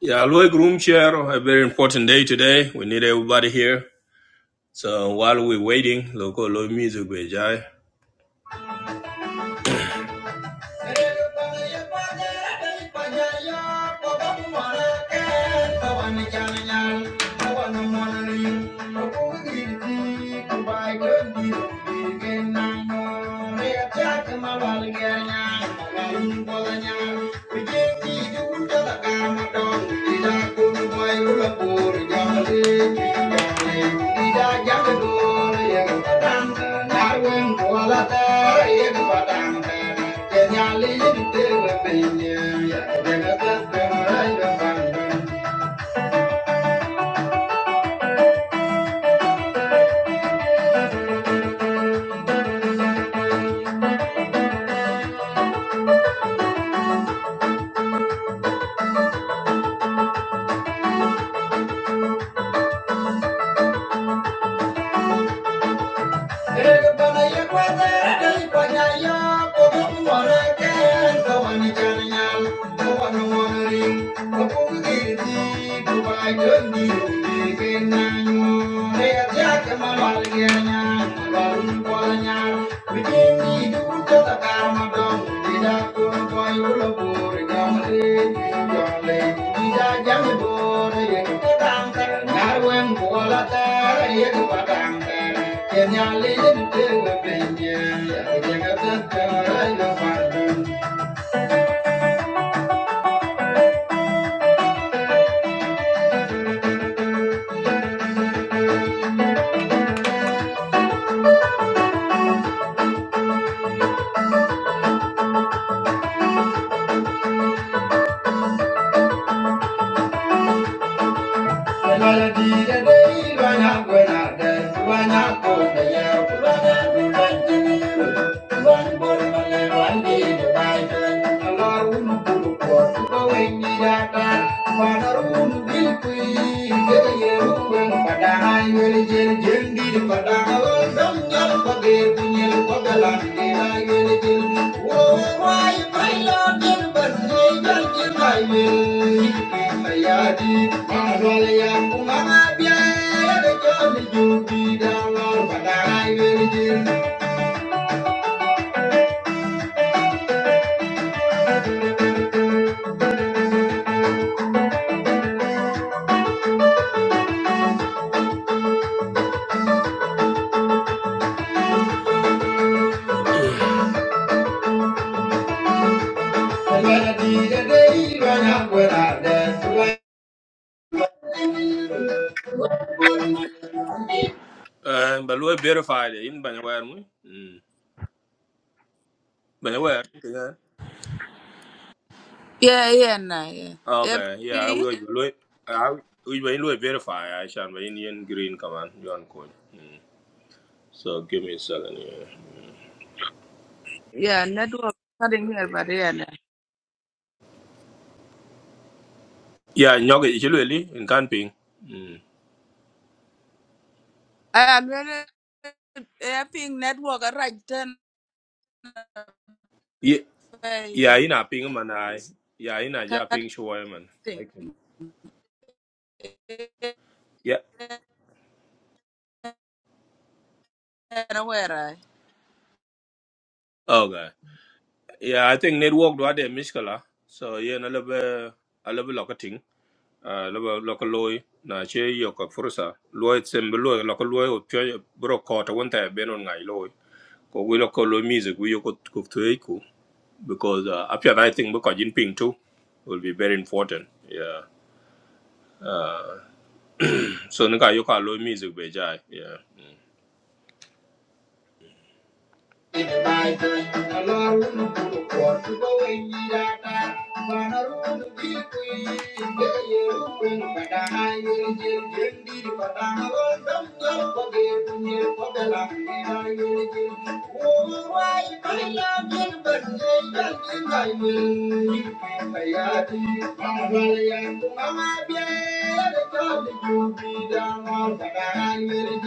Yeah, Aloy Groom Chair, a very important day today. We need everybody here. So while we're waiting, local Aloy music will jai. Yeah. Thank you. Nya le le, Yeah. Thank you. Jendiri padana wazam nyal pade punyal padalan nilai mele jil. Oh my my lord jil Uh, but we verified in Banyawer. Mm. Banyawer. Yeah, yeah, nah, yeah. Yeah, Okay, yeah, I ping. will do I we will do verify. I shall be Indian green command on, you on code. Mm. So give me a second. Yeah, network cutting here, but yeah, nah. Yeah, yeah, nyog it really in can ping. Mm. I already yeah, ping network. I right then. uh, Yeah, yeah, in a ping man. I It's yeah, in a ja ping cutting. show man. Yeah. Yeah, where I? Okay. Yeah, I think network do I de miskala. So yeah, na lebe a lebe local thing. Uh, lebe local loy na che yo ka fursa. Loy sembe loy local loy o pyo bro kota wonta be non ngai loy. ko we lo ko lo music we yo ko ko to ko because uh, apia i think because in ping too will be very important yeah uh, so nka yo ka lo music be jai yeah Thank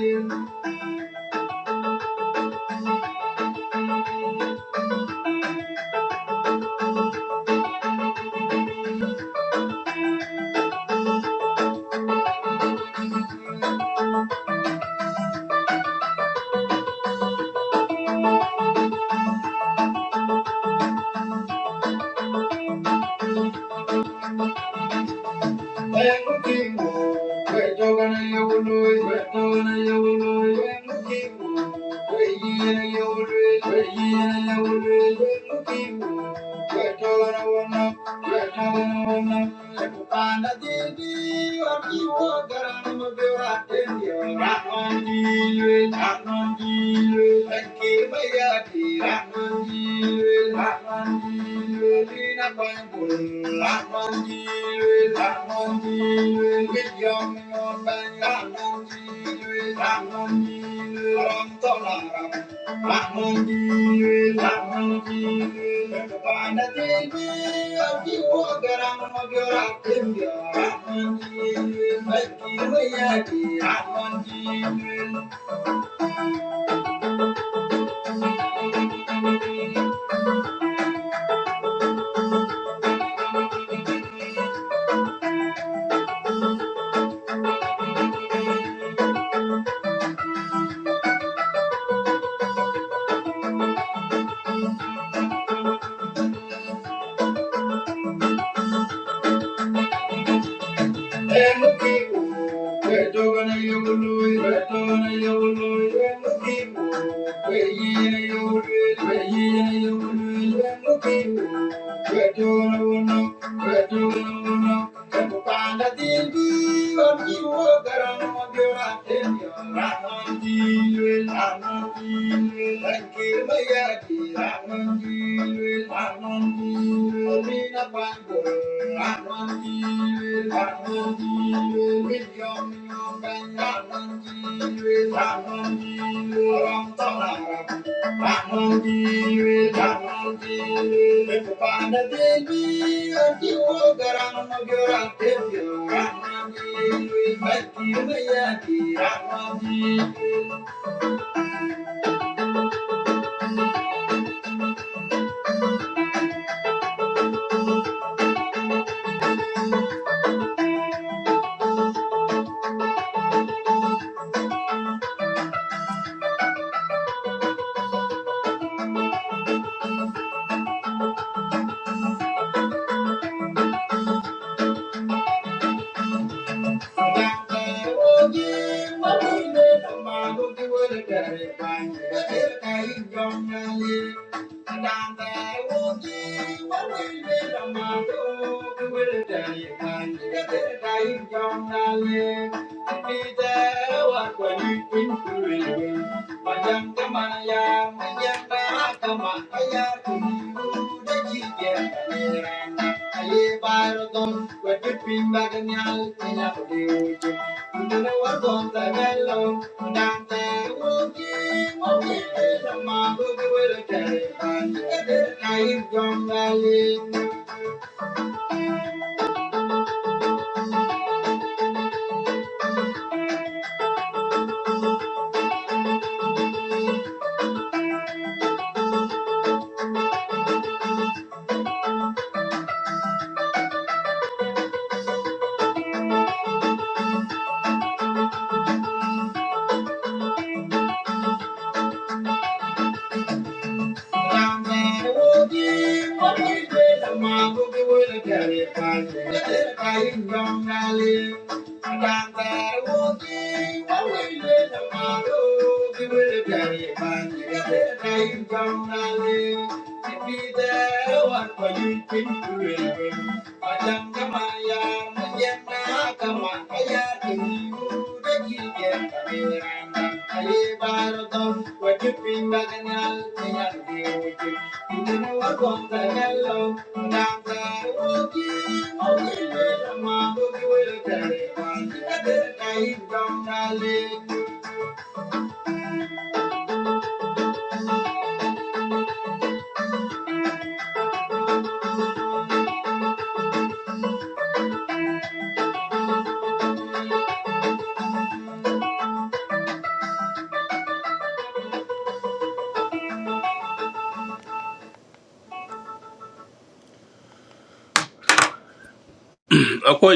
you. Thank you. Ratman Thank you. Thank you. Thank you. Thank you. Thank you. Thank you akwai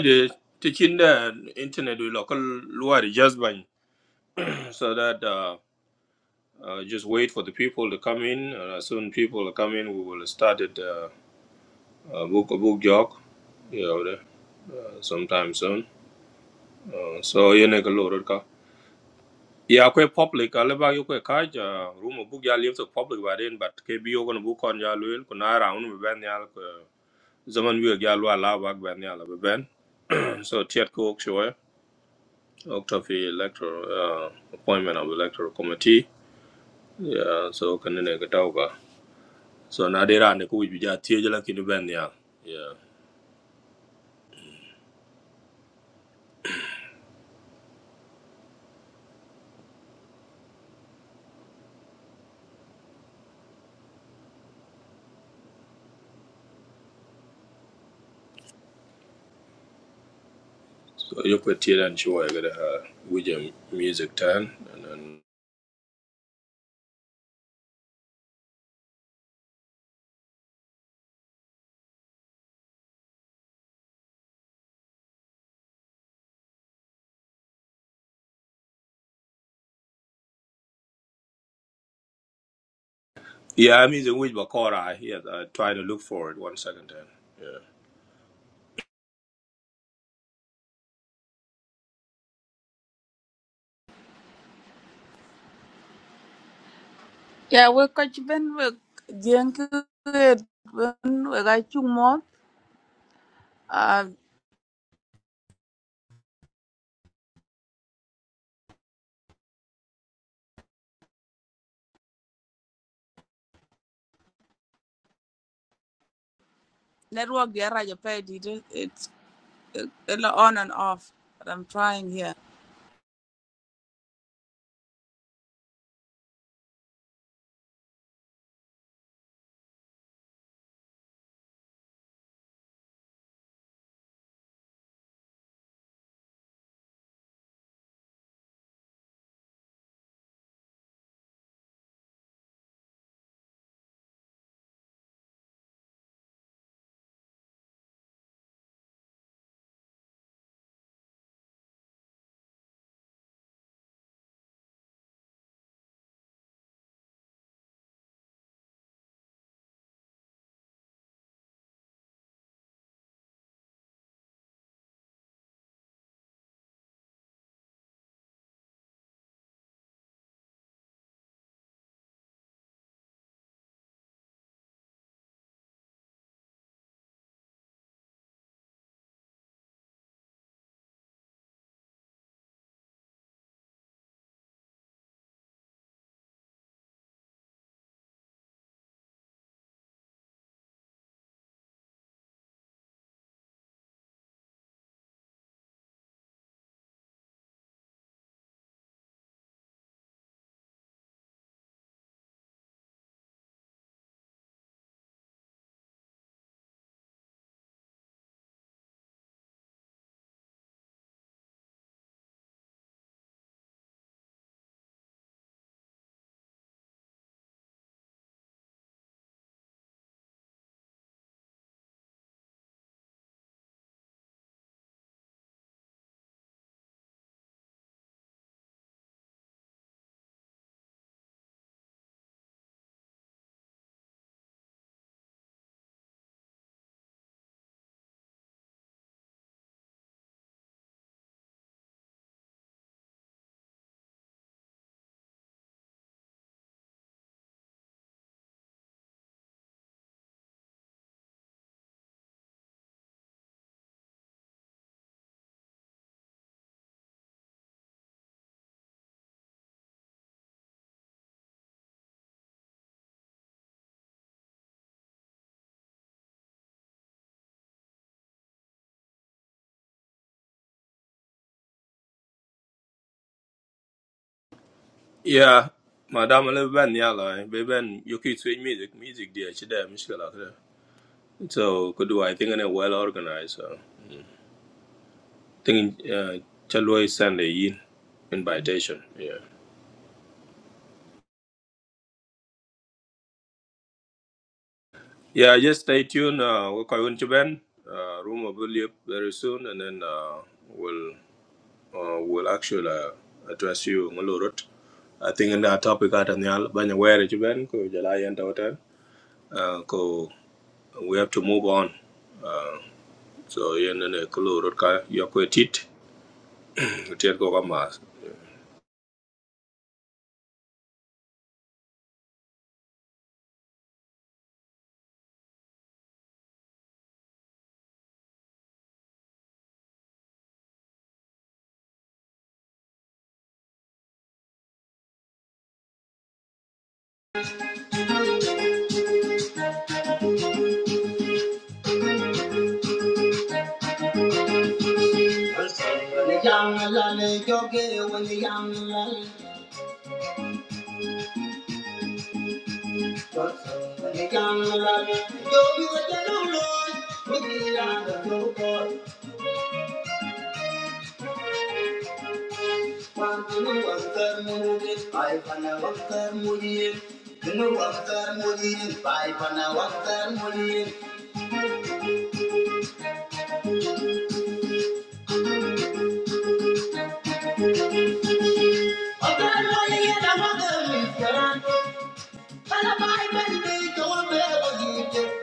da cikin da internet we local luwa da just by so that uh, Uh, just wait for the people to come in. Uh, as soon people are coming, we will start it. Uh, uh, book a book jog, you know, the- uh, sometime soon. Uh, so you know, load ka. Yeah, quite public. I live you quite kaj. Room of book ya live the public by then, but KBO you gonna book on ya luil. Kuna round we ben ya zaman we ya lu ala bag ben ya we ben. So tiat ko ok show. Ok to fi electoral uh, appointment of electoral committee. Yeah, so can kanene out. So now they ran the coach with your teacher like in the band, yeah. Yeah. So you could tell and show I got uh, with your music turn and then yeah, I'm using which Bakora. Yes, I try to look for it one second then. Yeah. Yeah, we catch Ben. We drink it. Ben, we got two more. Uh, network. Yeah, right. You paid it. It's uh, on and off. But I'm trying here. Yeah. Madam live band yeah like baby you could switch music music there. she there Michelle. like that. So could do I think in well organized so think uh Chalway send a in invitation. Yeah. Yeah, just stay tuned. Uh, we're going to Ben. Uh, room will be up very soon, and then uh, we'll uh, we'll actually uh, address you on a lot. I think in that topic at the al banya where you Ben ko jala yenta hotel. Uh, ko we have to move on. Uh, so yen ne ko lot ka yokwe tit. Tit ko kama. Bye.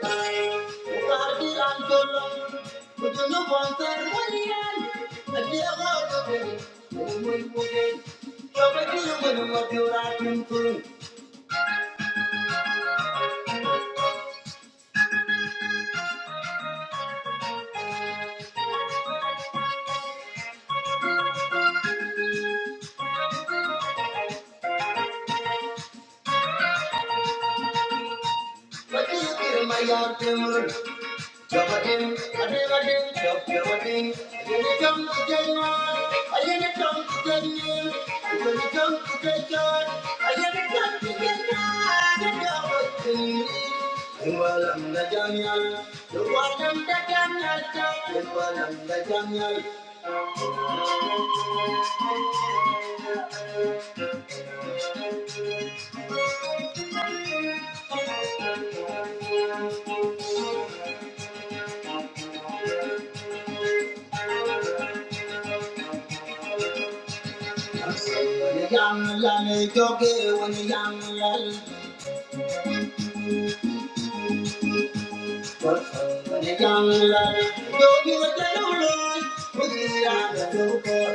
Thank you. Thank you.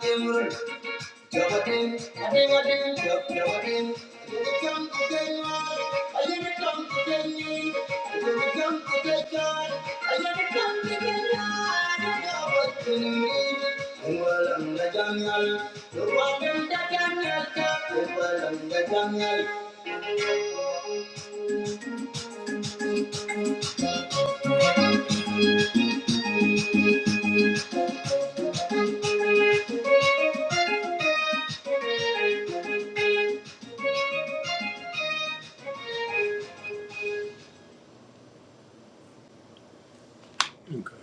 Thank you. Jump again, jump again, again, I never come to get you. I never come to get God. I never come to get God. I Okay.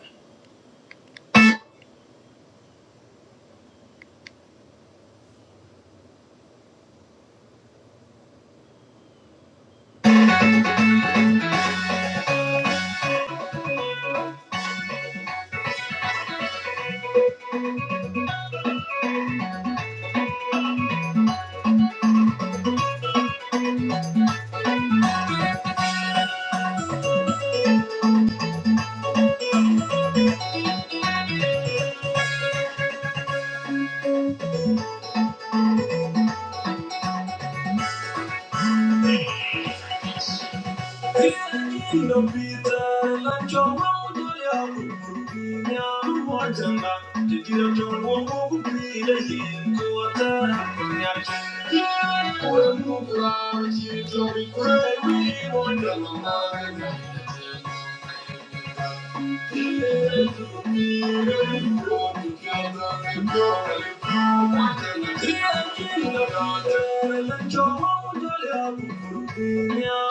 Yeah.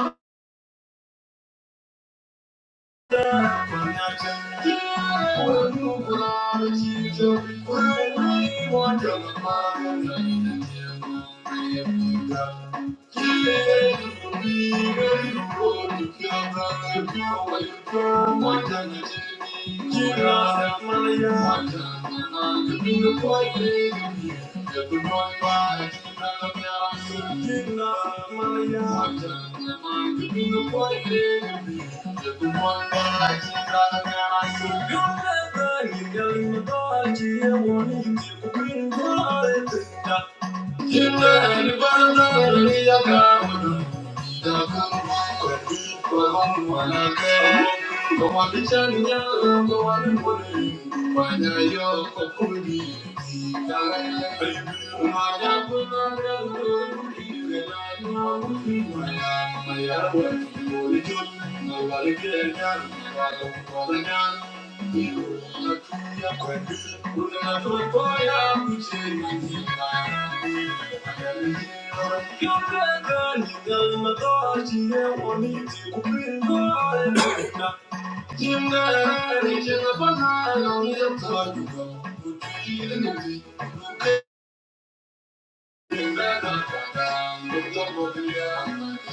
Thank you. Thank you. Thank you. Thank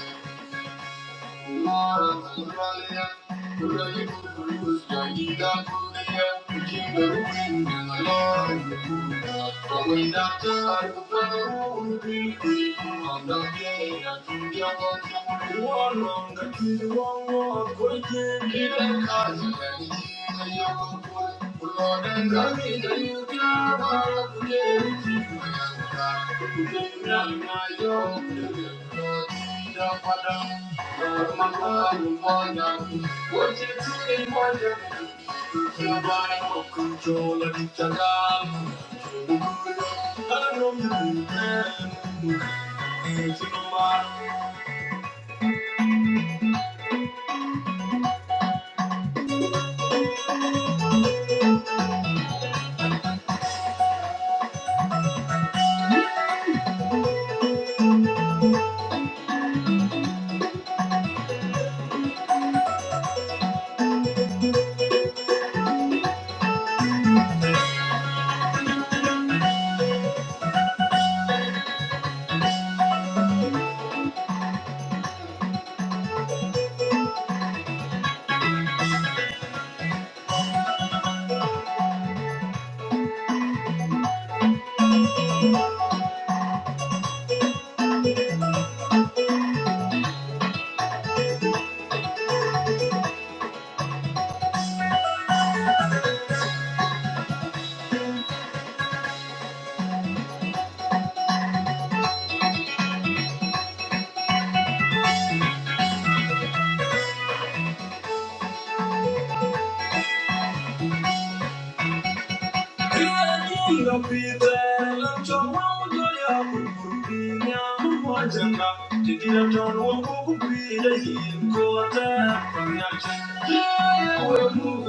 you. Thank you. Control Yeah, we're moving around, we're moving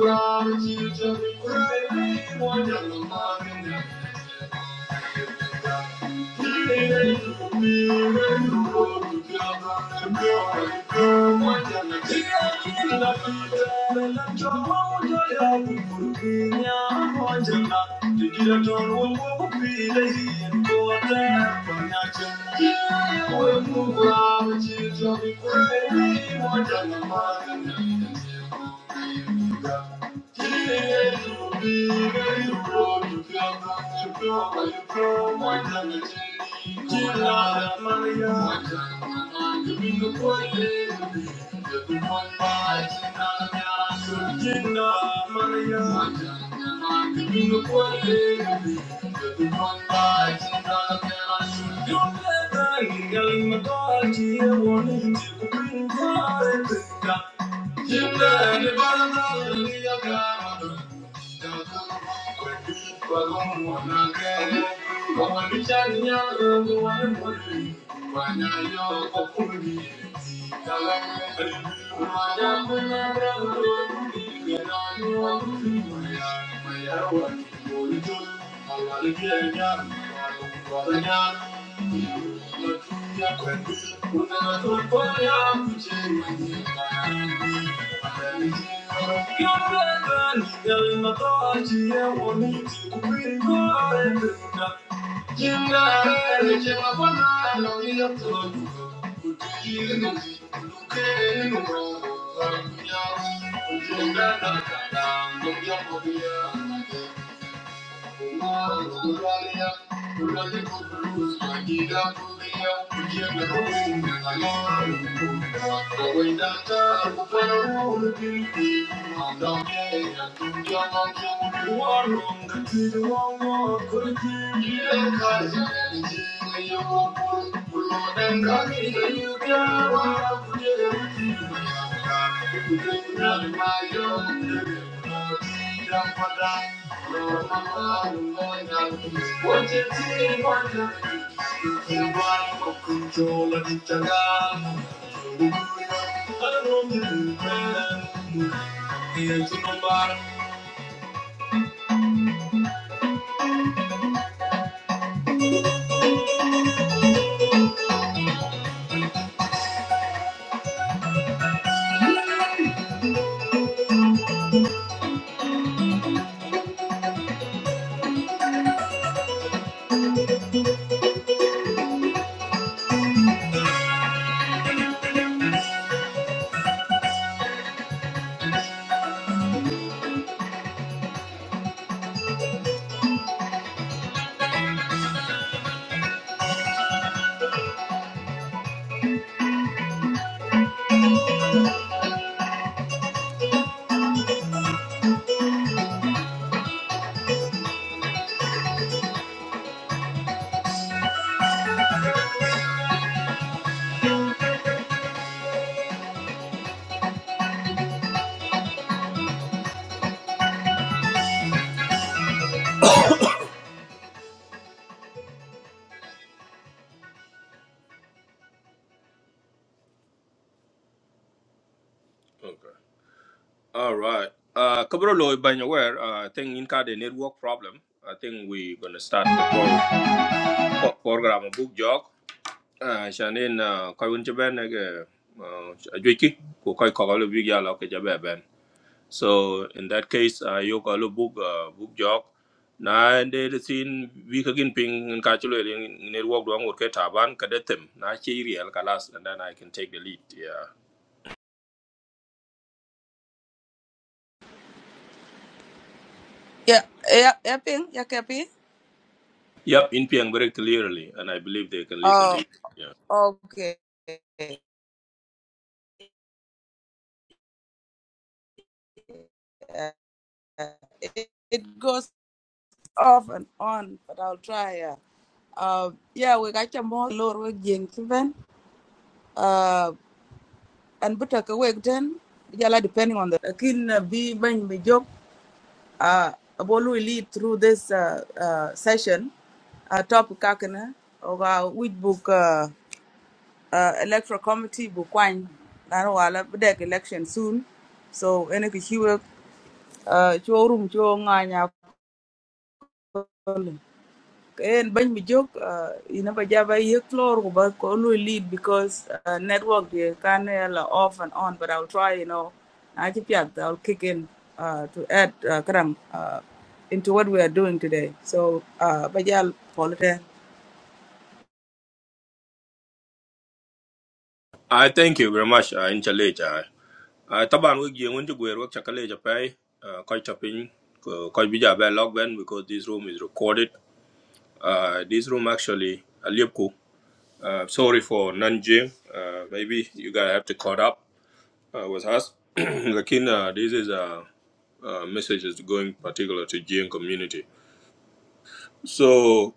around, we're moving around. Thank you. We'll move on with you till we pray. More than the mind and the Thank you. Thank you. Thank you. Thank you. Okay. All right. Uh, Kabro Loy Banyaware, uh, I think in card a network problem. I think we're gonna start the pro- pro- program book jog. Uh, Shanin, uh, Koi Winchaben, uh, Juiki, Koi Kogalo Vigia Loka Jabe So in that case, uh, you call a book, uh, book jog. Na and they seen we can ping in Kachulu in network doang would get taban kadetem. Na chiri real kalas and then I can take the lead. Yeah. Yeah, yeah, yeah, ping. Yeah, copy. Yep, in Piang very clearly, and I believe they can listen to Oh. you. Yeah. Okay. It, it goes off and on, but I'll try. Yeah. Uh, yeah, we got your more lower we gain even. Uh, and but a week then, yeah, like depending on the kin uh, be when we joke. Uh, about we lead through this uh, uh, session. Uh, topic kakana or uh, which book uh, uh, electoral committee book wine. I know I'll have election soon. So, any issue uh, cho rum nganya problem en bany mi jok uh, ina ba jaba ye floor but ba ko lu lead because uh, network they can la off and on but i'll try you know i keep yeah i'll kick in uh, to add uh, karam uh, into what we are doing today so uh ba jal polite I thank you very much. I in challenge. I I taban wig yung unju gwer wak chakale japay. Koi chapin koi bija bay log ben because this room is recorded. Uh, this room actually a liep ku. Uh, sorry for Nanjing. Uh, maybe you guys have to caught up uh, with us. Lakin, uh, this is a, a message is going particular to Jing community. So,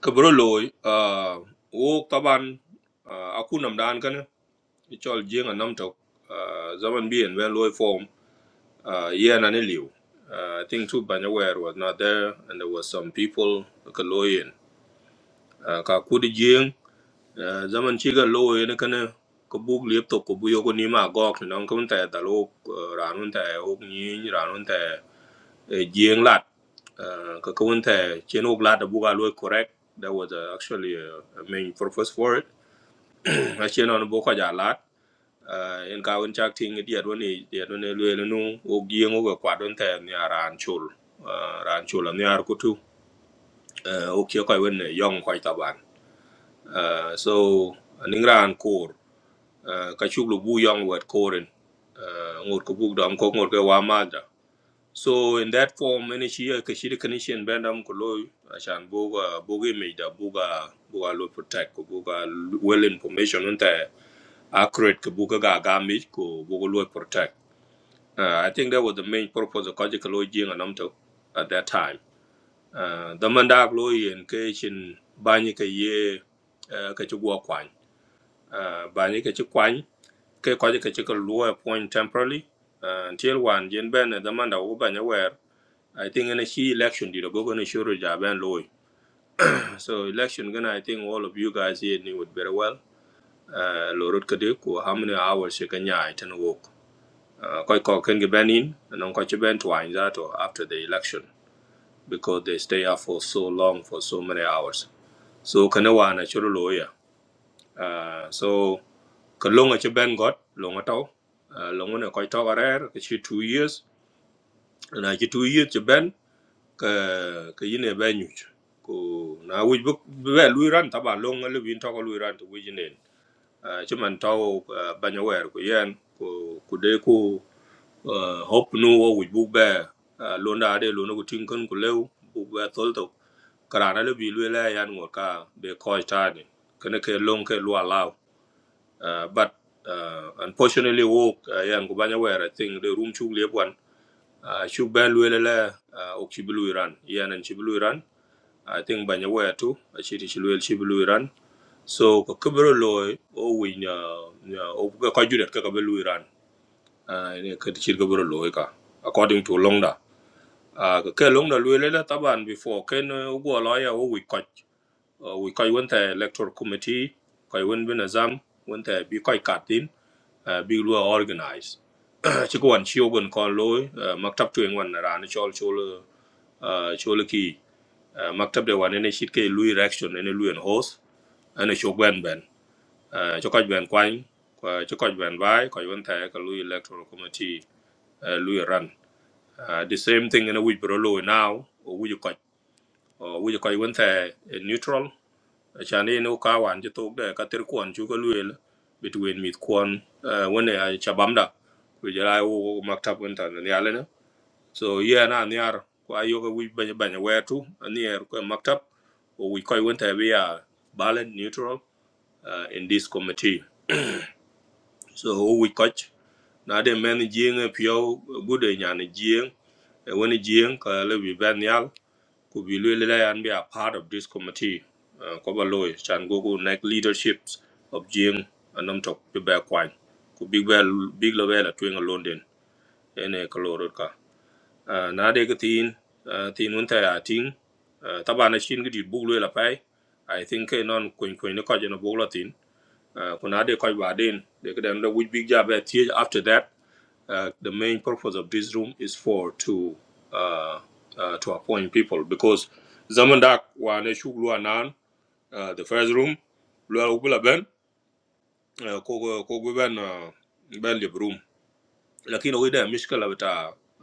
kabroloi, uh, wo taban uh, aku nam dan kana ichol Jing a nam tok uh, zaman bi and when loi form uh, yeah na liu. Uh, I think too Banyawer was not there, and there was some people Kaloyan. Uh, ka kudi Jing. Uh, zaman ci ga lo ne kana ko bug liep to ko buyo ko ni ma gok ni non kun ta da lo ranun ta o ni ranun ta jieng lat uh, ka kun ta chen ok lat da buga lo correct that was uh, actually uh, a main purpose for it a chen on bo ko ja lat uh, en ka un chak ting di adwo ni di adwo ne lo no o gieng o kwa don ta ni ran chul uh, ran chul ni ar kutu uh, o kyo ko wen ne yong ko ta ban uh, so ningran uh, bu yong wet koren uh, ngot ko buk dam ko ngot ko wa ma so in that form any chi ka shi kan shin ban dam ko lo ashan bu ga bu ge me da bu ga lo protect ko bu well information on accurate ko bu ga ga me ko bu lo protect uh, i think that was the main purpose of kaji ko jing anam to at that time uh, the mandak lo yin ke shin ba ni ka ye uh, ka chi gwo kwan uh, ba ke ko je ke che ko luo appoint temporarily uh, until one jen ben the man da wo ban aware i think in a she election did a go going to show job ben low. so election gonna i think all of you guys here knew it very well uh lorot kade how many hours you can yai ten work uh ko ko ken ge ben in and ko che ben twine that or after the election because they stay up for so long for so many hours so kana wana churu loya uh so kalonga che ben got longa tau uh, long one quite over there, actually two years. na ci tu yit ci ben ka ka yine be nyu ko na wi bu be lu ran ta ba long le win to ko lu ran to wi ne ci man taw ba nya wer ko yen ko ku de ko hop nu wo wi bu be lo na de lo no ku tin kan ku le bu be tol to kara na le bi lu le yan ngor ka be ko ta ni kana ke long ke lu allow? but uh, unfortunately wo uh, yan ku ba nya wer i think the room chu le uh, shuk ba luel la uh, ok shi bulu iran yan an shi bulu iran Ah, i think banya waya to a shi ti iran so ka kabro lo o wi na na o ka ka juret ka ka bulu iran uh, ne ka ti ka according to longda uh, ka ka longda luel la taban before ken uh, ugo lo ya o wi ka wi electoral committee ka won bin azam won ta bi ka ka tin uh, big lu organize ci ko wan ci ogon kon lo uh, maktab tu wan na ran chol chol uh, chole ki uh, maktab de wan ene shit ke lui reaction ene lui en hos ene chok ben ben uh, chokoj ben kwany kwa chokoj ben bai kwa yon thaya ka lui electoral committee uh, lui run uh, the same thing ene wij bro loy now o wij koj o wij koj yon Thai eh, neutral E chane ene uka wan jitok de katir kwan chuka lui el between mit kwan uh, wene ay chabamda kujala u maktab wentan ni alena so yeah na niar ko ayoga wi banya banya wetu niar ko maktab o wi koy wonta be ya balanced neutral uh, in this committee so o wi koch na de men jing pio gude nyan jing e woni jing ka le bi ben yal ku bi le le yan be a part of this committee uh, ko ba loy chan go go neck leaderships of jing anom tok be ba kwan ku big well big level at wing london ene ko lorot uh, na de ga tin uh, tin un ta ya tin uh, taba na shin gidi bug lo la pai i think eh, non kuin kuin ne ko je no bug lo tin uh, ko na de ko ba den de ga den we big job at here after that uh, the main purpose of this room is for to uh, uh, to appoint people because zaman da wa ne shug lo nan uh, the first room lo bula ben uh, ko ko ben uh, ben lib room lakini we da mishkala bata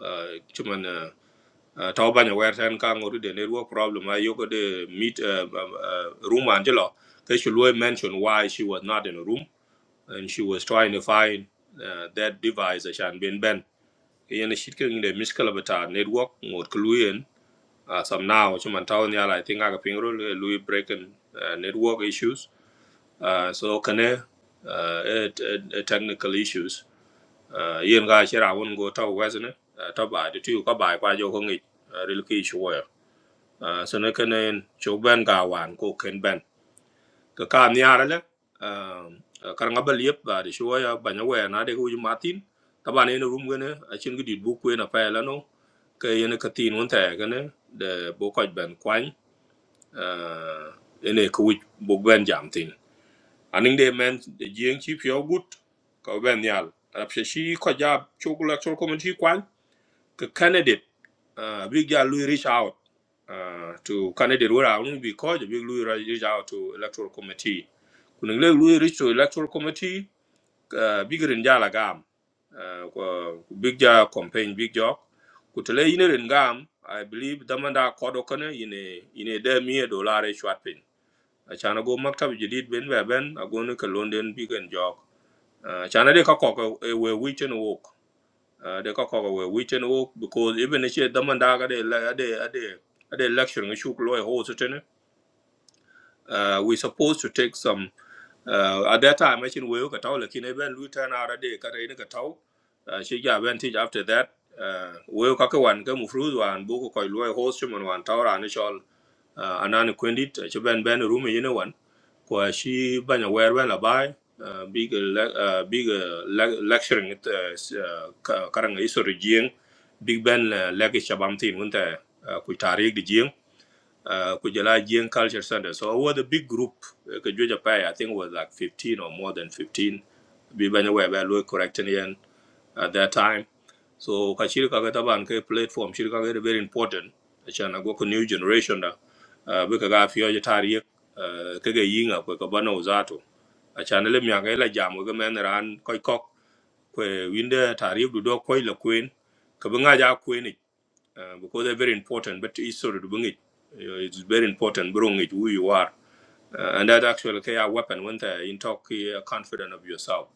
uh, chuman uh, uh, tau banyo wer ten ka ngoru de ne ruo problem I yoko de meet uh, um, uh, room angelo they should really mention why she was not in a room and she was trying to find uh, that device that shan been ben yen shit ke ngi de miskala bata network ngot kluyen uh, some now chuman tau nyala i think aga pingro lui breaking uh, network issues uh, so kane uh, it, it, it technical issues uh, yen ga shira won go tau wasn't it uh, to bai to ka bai kwa jo ko ngi uh, uh, sene kenen chok ben ko ken ben ka ka niara le um, uh, kar baliep ba de shoya ba we na de ko matin taba no rum gene a chin gidi bu ku na pa la no ke yene ka tin won ta gene de bo ko ben kwan uh, ene ko wi bo ben jam tin aning de men de jeng chi pyo gut ka ben nyal rap she shi ko ja chok la chok ko the candidate uh, big guy Louis reach out uh, to candidate where I only because big Louis reach out to electoral committee. Kuning le Louis reach to electoral committee uh, big rinjala gam uh, ku- ku big guy campaign big job. Kutele yine ringam I believe damanda kodo kane yine yine de mie dollar short pin. Achana go maktab jadid ben ben agonu ka London big and job. Uh, Achana de ka koko e we wichen wok uh, they got cover where we can walk because even if you demand that they like they they issue loy whole certain uh we supposed to take some uh, at that time machine we ka taw lakin even lui turn out ade ka rein ka taw uh, she ja advantage after that uh, we ka ka wan ka mu fruit wan bu ko loy host chuma wan taw ran chol uh, anan kwendit che ben ben room yene wan ko shi banya wer ben la bai uh, big uh, le- uh, big uh, le- lecturing it uh, s- uh, karang iso jing big ben uh, lagi shabam tin unta ku tarik di uh, Kujala Jian Culture Center. So it the big group. uh, Kajuja Pai, I think was like 15 or more than 15. Bibanya were very correcting yan at that time. So kashirika kataban ke platform shirika ke very important. Achana go new generation da. Uh, Bika ga fiyo jatari yek uh, kege yinga kwe kabana uzato. Achana le miyaka ila jamu ke men ran koi kok kwe winde tari yek dudo koi la kwen. Kabinga ja kwen uh, because they're very important. But it's sort of doing it. uh, It's very important. Bring it who you are, uh, and that actually can a weapon when they in talk uh, confident of yourself.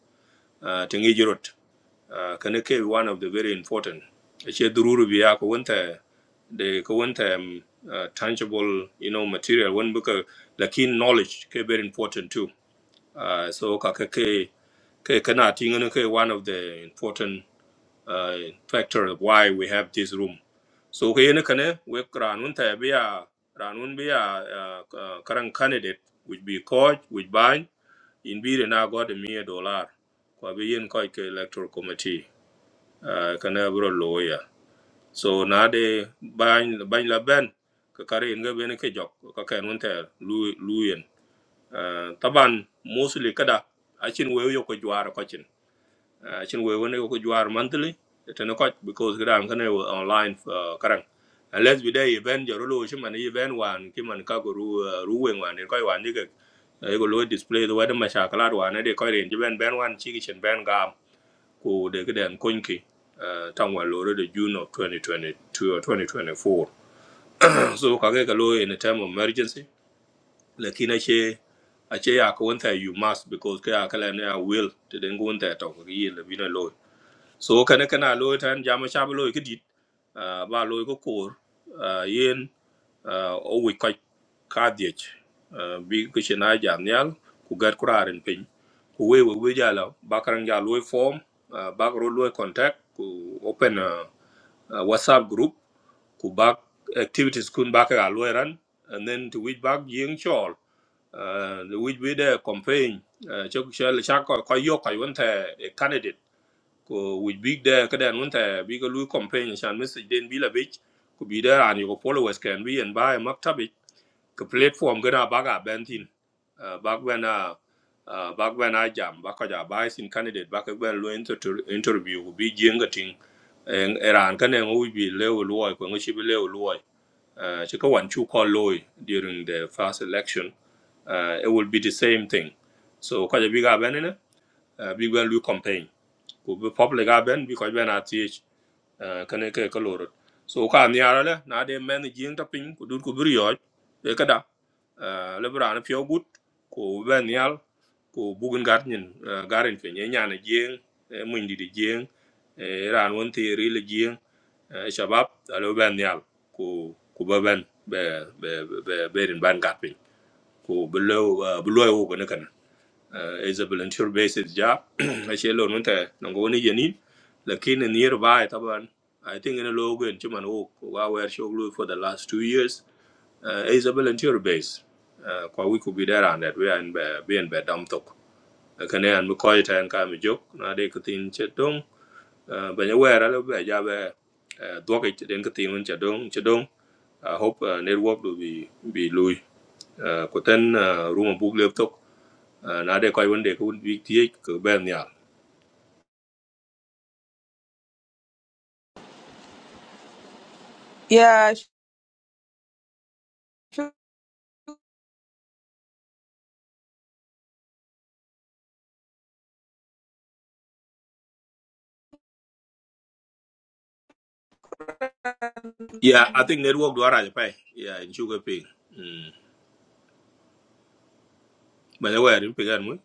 Uh, Tingi jirot Uh, can it be one of the very important. She dururu biya ko when they the ko wanta um, uh, tangible you know material when because the keen knowledge ke very important too. Uh, so ka ke ke ke kana tingana ke one of the important uh, factor of why we have this room so ka yene kane we ranun ta biya ranun biya uh, uh, candidate which be coach which ban in bi na god mi dollar ko bi yen ko ke electoral committee uh, kana bro lawyer so na de ban ban la ben ka kare in ga ben ke jok ka kan won ta lu luyen uh, taban mostly kada achin we yo ko jwar ko chin uh, chin we wene ko juar monthly tene koch because gran kane online uh, karang unless we day event joro lo shi man event wan ki man ka go ru uh, ru wen wan They wan ni ke e go lo display the weather masha kala wan ne de ko ren ben ben wan chi ki chen ben gam ko They ke den kon ki uh, tang wan lo de June of 2022 or 2024 so ka ke ka lo in a time of emergency lakini che a che ya ko wanta you must because ka ya kala ne a will to den go wanta to ko yi le bi na so kana kana lo tan jama chaba lo ki dit ah, ba lo ko kor ah, yen ah, o wi ka ka diet bi ko chena jam nyal ku gar kuraren pin ku we we we jala bakaran ja lo form ah, bak ro lo contact ku open ah, ah, whatsapp group ku bak activities kun bak ga lo ran and then to which bak yeng chol ah, the which we there campaign chok chal chak ko yo ka won the candidate ko which big there kadan won ta bi ga lui campaign shan message den bi la bit ko bi da an ko followers can be and buy maktabi ko platform gana baga bentin uh, back when uh, uh, back when I jam back when I buy sin candidate back when lo inter interview ko bi jenga ting en eran kan en u bi le u loy ko ngi bi le u loy uh, chi ka wan chu ko loy during the first election uh, it will be the same thing so ko ja bi ga benene uh, bi ga lui campaign ku be public a ben bi ko ben a ti kane ke ko lorot so ka mi ara le na de men jing ta pin ku dur ku bir yo e ka da Eh, le bra na pyo gut ku ben yal ku bugun gar nyin eh, garin fe nye nyana jing mun di di jing eh, ran won ti ri le jing eh, shabab alo ben yal ku ku ba ben be be be be rin ban gat pin ku bi lo eh, lo wo ko ne kana uh, is a volunteer based job I ache lo nun ta nango ni yenin lakini nearby taban i think in a logo in chiman wo wa wer shoglu for the last 2 years uh, is a volunteer base uh, kwa we could be there and that we are in be be in be dam tok kane an mi koy tan ka mi jok na de kutin chetong ba ne wer ala be ja be doke den kutin un chetong chetong i hope uh, network will be be lui uh, kuten uh, room book laptop uh, na de koy wonde ko won wik tie ko ben ya. yeah sure Yeah, I think network do ara pay. Yeah, in sugar pay. Mm. Banya wer in pegan mu.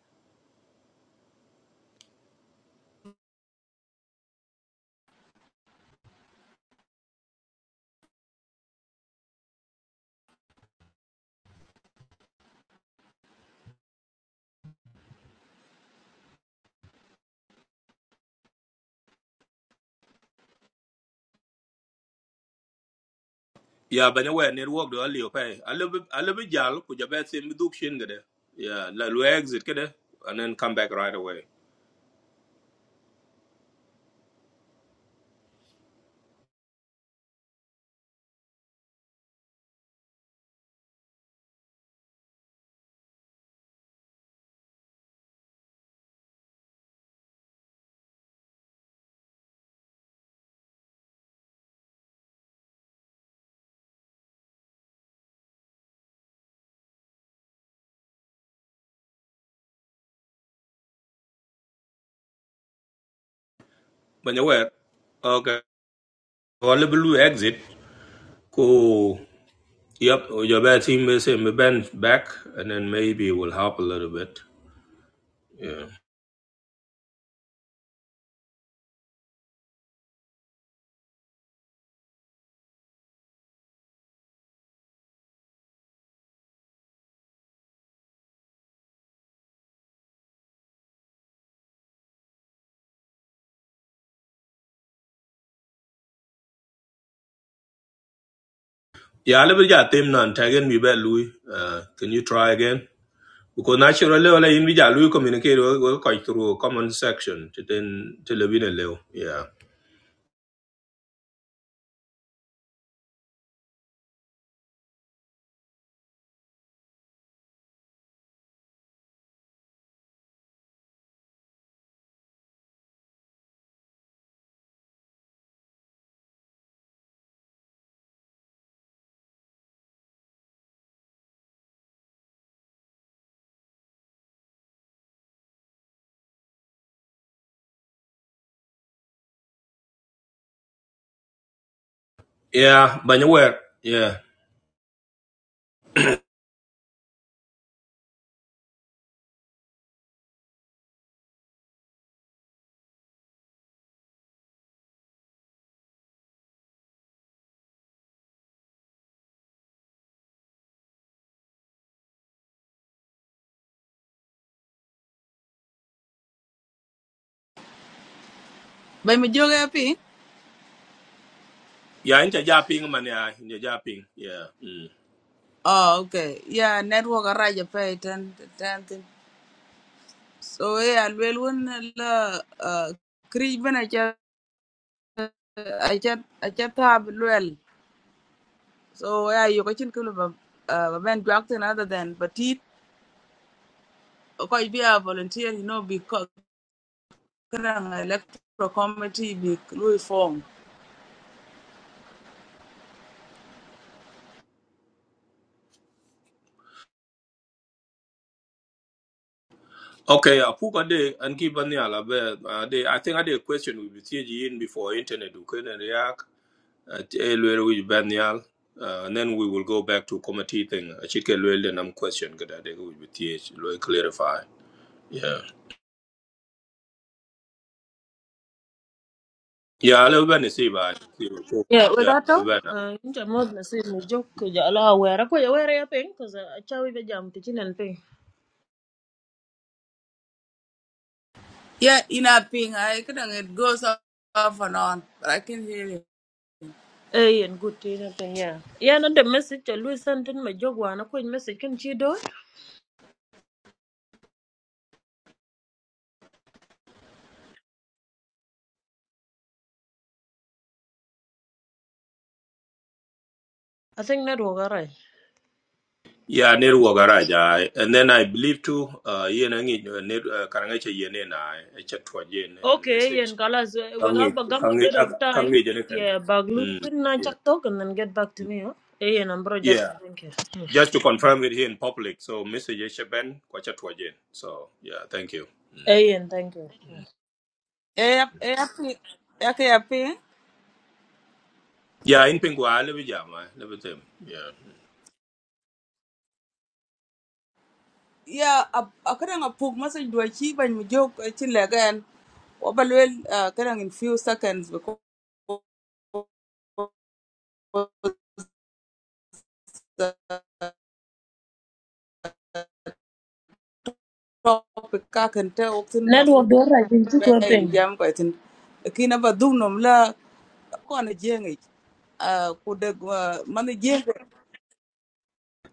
Yeah, banya wer network do ali pay. A little bit. a little bit jal ku jabe se mi duk shin gede. Yeah, la lu exit gede and then come back right away. Banya wer. Okay. Or little bit. lu exit ku Yep, or jabe team me se mi ben back and then maybe it will help a little bit. Yeah. Yeah, a little bit. ja team nan tagen mi be lu. Uh, can you try again? Because naturally, level in which we communicate we, we quite through common section to then to live in a level. Yeah. Yeah, but you were yeah. bany mi jok happy Yeah, in the Japan man yeah, in the Japan. Yeah. Mm. oh okay yeah network araja pay ten ten ten. so yeah alwel won la uh, krij bena cha acha acha tab well. So yeah, you can kill a uh ben Jackson other than but it okay be a volunteer, you know, because electoral committee be Louis form. Okay, I put a day and keep on the alabe. Uh, I think I did a question with TG in before internet we couldn't react. At where we ban the al. Uh, and then we will go back to committee thing. I should get well then I'm question good I think with TH, clarify. Yeah. Yeah, a little bit see by. Yeah, we Yeah, a got little to. Uh, incha mod na sin ni jok ku ja la wera ko ya wera ya ping cuz a chawi be jam ti chinen ping. Yeah, in a ping, I can it goes off off and on, but I can hear you. Eh yen good ti na ping ya. Ya na the message to Louis Santin ma jok wa na ko message kan chi do. I think na ro garai. Yeah, network garage. I, and then I believe too, uh, yeah, nang it, uh, net, uh, karang ay chay yun na, ay chat tuwa yun, and Okay, yen message. kala we Kang it, got ba gam kang a it, bit ah, of kang time. it, yun kan. Yeah, baglu Mm, tin na yeah. chak talk and then get back to mm. me. Huh? Eh yen ambro jat Yeah. thank you. Hmm. Just to confirm it here in public. So, message ay ben, kwa chat tuwa yun. So, yeah, thank you. Mm. Eh yen thank you. Hmm. Yeah, yeah, yeah, yeah, ping. Yeah, in ping kwa, lebi jam, ah, lebi tem. Yeah. Yeah, I I can a poke message do a cheap and we joke a chill again. Well, uh, can in few seconds because uh, topic kakan ta waktin Network mafru do ra jin chi ko bayan ping. jam ko itin kina ba dumnom la ko na jengi a ku da man jengi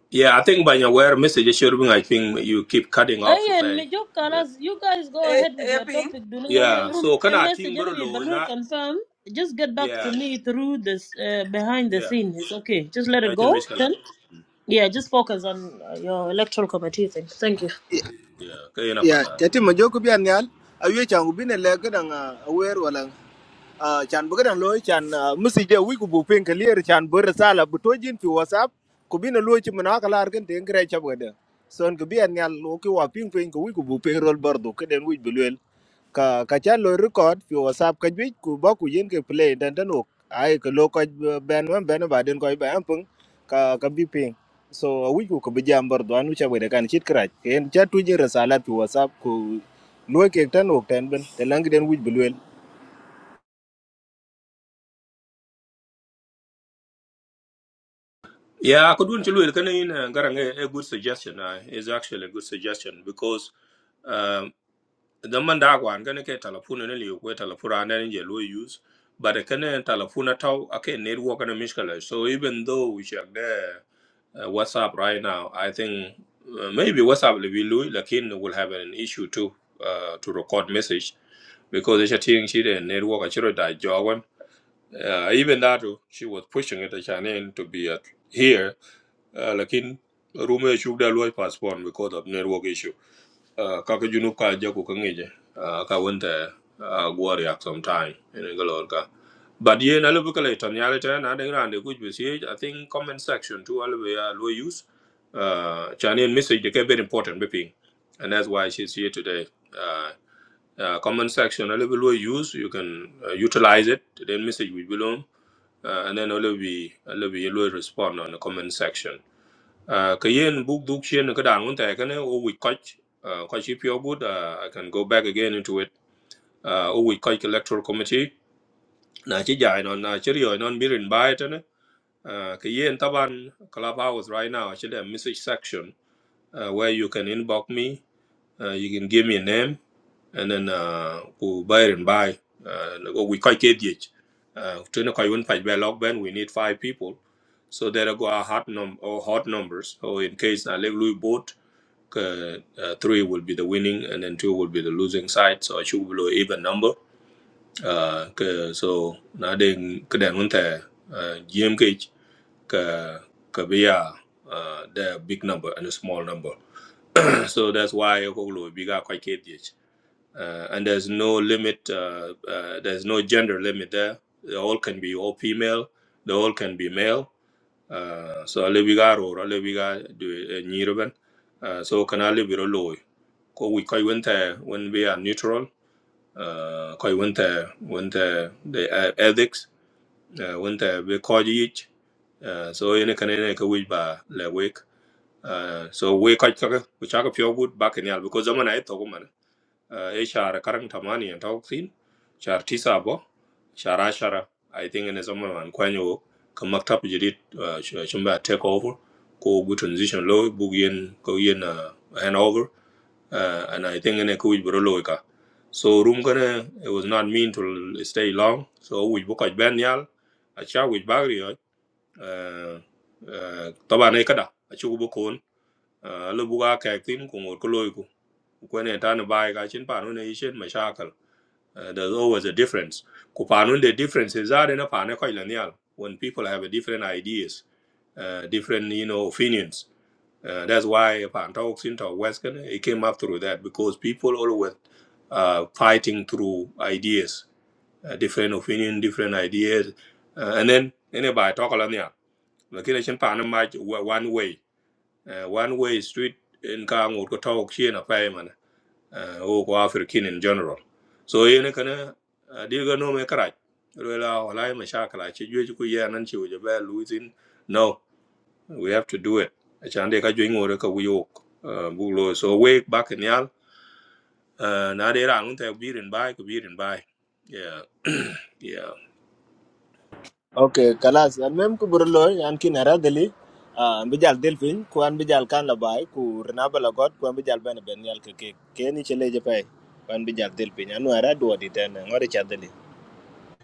Yeah, I think by your where message ay sure I think you keep cutting off, Ayan, okay? Major Kalas, you guys go e ahead with e your ping topic. During Yeah. So, a kana ting message, bro and we lo, balloon na, confirm. Just get back to yeah, me through this uh, behind the yeah. scene. It's okay. Just let I it can go. miss Then, yeah, just focus on uh, your electoral committee thing. Thank you. Yeah, kaya na ya pata. tati ma Mm. joku bian nyal ayu chan ku bine le gadan awer wala ah, chan bu gadan loy chan musi je wi ku bu pen clear chan bu resala bu tojin fi whatsapp ku bine loy chi mana kala argan ten gre chab gada son ku bian nyal lo ki wa ping pen ku wi ku bu pen rol bardu keden wi bulwel ka ka cha lo record fi whatsapp ka jwi ku ba ku yin ke play dan dan ok ai ka lo ko ben man ben ba den ko ba am pung ka ka bi ping so a wi ku ka bi jam bar do anu cha we kan chit kra ken cha tu je resala fi whatsapp ku lo ke tan ok tan ben te lang den wi bulwel Yeah, I could want to look at a good suggestion. Uh, is actually a good suggestion because um, the mandagwan gonna get telephone and you wait telephone and then you use, but a can telephone at all. Okay, network and a mishkala. So even though we check there uh, WhatsApp right now, I think uh, maybe WhatsApp will be Louis, Lakin will have an issue too uh, to record message because it's a thing she the network. I should have died. Uh, even that, too, she was pushing it, at Shannon, to be at here. Uh, lakin rume shuk da loy passport because of network issue. Uh, kaka junub ka jaku ka ngeje. Uh, ka wente uh, gwari sometime. some time. But ye na lubu kala itan yale na dengra ande kuj besi. I think comment section too alwe ya loy use. Uh, Shannon message they very important beeping. And that's why she's here today. Uh, uh, comment section a little bit use you can uh, utilize it then message will belong uh, and then only we only we will respond on the comment section. Uh, Kayen book duk chien ka dan un ta ka ne o we coach uh, coach if you good uh, I can go back again into it. Uh, o we coach electoral committee na chi jai non na chi ryo non mirin bai ta ne. Uh, Kayen taban clubhouse right now actually a message section uh, where you can inbox me. Uh, you can give me a name and then uh who buy and buy uh we quite KDH. Uh to know when fight by lock band we need five people. So there go our hot num or hot numbers. So in case I like we both uh, uh, three will be the winning and then two will be the losing side. So I should below even number. Uh ke- so na then kadan won the uh GMK ka kabia uh uh, the big number and a small number. so that's why I go bigger quite uh, and there's no limit. Uh, uh, there's no gender limit there. They all can be all female. They all can be male. Uh, so alebiga or alebiga do nyirban. Uh, So can alebiro loy. Ko we koi winter when we are neutral. Uh, koi winter winter the uh, ethics. Uh, winter we koi each. Uh, so ene kan ene ka wij ba le wek. Uh, so we koi kaka we chaka pure good back in yal because zaman ay to uh, e shara karang tamani an tau sin shar tisa bo shara shara i think in zaman an kwanyo ka maktab jidit uh, chumba take over ko gu transition lo bug yen ko yen uh, handover uh, and i think in a kuj bro lo ka so room kana it was not mean to stay long so we book at ben yal a cha we bagri uh, uh, taba ne kada a chu bu kon lo buga ka tin ko ngor ko when a tan bai ga chin panun e shin mashakal Uh, there's always a difference ku panun the differences are in a pana ko ilanial when people have a different ideas uh, different you know opinions uh, that's why pan talks into western it came up through that because people always uh, fighting through ideas uh, different opinion different ideas uh, and then anybody talk alanial lakini chin panun match one way uh, one way street in kang ko talk chin a payment uh, wo ko african in general so yene kana uh, diga no me karaj rela wala me shakala che jwe ku ye nan che wo be losing no we have to do it achande ka jwe ngore ka wiyo uh, bulo so wake back in yal uh, na de ran unta birin bai ku birin bai yeah yeah okay kalas an mem ku bur lo an kin ara dali an bi jal del fin ku an bi jal kan la bai ku rna ba god ku an bi jal ben ben yal ke ke ken ni chele je pai ku an bi jal del fin anu ara do di tan ngore cha dali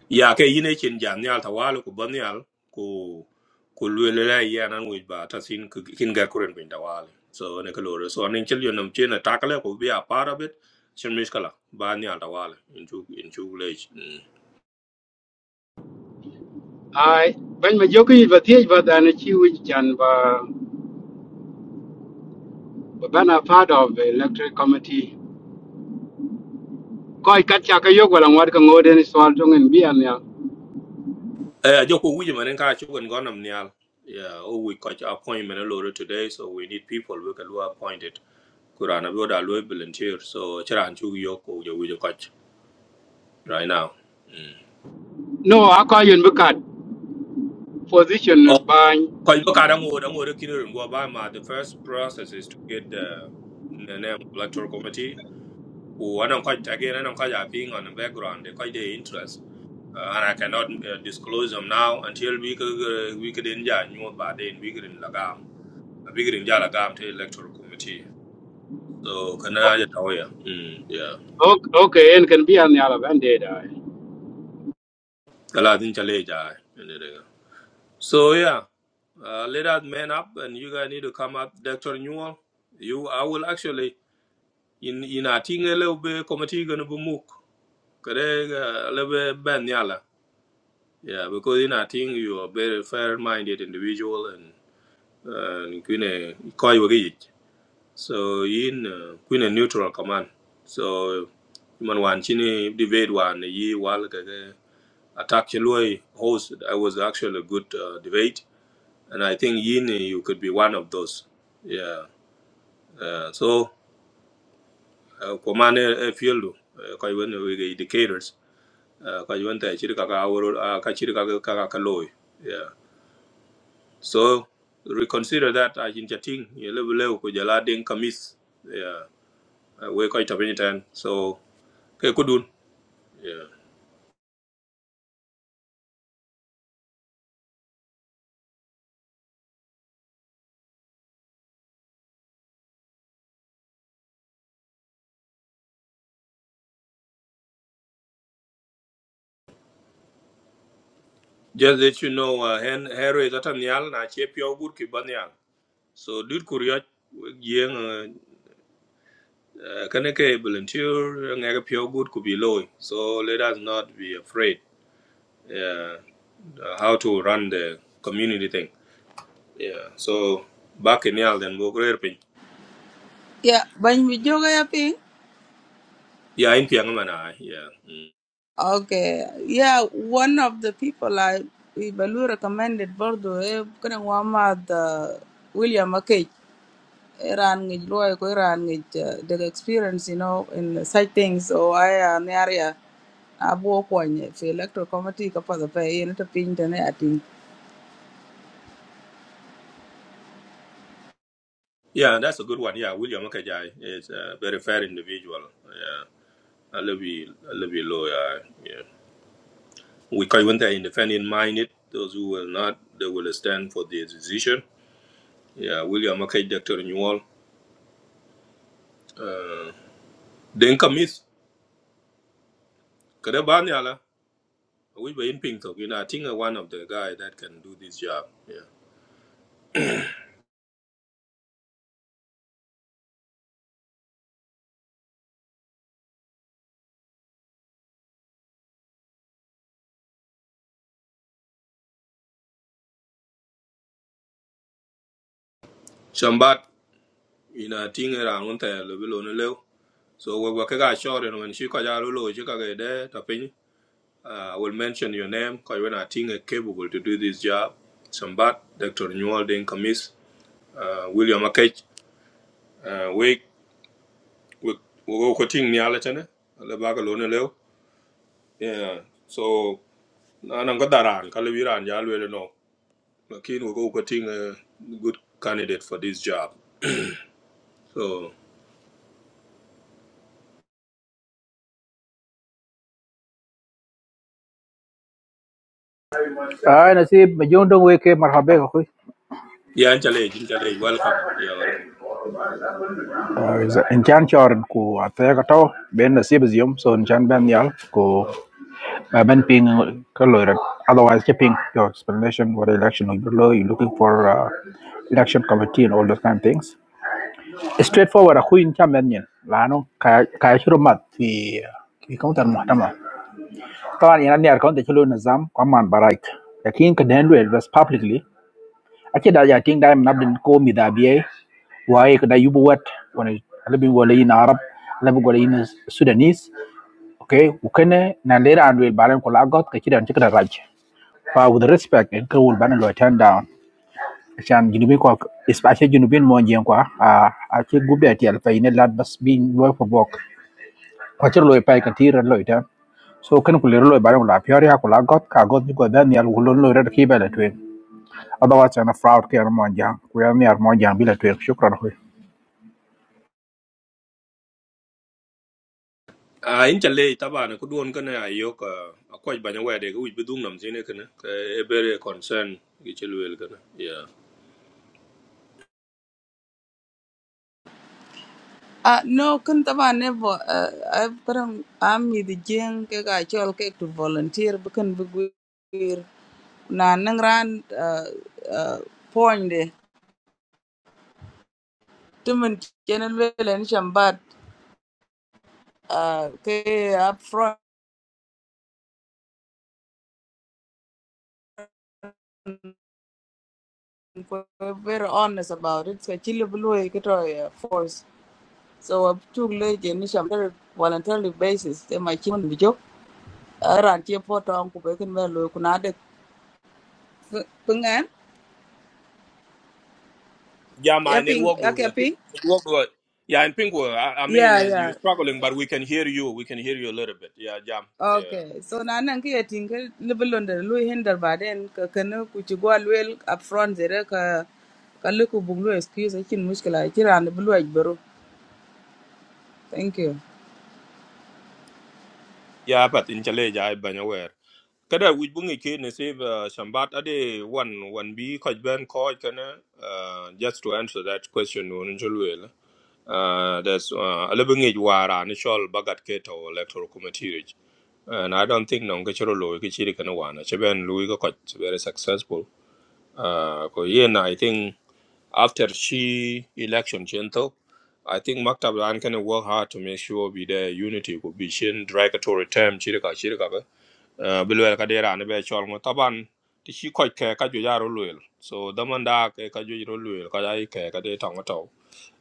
ya ke yine chin jam nyal ta walu ku ban nyal ku ku lwele la ya nan wi ba ta sin ku kin ga kuren bin da wale so ne ka lore so ne chil yo nam chen ta kale ku bi a part of it chin mis kala ba nyal ta wale in chu in chu le mm. I when my jockey but the but an chiwi and ba ban a part of the electric committee. Koi katcha ka yok wala ngwat ka ngoden swal tong en bian ya. eh jo ku wi man ka chu gan gon nam nyal yeah oh we got your appointment lore today so we need people we can lo appointed kurana bi da lo volunteer so chiran chu yo ku jo wi jo koch right now mm. No, I call you in bukat position by Because you can't go down with Obama, the first process is to get the, the name of electoral committee. Who I don't quite again, I don't quite have thing on the background, they quite their interest. Uh, and I cannot uh, disclose them now until we could uh, we could enjoy new about then we could in Lagam. We could enjoy Lagam to electoral committee. So can I get away? Mm, yeah. okay and can be an yala banded. Well, I think I'll let So yeah. Uh, let us man up and you guys need to come up, Dr. Newell. You I will actually in in ina tinga le be committee gonna be muk kare a le be ben yala yeah because in a thing, you are very fair minded individual and eh, and kune koi wa gi so in uh, kune neutral command so man wan chini debate wan eh, yi wal ka ga attack chloi host i was actually a good uh, debate and i think yin eh, you could be one of those yeah uh, so uh, command a field uh, koi wen we indicators uh, ka kaka awro uh, yeah so reconsider that as in chatting ye level level ko jala den kamis yeah uh, we ko itapeni tan so ke kudun yeah just let you know uh, hen hero is atan yal na che pyo ki ban so dud kuryo yeng uh, uh, kane ke volunteer ngega pyo good could be low. so let us not be afraid yeah uh, how to run the community thing Yeah. So back in Yal then go career pin. yeah ban mi joga ya ping Yeah, in Piangamana. Yeah. Mm. okay yeah one of the people i we balu recommended bordo e kana wa ma the william akech Iran ngej luai ko Iran ngej uh, the experience you know in such things so I uh, an area abu kwany fi electoral committee ka pa pa yin ta pin ta ne atin Yeah, that's a good one. Yeah, William Makajai is a very fair individual. Yeah. I love you I love you lawyer. Yeah. yeah. We call him the independent minded, those who will not they will stand for the decision. Yeah, William Makaj Doctor Newall. Uh then come is, Kadabanyala. We were in Pinto, you know, I think uh, one of the guy that can do this job. Yeah. Shambat, you know, I think around there, level on the level. So we work a short and when she got out she got there, tapping. I will mention your name because when I think are capable to do this job, Sambat, Dr. Newell Dane Kamis, uh, William Akech, uh, we we we go cutting ni ala chane, ala baga lone leo. Yeah, so na nang kadaran kalu iran jalu ele no. Lakin we go cutting a good candidate for this job. So I'm not sure. Maybe you don't wake up. Marhaba, Khui. yeah, challenge, challenge, welcome. Yeah, welcome. Ah, in January, I go to the election. Then, I'm not sure. So in January, I go. I'm not paying close. Otherwise, depending your explanation for election, you're looking for uh, election committee and all those kind of things. It's straightforward. Khui in January. I know. Can you show me the document, Mah? But in January, I can't show you the system. I'm not bright. I think you can't do it. Was publicly. Actually, that I think that I'm not been call me the ABA. Why could I you what when I live in Arab, live in Sudanese? Okay, Ukene, Nandera and will Baran Kolagot, Kachida and Chikra Raj. For with respect, and Kul Baran Loitan down. Shan Junubin especially Junubin Monjianqua, uh, I think good at Yalpain, lad must be loy for walk. Quacher loy pike and tear and loiter. So can Kuliro Baran Lapioria Kolagot, Kagot, because then Yalulun Lord Kibel otherwise ana fraud ke ana monjang ku yar ni ar monjang bila tuer shukran hoy a in challe tabana ku duon kana ayo ka akwaj banya wede ku bi dum nam sine kana ka e bere concern gi chelwel kana yeah ah no kun ta ba ne bo uh, I karam am mi the jing ke ga chol ke to volunteer bu kun bu na nang ran uh, uh, point de tumen kenen welen shambat uh, ke up front ko very honest about it ka chile blue ke force So I took late in very voluntarily basis. Then my children be joke. I ran here for town to break in well. Look, now the pungan. yeah my Yeah, ping. network do Okay, like network do yeah in pink world, I, I mean Yeah, is yeah. you struggling but we can hear you we can hear you a little bit yeah jam yeah Okay. So Mm. now I'm getting a little under Louis Hinder, but then Kakano Kuchugua well up front there. Ka Kaluku Buglu excuse. I can muscular. I can the blue egg bro. Thank you. yeah but in challe ja banya wer kada wij bungi ke ne save uh, shambat ade one one b kwaj ben kwaj kana uh, just to answer that question on chelwel Uh, there's uh, a living age war an initial bagat keto electoral committee. rich. And I don't think non kachiro loy kichiri kana wana. Cheben Louis ko koch, very successful. Uh, ko yen I think after she election gentle, I think Maktab Lan can work hard to make sure we there unity could be shin derogatory term chirika chirika ka. Uh, Bilwel kadera ne be chol ngo taban ti shi koch ke ka ju yaro luel. So damanda ke ka ju yaro luel ka jai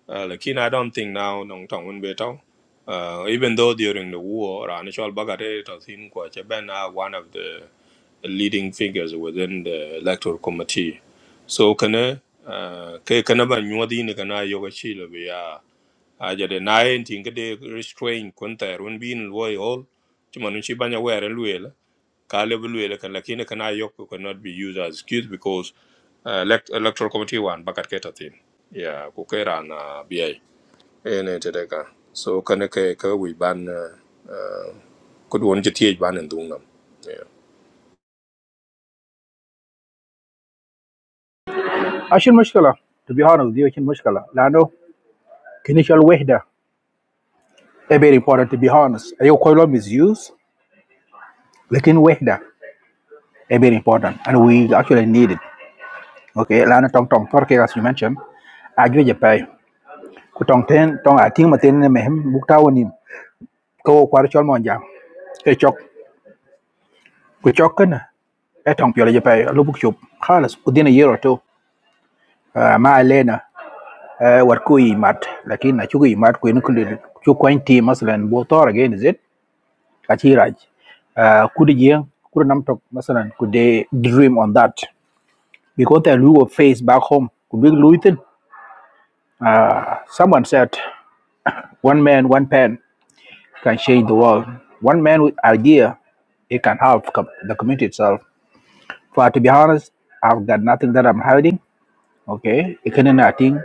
uh, lakin I don't think now nong tong un beto. Uh, even though during the war, Ranishol Bagate Tathin Kwachebena, one of the leading figures within the electoral committee. So kana uh, kai kana ban yuwa dini kana yoga chilo aja de na en tin restrain kun run bin loy hol chuma nun banya were luela ka luela kan lakini kana yok cannot be used as excuse because uh, elect, electoral committee wan bakat keta tin ya ku na bi ene te so kan ke ka wi ban uh, ku don je tie ban en dung yeah ashin mushkala to be honest dio chin mushkala lano kinishal wahda a very important to be honest ayo koilo misuse lakin wahda a very important and we actually need it okay lano tong tong torke as you mentioned agri je pay ku tong ten tong ating matin ne mehem buktaw ni ko kwar chol monjang e chok ku chok kana e tong piola je pay lo buk chup khalas ku dina yero to uh, war ku yimat lakin na chugu yimat ku en kule chu kwan ti masalan bo tor again is it kachi raj uh, kudu jeng kudu nam tok masalan could they dream on that because they will face back home could be luitin someone said one man one pen can change the world one man with idea it can help com- the community itself. For to be honest, I've got nothing that I'm hiding. Okay, it can nothing.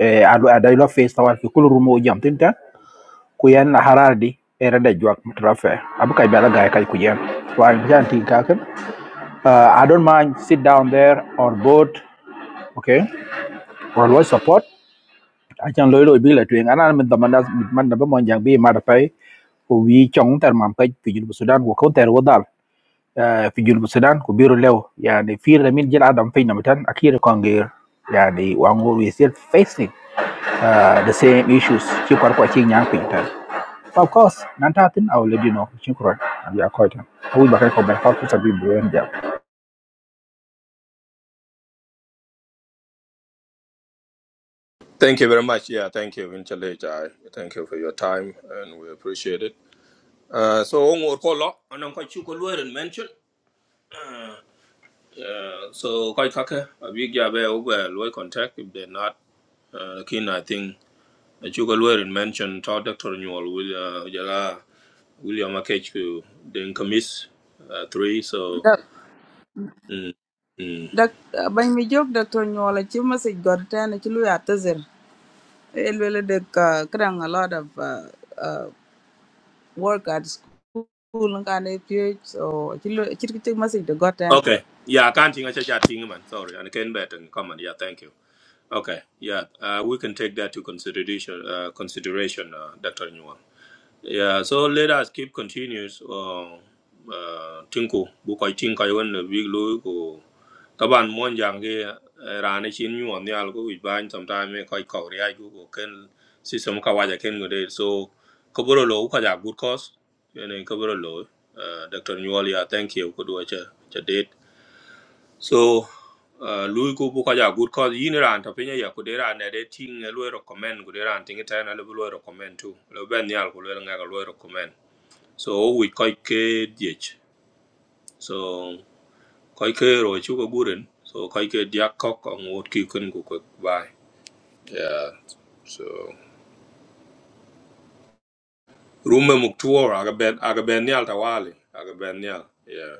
Uh, I do I do face the world. People room or jump kuyen harardi era de juak trafe abuka bela guy kai kuyen wan janti kaken uh, i don't mind sit down there on boat okay or what support i can loyal be la twing ana min da manda manda ba mon jang bi mada pay ko wi chong tar mam kay fi jinu sudan ko ko ter wodal Uh, fi jinu sudan ko biro lew yani fi la min jil adam fe namtan akira kongir yani wango we still facing uh, the same issues ci kor ko ci nyang pintar But Of course, Nantathin, I'll let you know. Chinkuran, and you are quite. I will back up by half to be brilliant. thank you very much yeah thank you in chale jai thank you for your time and we appreciate it uh, so ngor ko lo anan ko chu ko lueren mention Uh, so quite kaka a big job eh, over low contact if they're not uh, keen I think a chuka lawyer mentioned. mention Doctor Newell will uh jala William Akech ku then commiss uh, three so Dak mm, mm. dak bany mi jok dak to nyola ci message god tan ci lu ya It really did uh, kran a lot of uh, uh, work at school and kind of period. So I could take message to got then. okay yeah I can't think I should thing, man sorry and I can bet and comment yeah thank you okay yeah uh, we can take that to consideration uh, consideration uh, Dr. Newell yeah so let us keep continues uh, uh, tinku bu koy tin koy won big loy Taban mon jang ge eh, rane chin nyuon nyal ko wich bany sometime me koy kaw ri ko ko ken system ka waja ken ngode so ko boro lo ka ja good cause yene ko boro lo eh, dr nyuol ya thank you ko do cha cha date so eh, lui ko bu ka ja good cause yin ran ta pinya ya ko de ran de ting lo recommend ko de ran ting ta na lo lo recommend tu lo ben nyal ko lo nga ko lo recommend so o wich koy ke diech so Koi ke ro chu ko guren. So koi ke diak kok ang wot ki kun ku kwe bai. Yeah. So rume muk tuor aga ben aga ben nial tawali. Aga ben nial. Yeah.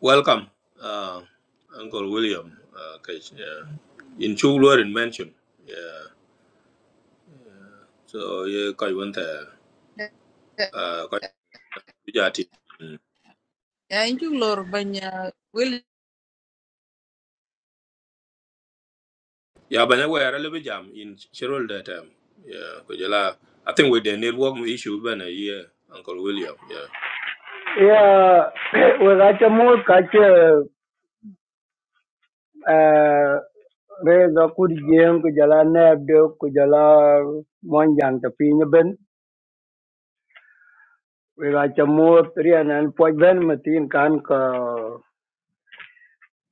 Welcome. Uh, Uncle William. Uh, Kech. Yeah. In chu luar in mention. Yeah. So ye koi wente. Uh, koi bijati. Mm. Thank you, Lord. When uh, Will, Ya banya wera lebe jam in chirul de tem. Yeah. Kujala. I think with the network issue bana yeah. Uncle William. Yeah. Ya, wakati kaca eh, reza kurjeng ku jala nebde ku jala monjang tapi nyeben. Wakati mut rianan poj ben metin kan ke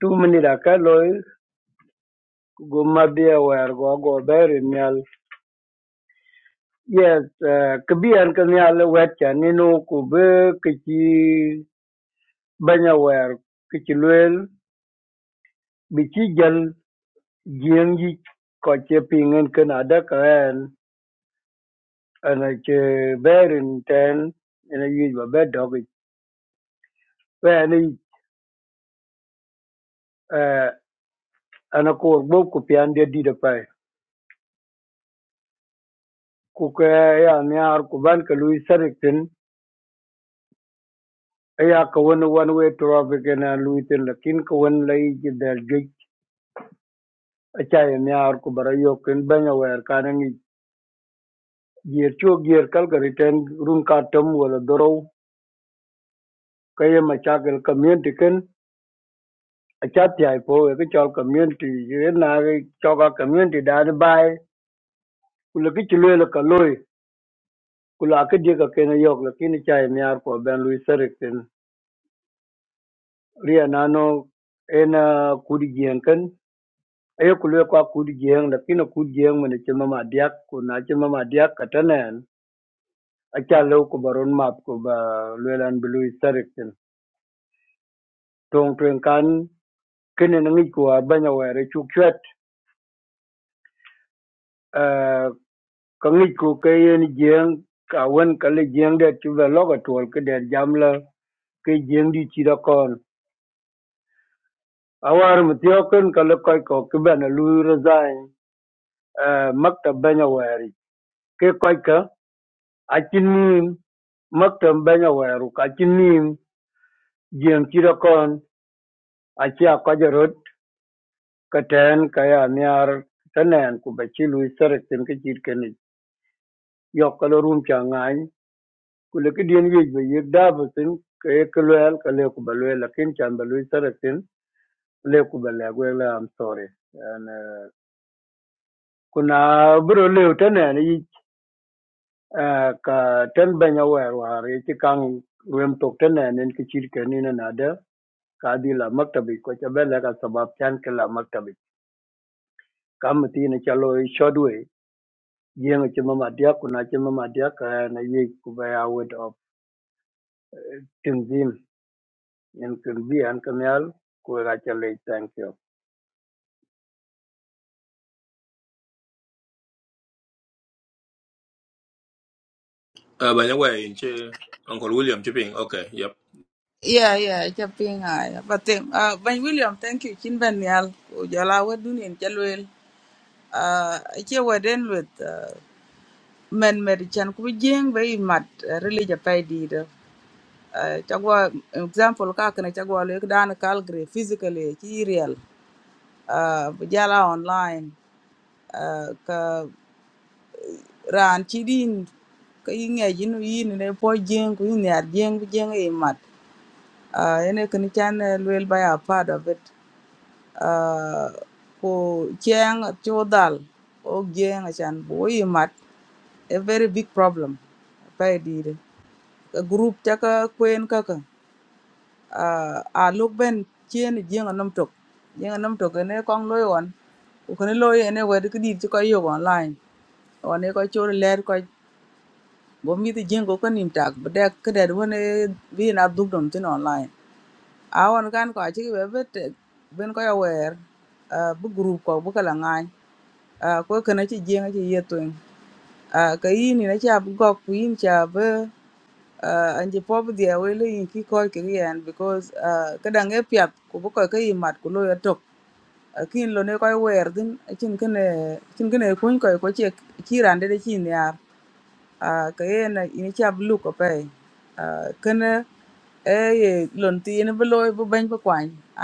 tu menidaka loy gumma dia wer go go berin nyal. Yes, eh, kebian ke nyal wetcha ninu ku be keci banya luel bici jal jieng ji koce pingin ken ada keren. and I che bear in ten and I use my bed dog it when I uh and a core book could be under did a pie cook ya near kuban ka Louis Sarrington ya ka wani one way traffic and a Louis in the kin ka wani lai ki del gate a chai near kubara yok in banya where karangi gear cho gear kalka return room ka tam wala doro kaya machakal community kin a chat ya po ka chal community na ka community da bai Kulaki chilwela kaloi kula akadia ka kena yok lakini chai miar kwa ben lui serikten ria nano ena kudi gienken ayo kulwe kwa kudi gieng lakini kudi gieng mene chima ma diak kuna chima ma diak katanen acha leo ko baron map ko ba lwelan blui serikten tong twen kan kene nangi kwa banya were chukchet ka ngi ko kayen gieng ka wen kale gieng det chuva loga tol ke der jamla ke gieng di chira a war mïtö kën ka lëk köc ko kïbënë lüü recain maktab bënya wër kï köc ka acï nïm maktab bënya wër acï nïm jïëng cï dökön acï aköc rot këtën ka ya myar thënën kube cï lüc thërëk thïn kïcït kënic yök ka l'orum cë ngany ku lëkï dyën yec ba yek dabö thïn kee kï lwël ka lee kube lwël lakin can ba lüc thërëk thïn lee kube lëk wëk lë am thori ku na bïro leo thënën Ah, ka ten benya wer war ye kang rem tok ten ne nen ki cir ke ni na na de ka di la maktabi ko ca bele ka sabab chan ke la maktabi kam ti ne ca lo shodwe ye ngi mama dia ku na ci mama dia ka na ye ku ba ya of tinzim en kun bi an kamyal ku ga ca thank you Uh, by the way, in che, Uncle William Chipping. Okay, yep. yeah, yeah, chopping. I but then, uh, when William, thank you. Chin Ben Yal, Ujala, what do you Chalwell? Uh, I hear what then with uh, men medicine could be jing very mad, religious Japan did. Uh, chagwa example ka kana chagwa lek dan calgary physically ki real uh, bujala online uh, ka ran ci din ka yi ŋe yinu yini ne po jiŋ ku yi ŋiar jiŋ bu jiŋ i mat uh, yene kini chan luel by a part of it uh, ku jiŋ cu dal o jiŋ chan bu i mat a very big problem pa i dire ka group ca ka kwen kaka uh, a luk ben chien jenga nam tok jenga nam tok ene kong loy on ukene loy ene wedi kidit ci koy yog online one ko chor ler ko bo mi ti jengo ko ka nim tak bo dek ke det won bi na duk dom tin online a won kan ko chi be be te ben ko ya wer ah, bu group ko bu kala ngai ko ke na chi jenga chi yetwen ka yin ni na cha bu gok ku yin cha be anje po bu dia we le yin ki ko ke yen because ah, ka dang e pyap ku bu ko ke yi mat ku lo ya tok kin lo ne ko wer din chin kene chin kene kun ko ko che kirande de chin ya Ah, ka yen ini ca bi lup kape Ah, kene e ye lon ti ini bi loi bi beny bi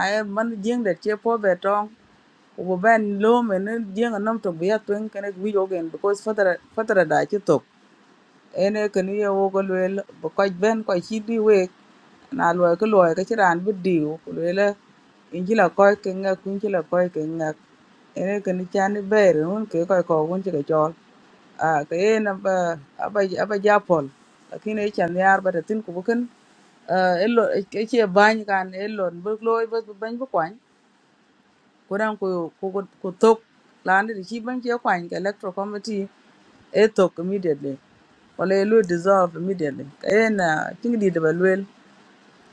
ai man jing det ce po be tong ku bi ben lo me ni jing a nom tok bi ya tweng wi ogen because fatara fatara da ci tok ënë kënë yewo ko luel köc bën köc cïdh bï wek na lwöë kï lwöë ka cï raan bï dïu olwela in cï la köc kï ngec kun cï la köc kï ngec ënë kënë can bër ën ke köc ko kun cï k'ëcöl aa ka yen aba aba aba ja pol lakin yar ba thëthïn kubo kën ëcë bany kan ëlon bë loi bë bën bë kwany ko dan ko ko ko ko tok lan de chi ban che kwan ke electoral committee e tok immediately wala e lo dissolve immediately kayen ting di de ba luel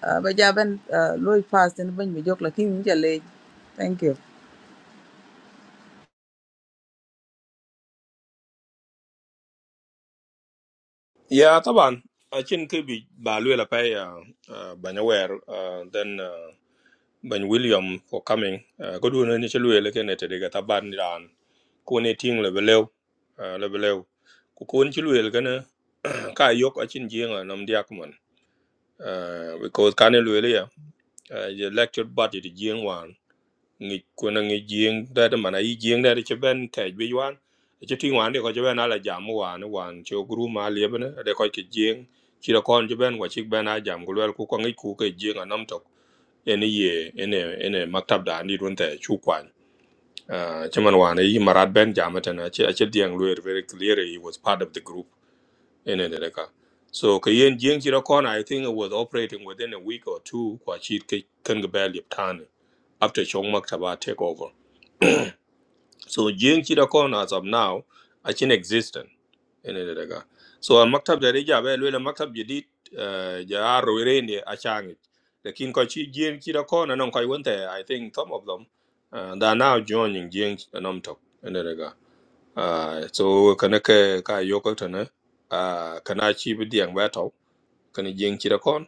ah, ba ja ben ah, lo pass den ban mi jok la king je thank you Yeah, Taban. I think could be Baluela Pay, uh, uh, by the way, uh, then, uh, Ben William for coming. Uh, good one, initially, like in it, they got a band down. Kone ting le beleu, uh, le beleu. Kukun chiluel gana, Kai yok a chin jing and Nam diakman. Uh, because Kane Luelia, uh, the lecture body the jing ngi kuna ngi jing da da mana yi jing da da che ben te bi wan che ti wan de ko che ben ala jam wan wan che gru ma le ben de ko che jing chi da kon che ben ko chi ben a jam ku lel ku ko ngi ku ke jing anam tok ene ye ene ene maktab da ni run te chu kwan Ah, che man wan yi marat ben jam ta na che che dieng lu very clear he was part of the group ene ne ka so ke yen jing chi da kon i think it was operating within a week or two kwa chi ke kan ga ba lip tan after chong maktaba take over so Jing Chitakon as of now, Achin existent in it daga. So al maktab da reja ba lwela maktab jadid uh, ja rowere ne a changit. Lakin ko chi Jing Chitakon anon koi wante I think some of them uh, they are now joining Jing anom tok in daga. Uh, so kana ka ka yoko tana uh, kana chi bi diang ba tau kana Jing Chitakon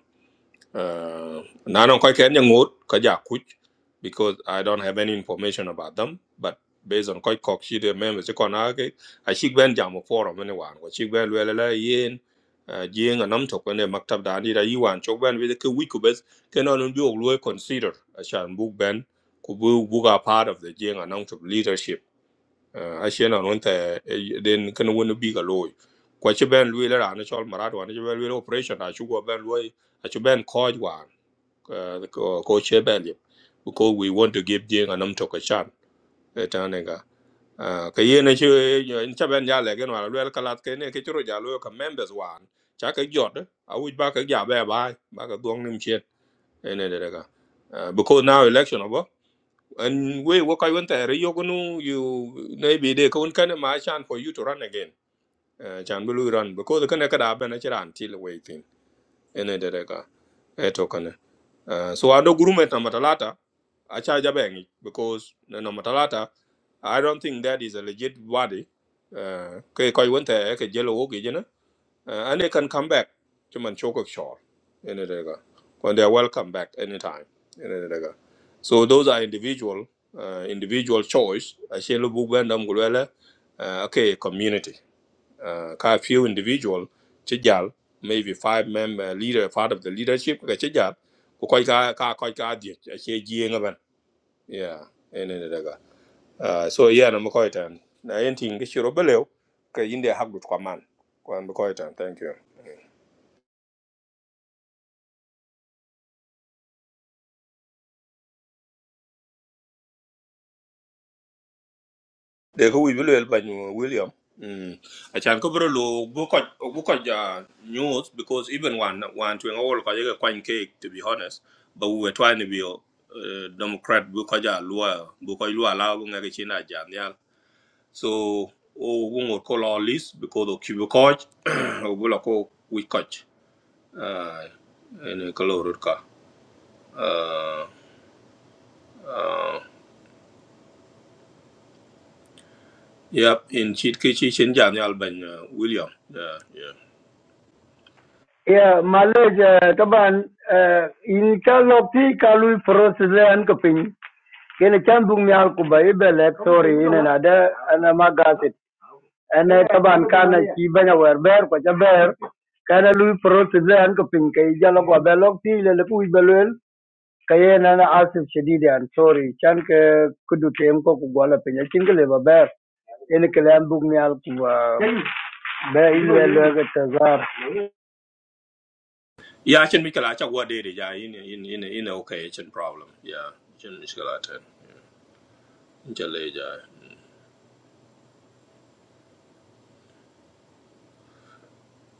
uh, Nanon Koi Kenya Ngut, Kaja Kuch, because I don't have any information about them, but based on Koi Kok, she the members, she kon ake, I she ben jam a forum anyone, what she ben wella yin, uh, jing and umtok when they maktab da nida yuan, chok ben with a weekubes, can only be always consider, a shan book ben, kubu buga part of the jing and umtok leadership. Uh, I shan on one then can win a bigger loy. Kwa chi ben lwe le rane chol marat wan, chi ben lwe operation, a chu go ben lwe, I chu ben koj wan uh, the co- share value because we want to give Jing and Namtok a chance. Etanega. Ka yen chi eh, in chaben ya le gen wala lwel kalat ke ne ke churu ja lo ka members wan cha ka jot eh, a wi ba ka ja ba ba ba ka duong nim chen ene because now election over and we wo kai won ta re you maybe they ka un kan ma chance for you to run again Uh, chan bu run because ka ne ka da ba na chiran ti ene dere ka e to kana uh, so ando gurume ta matalata acha jabengi because na na matalata i don't think that is a legit body uh, ke koi wonte e ke jelo wogi jena uh, and they can come back to man choko shore ene dere when they are welcome back anytime ene dere so those are individual uh, individual choice achelo bugwenda mgulwele uh, okay community uh, ka few individual ci jal maybe five member leader part of the leadership ka ci jal ku koy ka ka koy ka di ci ji nga ban yeah ene ne daga uh, so yeah na mo koy tan na yenting tin ga belew ka inde habdu kwaman kwan mo koy tan thank you de ko wi bilwel ba nyu william mm I chan ko bro lo bu ko bu ko ja news because even one one to all ko ye cake to be honest but we were trying to be uh, democrat bu ko ja lua bu ko lua la bu ngari china jam ya so o bu ngor ko lo list because of ki bu ko o bu la ko wi ko ah en ko uh yep in chit ki chi chen jam ya ban uh, yeah ya malaysia taban eh, in ca lo pi ka lu process le an ko pin kene chan bung nyal ku ba ibele Kamu sorry tinggal ina na de ana magas ene taban kana ci banya wer ber ko ja ber kana lui process an ko pin kai jalo ko be lok ti le le ku be lel kaye na na asif shadidi an sorry chan ke kudu tem ko ku gola pin ya kin le ba ber ene kele an bug ni al ku ah, be ile le ga tazar Yeah, I can chin mikala chak wa it. Yeah, in in in in okay chin problem. Yeah, chin mikala ten chale ja.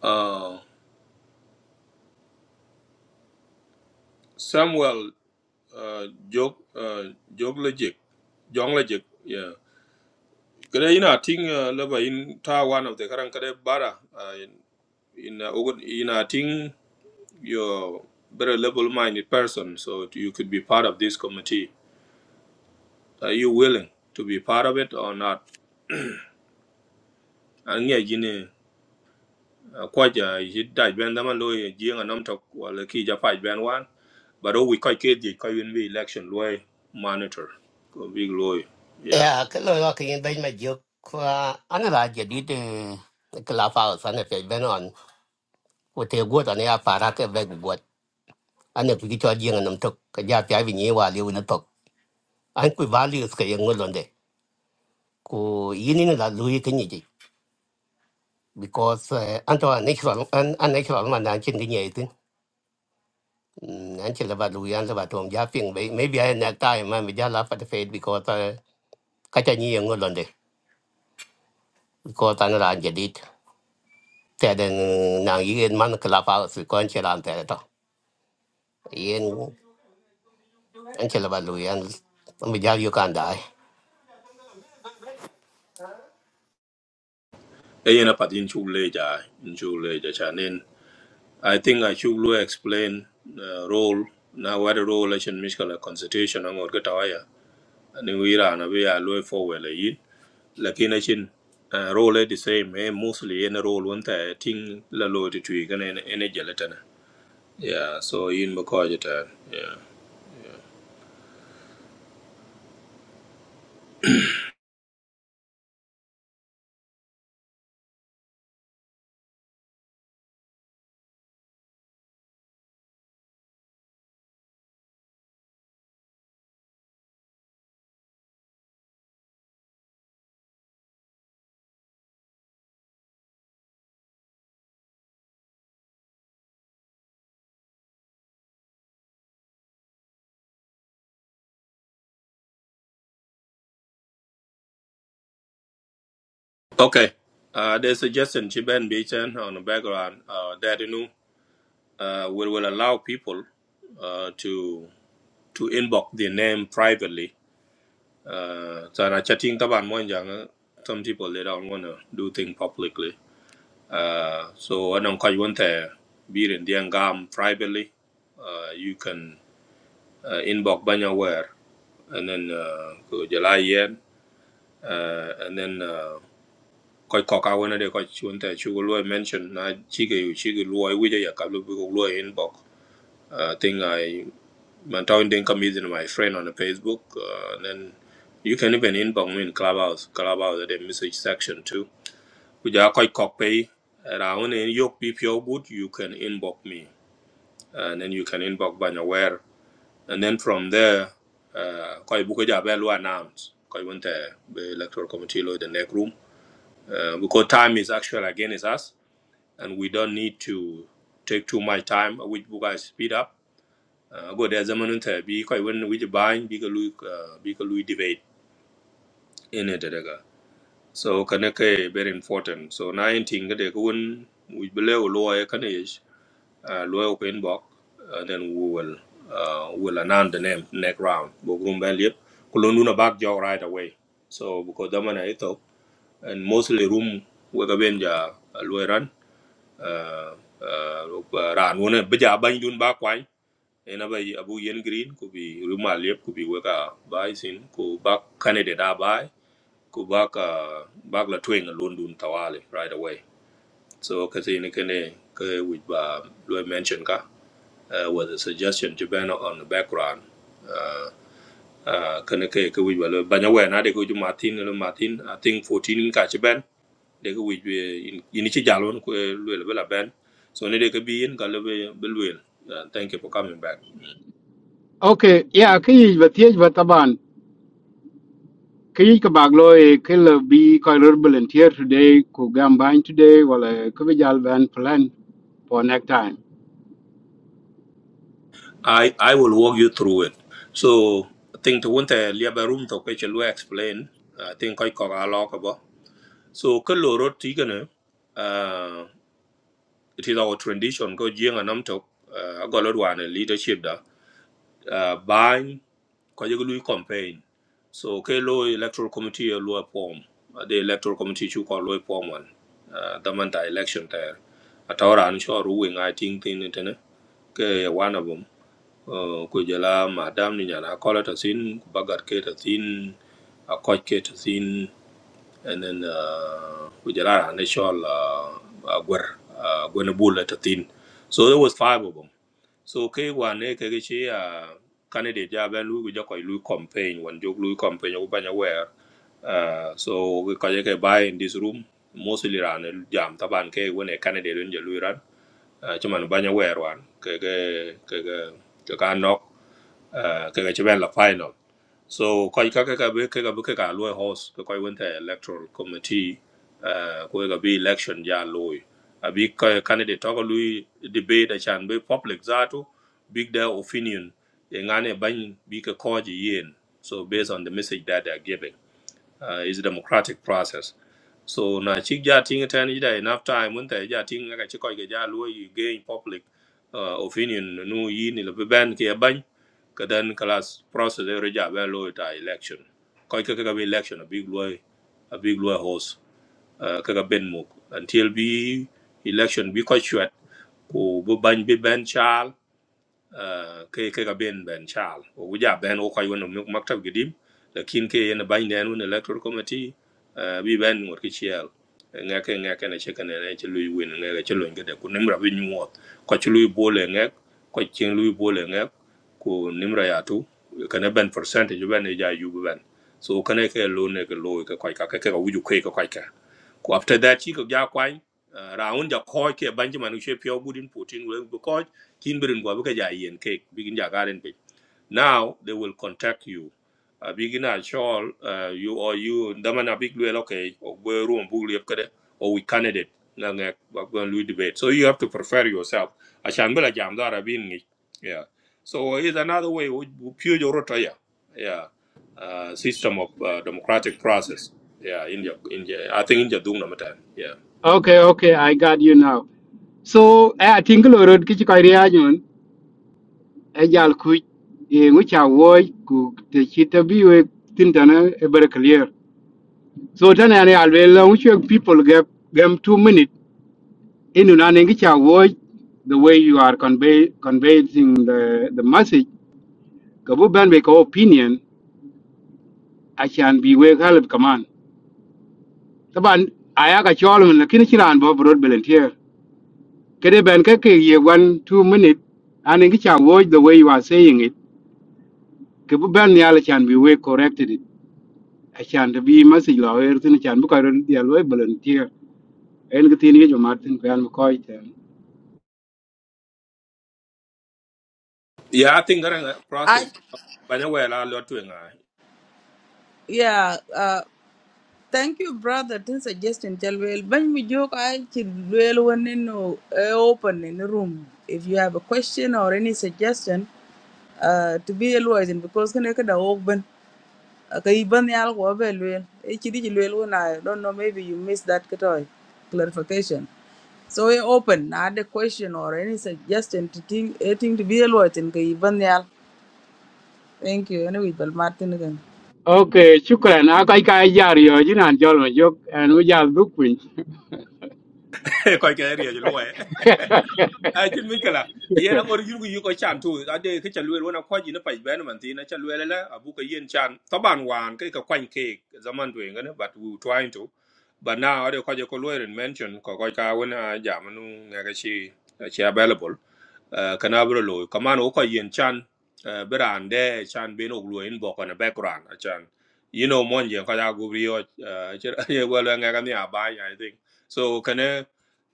Uh, Samuel uh, jog uh, jog logic jong logic. Yeah. Kada ina ting uh, laba in Taiwan, one of the karang kada bara uh, in in uh, ogun- ina ting you're very level minded person so you could be part of this committee. Are you willing to be part of it or not? And yeah, ko ja yi dai ben da man lo ye ji nga to tok wala ki ja faj ben wan but o we ko ke di ko win we election lo monitor ko big lo yeah Yeah, cái lời đó khi bên mà dược qua anh là giờ đi từ cái lá pháo sáng này phải bên on của thế quốc anh là phá ra cái bên của quốc anh là cái cho riêng anh nằm thực cái giá phải vì nhiều và liều nó thực anh cứ vá liều cái ngôn luận đấy cô ý nên là lùi cái gì chứ because eh, anh cho anh ấy chọn anh anh ấy chọn mà anh trên cái nhảy tin anh chỉ là bà lùi anh là bà tuồng giá phiền vậy mấy bé này tay mà bây giờ là phải phê because eh, cái cho nhiều ngôn luận đấy because anh là anh giờ đi tɛɛdɛ naŋ yen man club house kɔn cɛ lan tɛɛdɛ tɔ yen an cɛ laba lu yen n bi jal yukan daai e yena pat in chu le ja in chu le ja cha nen i think i should lo explain uh, role na what the role election miskala constitution ngor ka tawaya ni wi ra na we ya lo forward le yin lakini chin uh, role the same eh, mostly in a role one thing la lo ti twi kan en en jalatan Yeah, so yin ba ko jitan. Yeah. Okay. Uh, there's a suggestion Chiben Bichan on the background uh, that you know uh, we will allow people uh, to to inbox their name privately. Uh, so na chatting taban mo yang some people they don't want to do things publicly. Uh, so anong kaj want to be in the gam privately. Uh, you can uh, inbox banya where and then uh, go jalai yen uh, and then. Uh, koy ko ka wona de ko chun te chu lo mention na chi ge yu chi ge lo wi ja ka lo bu lo in bok uh, thing i man town den come using my friend on the facebook uh, and then you can even inbox me in clubhouse clubhouse at the message section too ku ja koy ko pe around in yok pi good you can inbox me and then you can inbox ban aware and then from there uh, koy bu ko ja be lo announce koy won electoral committee lo the next room uh, because time is actually against us and we don't need to take too much time which book I speed up uh, go there zaman ta bi kai wani which buying bi ka lui uh, bi ka lui debate in it daga so kana very important so na yin tinga da ka we below lawyer kana is uh, lawyer open box? and then we will uh, we will announce the name next round bo room ban lip kulon nuna back jog right away so because the man zaman ito and mostly room we ka ben ja uh, lawyer uh, uh, ran wona bija bany dun ba kwany ena ba yi- abu yen green ku bi ruma lep ku bi weka bai sin ku ba kanade da bai ku ba ka ba la twing lon tawale right away so kasi ni kene ke which ba lo mention ka uh, was a suggestion to ban on the background uh, uh, kene ke ke which ba lo banya we na de ku ju martin lo martin i think 14 ka chi de ko wij in in ci ben so ne de ko in ka le thank you for coming back Okay, yeah, ki but the but taban. Ki ka baglo e kill be koi rur volunteer today ku gam ban today wala ku bijal ban plan for next time. i i will walk you through it so i think to want to leave a liaba room to ko ci explain i think I ko a ko bo so ko lo ro ti gana uh it is our tradition go jing anam to uh, go lo leadership da uh, ko yeg lui campaign so ke lo electoral committee e lo form Uh, the electoral committee chu ko lo form wan uh, the man ta election there atawra an sure ru wing i think tin it ne ke one of them uh, ko jela madam ni nyana kola ta sin ku bagat ke ta sin a coach ke ta sin and then uh, ko jela an cho uh, uh, gwer uh, gwen bula ta sin so there was five of them so ke wane ke ke chi a candidate ja ben lu ja ko lu campaign wan jok lu campaign ko banya wer Ah, so we ko ke buy in this room mostly ran el jam taban ke wone candidate un ja lu ran Ah, chuman banya wer wan ke ke ke ke ke ka nok ah, ke ke chi ben la final so kwa kā kā be kā be kaka loy kā, kwa winter electoral committee uh kwa ka be election ja loy. Abi ka candidate talk lui debate a chan be public zato big their opinion e ngane bany bi ka koji yen. So based on the message that they are giving uh, is a democratic process so na chik ja ting ten ida enough time when ta ja ting ka chi ko ga ja lu you gain public uh, opinion no yi ni le ben ke ban ka dan class process e re ja ba lo ta election ko ka ka election a big lo a big lo host uh, ka ka ben mo until bi election bi ko chwet ko bu ban bi ben chal uh, ke ke ga ben ben chal o gu ja ben o ko yono maktab gidim lakin ke yen ban den un electoral committee uh, bi ben ngor ki chiel nga ke nga ke na che kana na che lui win nga che lui ngade ku nimra bi nyuot ko che lui bole nga ko chen lui bole nga ku nimra ya tu kana ben percentage ben ja yu ben so kana ke lo ne ke lo ke ko ka ke ka wuju ke ko ka Ku after that chi ko ja kwai raun ja ko ke banji manu she pyo in putin we ko kin birin go be ka ja yen ke bigin ja garen now they will contact you. A big in shawl, uh, you or you, Damana big well, okay, or we're room, bully up, or we candidate. Now we're going to debate. So you have to prepare yourself. I shan't be like jam that I've been it. Yeah. So it's another way, we we pure your rotaya. Yeah. Yeah. Uh, system of uh, democratic process. Yeah. India, India. I think India doing time. Yeah. Okay, okay, I got you now. So eh, I think Lord Kichikaria Jun, a tin lo rot ki ci koy riya ñun e jal ku e ngu cha woy ku te e clear. So then, I ne alwe la ngu people gap them 2 minutes? inu na ne ngi cha woy the way you are convey conveying the the message ka bu opinion a can be we help command. Taban aya ka chol mun lakini ci ran bo rot volunteer. Kede ben 1 2 minute and ngi cha woy the way you are saying it ke bu ben yal chan bi we corrected it a chan de bi ma si lo er tin chan bu ka dia lo volunteer en ke tin ye jo martin ko an ko ite Yeah. I think that uh, i process. Banyak well, I lot to engai. yeah uh, thank you brother tin suggestion tell well ban mi I. ai chi luel wonen no eh, open in the room if you have a question or any suggestion uh, to be a lawyer because kana kada open ka iban yal ko be luel e chidi ji luel wona i don't know maybe you missed that katoy clarification so we open na the question or any suggestion to think a to be a lot in ka iban yal thank you anyway bal martin again okay shukran a kai kai jar yo jinan jol ma jok an u jar du kun Kau kaya ria ai kin mi kala yen angor yirgu yiko chan tu ade ke chalwel wona ko jina pa ben man tin chalwel la abu ka yen chan taban wan ke ka kwan ke zaman doing ngana but we trying to but now ade ko je ko lawyer mention ko ko ka wona jamanu ngaga chi chi available uh, kana bro lo kaman wo ko yen chan uh, brande chan Beno no lo in bo kana background a chan you know mon yen ka ya gu ri yo ye wa la nga ka ni aba i think so kana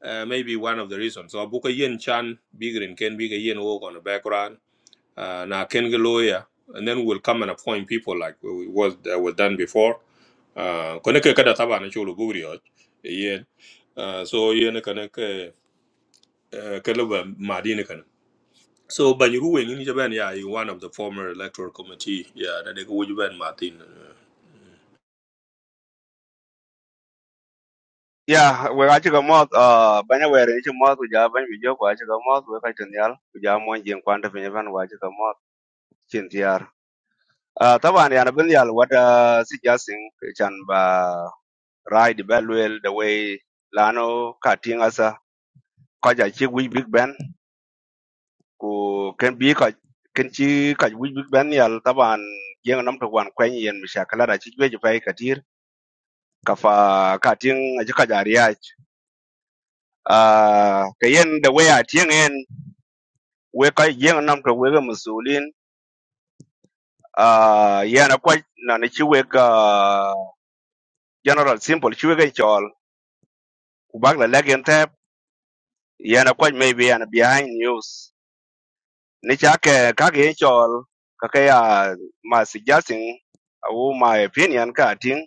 uh, maybe one of the reasons so bu ko yen chan bigrin ken bi ga yen wo kana background uh, na ken ga lawyer and then we'll come and appoint people like we was that was done before uh kana ke kada taba na chulo gu ri yen uh, so yen kana ke uh, ke lo ba so Banyuru in Japan, yeah, in one of the former electoral committee, yeah, that they go with Ben Martin. Yeah, we got you moth uh banya we reach moth we have ban video kwa chika moth we kaitin yal we have one jing kwanda pinyo van wa chika moth chin tiar. Uh taban yana bin yal what uh suggesting chan ba ride belwell the way lano cutting asa kaja chi we big ben ku ken bi ka can chi ka we big ben yal taban jeng nam to wan kwen yen mishakala da chi we jipai katir kafa cutting ajika jariach. Uh kayen the way atien en weka jeng nam to wega musulin uh, yana kwa na ni chi wega general simple chi wega chol kubak la legen tep yana kwa maybe yana behind news ni cha ke ka ge chol ka ke ya ma suggesting au my opinion ka ting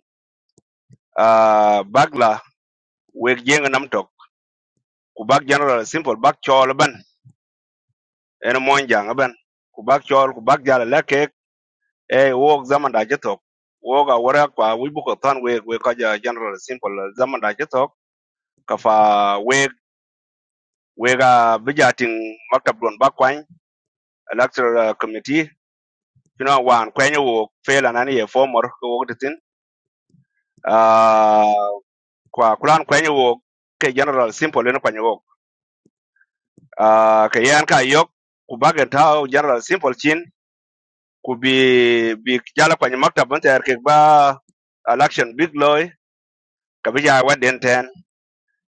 uh, bagla weg jeng nam to kubak general simple bak chol ban en mon jang ban kubak chol kubak jala e wo zaman da jeto wo ga wara kwa wi bu ko ton we we ka ja general simple zaman da jeto ka fa we we ga bijatin maktab don ba kwan electoral committee kino wan kwenye wo fela nani ye former ko wo ditin ah kwa kulan kwenye wo ke general simple ne kwenye wo ah ke yan ka yok ku bagen ta general simple chin ku bi bi jala kwenye maktab ban ter ke ba election big loy ka bija waden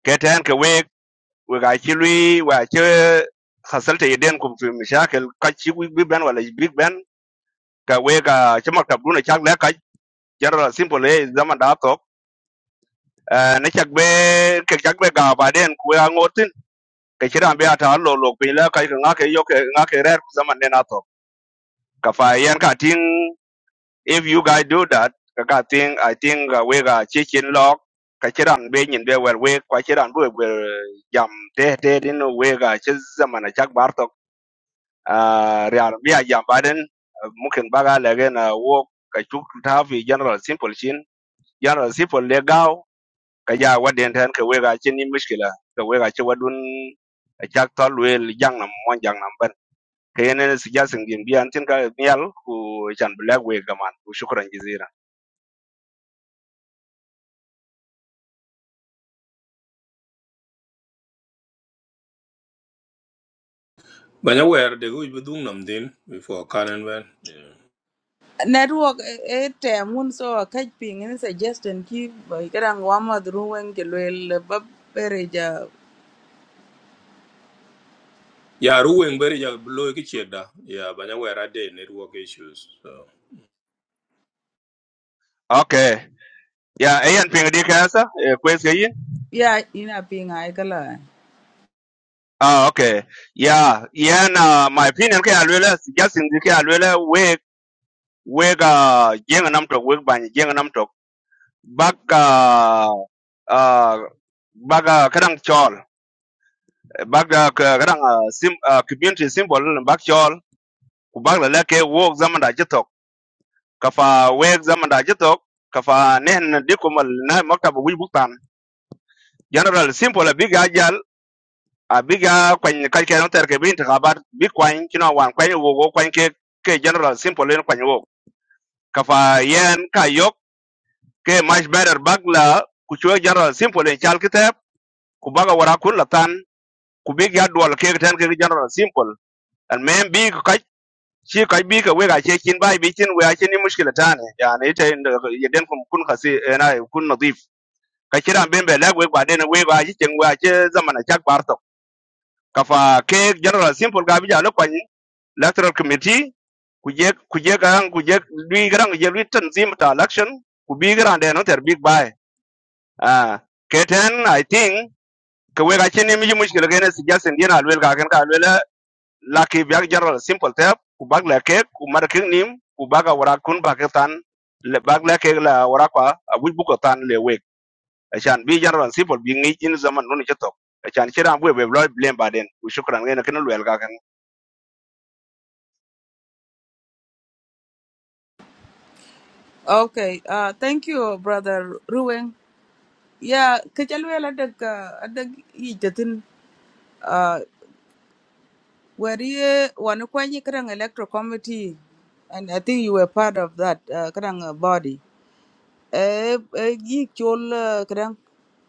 cái then cái web về giải trí lưới về giải chơi khách sạn trại đen cũng phải miếng xã cái cái chiếc ví biển và lấy ví biển cái web cái chế mặc tập luôn ở trang này cái rất là simple đấy rất là đa tốc ở nơi trang web cái trang web cả vài đen quay ngô tin cái chế làm việc ở đó luôn luôn pin là cái người nghe cái yêu cái nghe cái rẻ rất là mạnh nên là tốc cái file anh cái tin if you guys do that kaka think i think uh, we ga chicken lock kachiran be nyin be wer we kachiran bu wer jam te te din we ga chi zamana chak bartok uh, real bi a jam baden mungkin mukin baga lege na wo ka chuk ta fi general simple chin general simple le gao ka ja waden tan ka we ga chi ni mishkila ka we ga chi wadun eh, chak tol wel jang nam mon jang nam ban kayene suggesting din bi tin ka nyal ku chan black we gaman ku shukran jizira Banyaware, they go with doing something before Karen went. Yeah, network e e tem un so ka ping any suggestion ki ba kada ngwa ma dru wen ke luel ba pere ja yeah, Ruwing very low check da. Yeah, Banyaware had their network issues. So okay Yeah, ayan ping di kasa e kwes ke yin. yeah ina ping ai kala Ah okay. Yeah, yeah na my opinion ke alwela suggesting di ke alwela we we ga jenga nam tok we ban jenga nam tok. Baga ah baga kadang chol. Baga ka- kadang ah, sim ah, community symbol na bag chol. Ku bag la leke wo zaman da jitok. Kafa we zaman da jitok. Kafa nen dikumal na maktab wi buktan. General simple big abiga kwany kalke no terke bi intikhabat bi kwany kino wan kwany wogo kwany ke ke general simple en kwany wok kafa yen ka yok ke much better bagla ku chwe general simple en chal kitep ku baga wara kun latan ku big ya dual ke ten ke general simple and men bi ka chi ka bi ka we ga che kin bai bi kin we a kin ni mushkila tane yani ite yeden kun kun khasi eh, na kun nadif ka kiran ben be lag we ba den we ba chi chen we a che zamana chak bar kafa ke general simple ga bija lo kwani electoral committee kuje kuje garang kuje lui garang je lui tanzim ta election ku bi garang de no ter big buy ah keten i think ke we ga chini mi mushkil ga ne suggestion dina alwel ga kan ka alwel la ke bi general simple te ku bag la ke ku mar ke nim ku baga wara kun ba ke tan le bag la ke la wara kwa abu bu ko tan le we achan bi general simple bi ngi in zaman no ni chetok achan chira bu we lo blame baden ku shukran ga ne kan alwel ga Okay, uh, thank you, brother Ruwen. ya ke ca luel adek adek yic tethin uh, were ye wan kwanyi kadang electro committee and i think you were part of that uh, kadang uh, body Eh, gi chol uh, kadang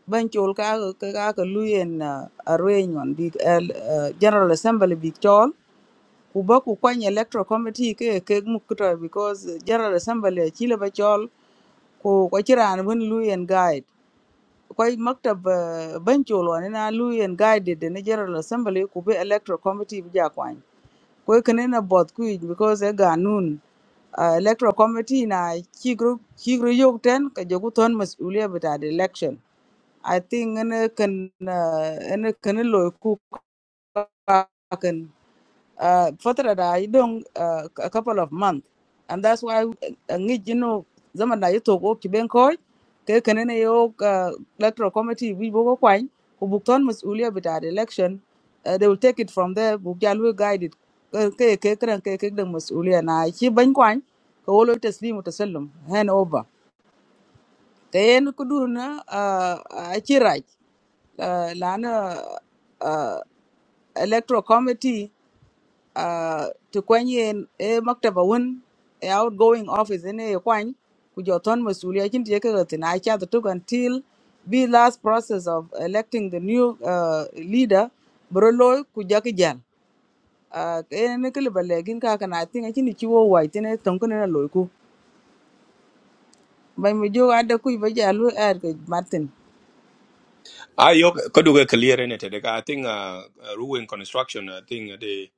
ban chol ka ka ka ka luyen uh, arrange on big L- uh, general assembly big chol ku ba ku kwany electro committee ke ke muk because general assembly chile ba chol ku ko chiran bun luyen guide kwai maktab ah, banchol wane na luyen guided na general assembly ku be electoral committee bi ja kwany kwai kene na both kuic because e ganun ah, electoral committee na chigro chigro yok ten ka jogu thon masulia bita the election I think ene can uh, ene can lo cook can uh, for that I don't uh, a couple of months, and that's why uh, you know zaman na yuto ko kiben ko ke kanene yo uh, electoral committee we bogo kwany ko bukton masulia bita the election uh, they will take it from there buk ya lu guided ke ke ke kran ke ke dang masulia na chi ban kwany ko wolo taslimu tasallum hand over kayen kuduna dun na uh, uh, lana uh, electoral committee uh, ti kwan e maktaba wun e outgoing office ene e kwan ku jo ton masuliya kin ti yeke tin a cha the took until the last process of electing the new uh, leader bro kujaki ku jaki jal uh, ene ne kili bale gin ka kana tinga chini chiwo wai tine tonkene na loy ku bai mi ada adda kuj ba jalu er ke martin I yok could do a clear in it. I think uh Ruwing construction, I think they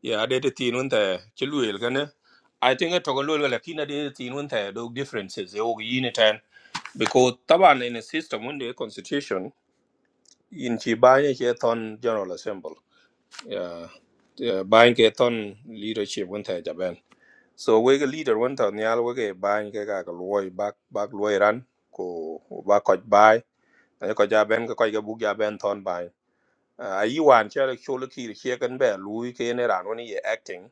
yeah, they the teen one there, Chiluil gonna I think a Togololo Lakina de teen one there, those differences, they all unit and because Taban in a system one day constitution. in chi ba ye che ton general assembly yeah yeah ba ke ton leadership won ta japan so we ga leader won ta nyal we ga ba ye ke ga ga loy bak bak loy ran ko ba ko ba ta ko ja ben ko ga bu ja ben ton ba a yi wan che le chu le ki che kan be lui ke ne ran woni ye acting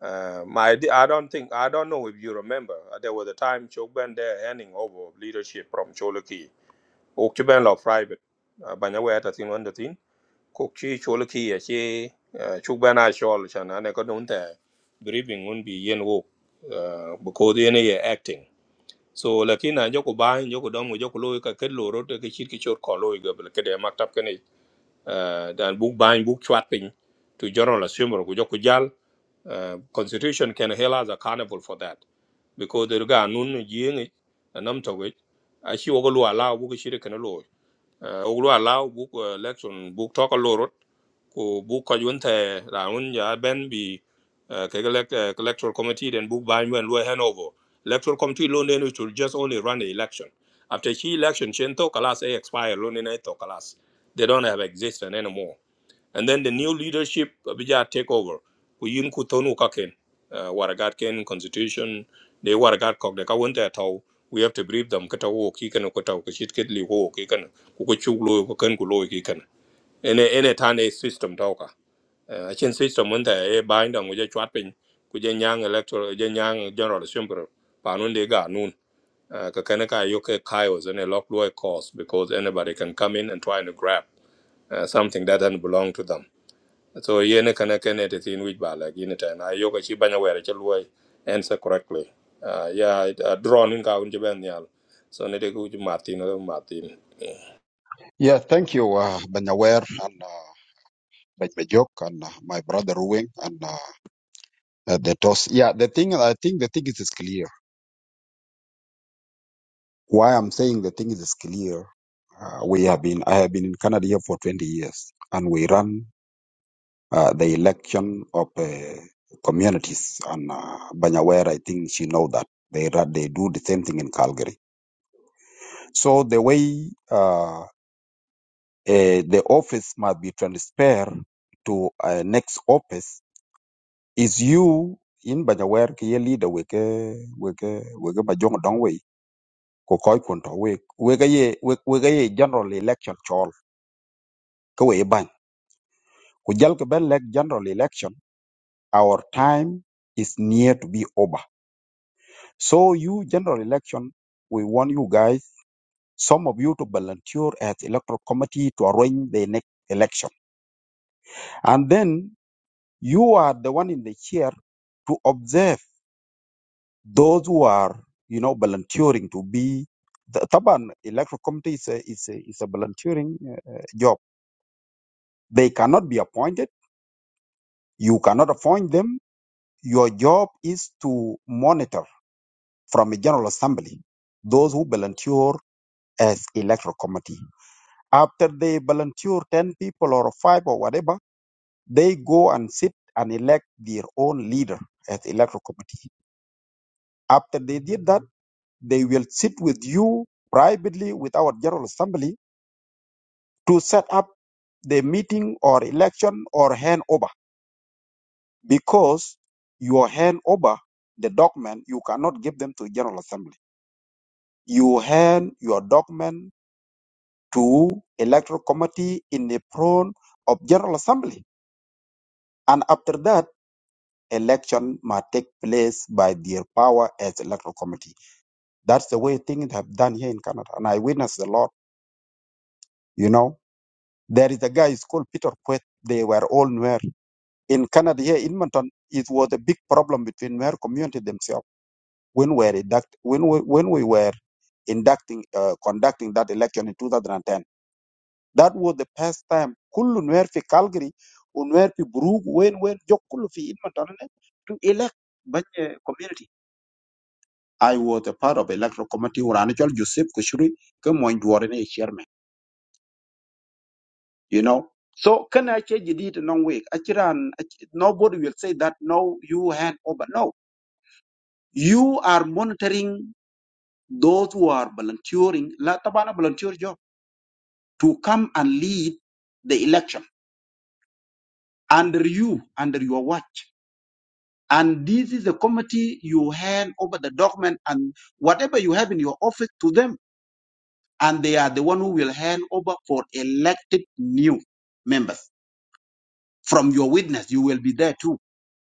Uh, my, I don't think I don't know if you remember. uh, There was a time Chogben there handing over leadership from Cholaki. Chogben law private. Banyawe at a thing kok chi chol ki ya chi chuk ba na chol cha na ne ko don grieving un bi yen wo ko de ne ye acting so lakin na joko ba joko dom joko lo ka ket lo ro te ki chit ki chor ko lo ga bel ke de maktab ke ne dan buk ba buk chwat pin to general assembly ko joko jal uh, constitution can held as accountable for that because the ga nun yeng anam to we a chi wo ko lo ala bu ki shiri kana lo oglu allow book uh, election book talk a lot ko book ko yunte raun ya ben bi uh, ke elect, uh, electoral committee then book by when we hand over electoral committee loan then it just only run the election after she election chen to class eh, expire loan in to kalas they don't have existence anymore and then the new leadership uh, bija take over ku yin ku tonu ka ken uh, waragat ken constitution they waragat kok de ka won ta tau we have to brief them ka tau ki kan ko tau ka shit ket li wo ki kan ku ko chu lo ko kan ku lo ki kan ene ene tan e system tau uh, a chen system won ta e bind on je chat pin ku je nyang electoral je nyang general assembly pa nun de ga nun uh, ka kana ka yo ke chaos and a lock law cause because anybody can come in and try to grab uh, something that doesn't belong to them so yen kana kene te thin wich ba like yin ten. I yoga chi banya wera chi luoy answer correctly. Uh, yeah, it, uh, drawn in ka un ben yal. So ne de ku Martin or Martin. Yeah, thank you, uh, Banyawer and uh, Bajok and uh, my brother Ruwing and uh, uh, the toss. Yeah, the thing I think the thing is, is clear. Why I'm saying the thing is, is clear. Uh, we have been I have been in Canada here for 20 years, and we run uh, the election of uh, communities. And uh, Banyawer, I think she know that they run, they do the same thing in Calgary. So the way uh, uh, the office must be transferred to uh, next office is you in ba ja ke ye leader we ke we ke we ke ba jong dong we ko koy kun to we we ke ye we we ke ye general election chol ke we ban ku jal ke ben lek general election our time is near to be over so you general election we want you guys some of you to volunteer as electoral committee to arrange the next election and then you are the one in the chair to observe those who are you know volunteering to be the Taban electoral committee is a, is a, is a volunteering uh, uh, job. They cannot be appointed. You cannot appoint them. Your job is to monitor from a general assembly those who volunteer as electoral committee. After they volunteer 10 people or five or whatever, they go and sit and elect their own leader as electoral committee. After they did that, they will sit with you privately with our general assembly to set up the meeting or election or hand over because you hand over the document you cannot give them to general assembly you hand your document to electoral committee in the front of general assembly and after that election must take place by their power as electoral committee that's the way things have done here in canada and i witnessed a lot you know there is a guy is called peter Quet. they were all nuer In Canada, here in Edmonton, it was a big problem between Nuer community themselves when we were induct, when we, when we were inducting uh, conducting that election in 2010. That was the first time كل نوير في Calgary ونوير في بروك when وين جو كله في Edmonton ne to elect بني community. I was a part of electoral committee وراني جول Joseph Kushuri كموين دوارني chairman. You know. So can I change it in one week? Achiran, ach- nobody will say that no, you hand over. No, you are monitoring those who are volunteering, la tabana volunteer job, to come and lead the election under you, under your watch. And this is the committee you hand over the document and whatever you have in your office to them. And they are the one who will hand over for elected new members. From your witness, you will be there too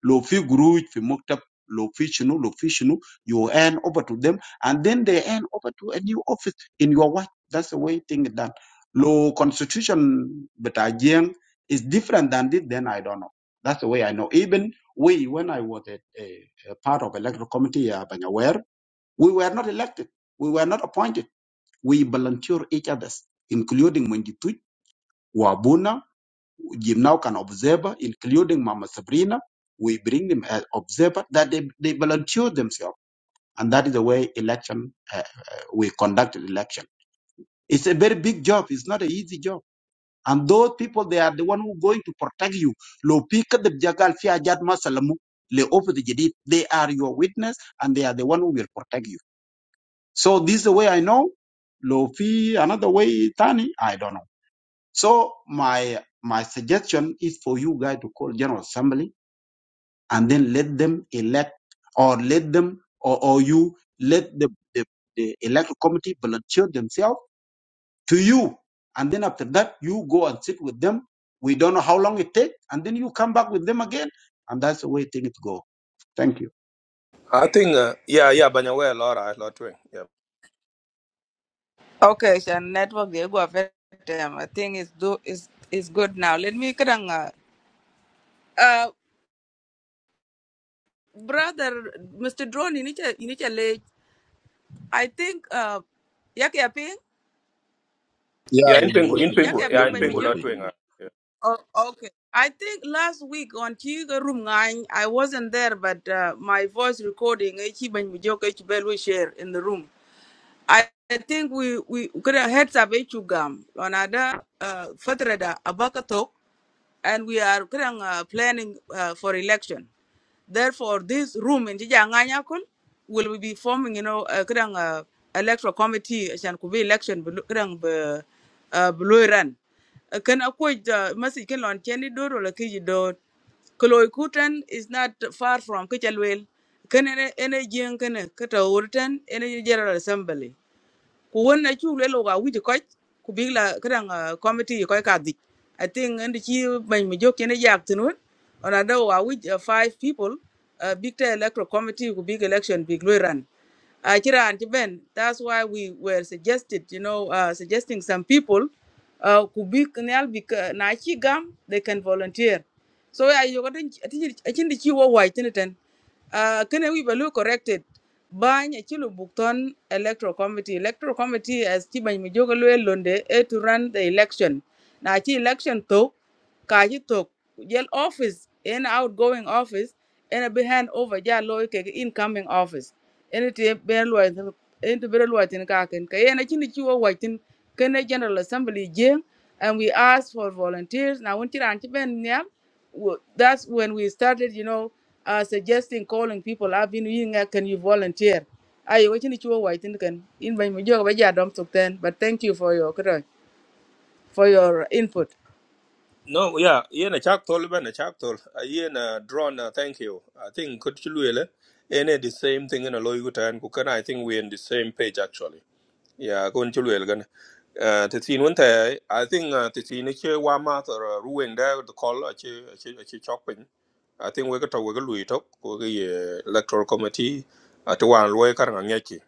لو في قروج في مكتب lo في شنو lo في شنو you hand over to them and then they hand over to a new office in your watch that's the way thing is done lo constitution بتاع جين is different than this then I don't know that's the way I know even we when I was a, a, a part of electoral committee uh, aware we were not elected we were not appointed we volunteer each others including Mwenditu, Wabuna Jim now can observer, including Mama Sabrina. We bring them as observer that they, they volunteer themselves. And that is the way election, uh, we conducted election. It's a very big job. It's not an easy job. And those people, they are the one who going to protect you. Lo pika de jagal fi ajat masalamu le ofu de jadid. They are your witness and they are the one who will protect you. So this is the way I know. Lo fi another way tani, I don't know. So my, my suggestion is for you guys to call General Assembly and then let them elect or let them or, or you let the, the, the electoral committee volunteer themselves to you and then after that you go and sit with them we don't know how long it takes and then you come back with them again and that's the way things go thank you I think uh, yeah yeah banya wera lot right lot twing. Yeah. Okay, so network they go affect them. I think it's do is is good now. Let me kadang uh uh, brother Mr. Drone ini cha ini cha le. I think uh yak yaping Yeah, Yeah in you may pengu in open yak pengu that. yeah yaping in You may pengu by lot open. twing. Uh. Oh, okay. I think last week on Chiga Room Nine, I wasn't there, but uh, my voice recording, eh, Chiba Njoka, Chibel, we share in the room. I I think we we could have heads up Echugam on other uh, Fatrada Abakatok, and we are kurang, uh, planning uh, for election. Therefore, this room in Jijanganyakul will be forming, you know, uh, kadang, uh, electoral committee, shan kubi election, bulu- kadang, bu- uh, blue run. Uh, Kan akwai uh, masi kin lon cheni dor wala kiji dor. Kaloi kutan is not far from Kichalwel. Kan ene ene jeng kene kata urutan ene general assembly ku won na chu le lo ga wi ko ku big la kran committee ko ka di i think and chi ban mi jok ne yak tin won ona do wa wi uh, five people uh, big ta electoral committee ku big election big lo ran uh, Kira and Ben, that's why we were suggested, you know, uh, suggesting some people uh, could be canal nachi gam they can volunteer. So I you got I think I think the chiwa white in it uh can we be corrected bany achilu buk ton electoral committee electoral committee as chibany bany mi jogo e to run the election na chi election to kaji chi to jel office in outgoing office in a be hand over ja loy ke incoming office ene te ber luwai tin ene te ber luwai tin ka ken ka ene chini chi wo wai tin kene general assembly jing and we asked for volunteers na won chiran chi ben nyal wo- that's when we started you know uh, suggesting calling people i've been yin nga, can you volunteer ayo wo chini chi wo wai tin ken in ban mi joga ba ja dom tok ten but thank you for your kra- for your input No yeah yen a chak tol ben a chak tol. Uh, Yen uh, drawn uh, thank you. I think could chi luele. Ene the same thing in a loy gutan ku I think we in the same page actually. Yeah, ko nchi lwel gan. Uh, te tin won te I think uh, te tin che wa ma to ruwen da the call a che a che a I think we ko to wiggle we ko lui to ko electoral committee at one lawyer and yaki.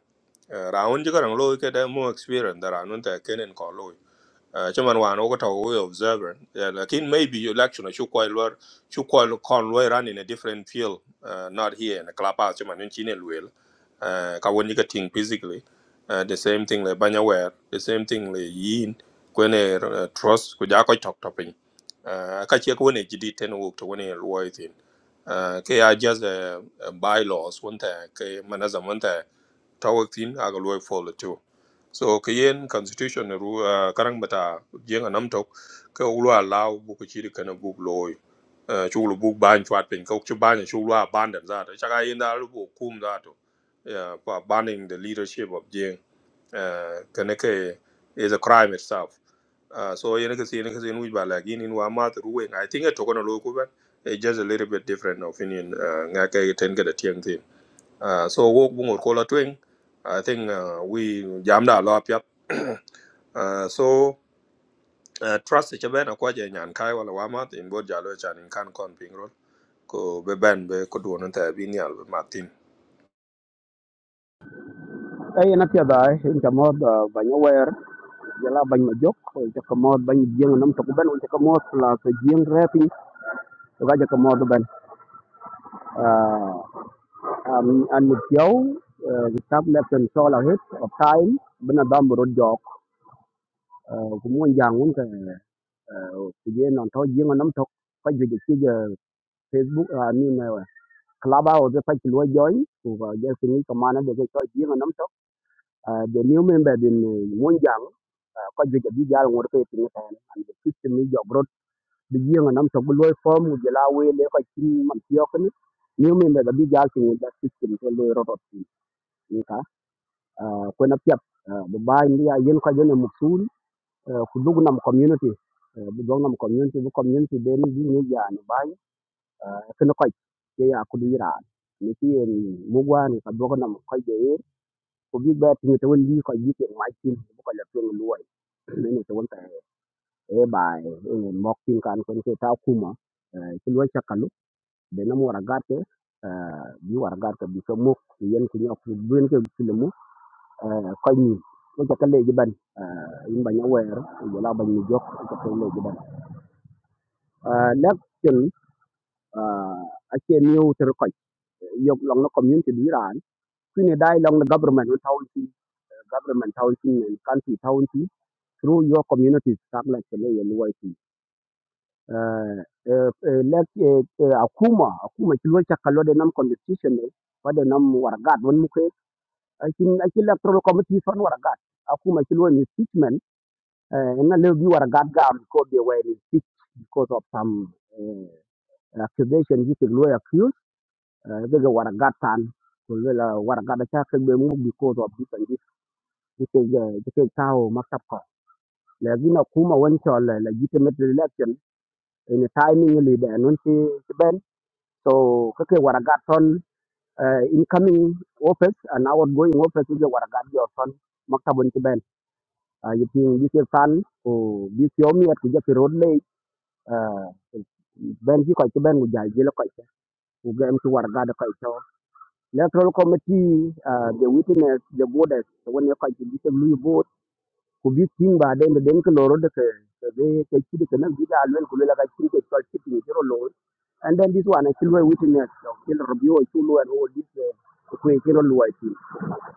Round you got a to wan loy kar nga ngeki. Uh, ra won ji kar loy ke da mo experience da ra nun chaman wan ogo to we observer yeah, lakin maybe you election chu koy lor chu koy kon lor run in a different field uh, not here in the clubhouse chaman in chine luel uh, ka woni ka ting physically uh, the same thing le banya wer the same thing le yin kwene uh, trust ku ja talk tok topin uh, ka che ko ne jidi ten wo to woni luoy tin uh, ke are just uh, uh, bylaws one ta ke manazam one ta tawak tin aga luoy follow too so ka constitution na ru uh, karang bata jeng anam tok ka ulwa law bu ko chiri kana bu loy uh, chulu bu ban chwat pin ka chu ban chulu ban dan za ta chaka yin da lu bu kum za to yeah, for banning the leadership of jeng uh, kana ke is a crime itself uh, so yen ka sin ka sin wi ba la gin in wa ma ru wen i think it to kono lo ku ban it's just a little bit different opinion uh, nga ka ten ka da tiang tin uh, so wo bu ngor ko la twing I think uh, we jammed a lot. Uh, so uh, trust che ben akwa je nyan kai wala wama tin bo jalo e chan in kan kon ping rol ko be ben be ko duon ta bi nyal be martin ay na pia dai in ta mod ba nya wer jala ba ma jok ko ta ko mod ba ni jeng nam to ko ben ta ko mod la to jeng repi to ga ta mod ben am an ni pio kitab le pen so la hit of time bena dam ro jok ko mo yang un ka je non to jeng nam to ko ju de ki facebook i mean klaba o de pa ki lo join ko ga je ni ko mana de ko jeng nam to the new member din mo yang ko ju de bi jal ngor ke tin anh, an the system ni jok bi jeng nam to bu loy form mu jela we le ko ci man ci yok ni ni mi me da bi jal ci da system to loy rotot ci ni ka ko na piap bu bay ni ya yen ko jene musul ku dug nam community eh, bu dug nam community bu community be ni bi cái ya ni bay ko na ko ci ya ku du ira ni ci en mu gwan ka dug nam ko je ko bi be ti to won bi ko yi ke ma ci bu ko la to loy ni to won ta e bay mok tin kan ko ni ta kuma ci loy de na eh, bi war garte bi ko muk yen ku ñok bu yen ko filmu ko ñi ko ca kale ban yin bañ aware ko bañ ni jok ko kale ji ban lek ken a ke new ter ko yok long na community bi ran ku ne dai long na government on town ci government town ci men county through your communities tak la ke le yen way ci lek eh, eh, akuma akuma ci lo ca kalo de nam constitution ne wa de nam war gat akin akin electoral committee fan wara gat akuma kilwa ni impeachment eh, nga leo bi wara gat gam because they were impeached because of some eh, accusation you could lawyer accused eh, they wara gat tan kulwela wara gat cha ke be mu because of this and this this is this is how maktab ko lakini akuma wancho la legitimate election in a timing li be non ti ti ben so kake wara gat ton eh, incoming office and outgoing office ge wara gat your son maktab won ti uh, you think you can can ko bi yomi at ku jafi road lay uh, ben ki ko ci ben gu jaay ji la ko ci ku gam ci war ga electoral committee uh, the witness the borders When you quite bi lu vote ku be tin ba den den ko loro de they be ke ci de kana bi da alwen ku la ga ci ke ko ci and then this one I still witness still review I still and all this uh, ku ke ro lo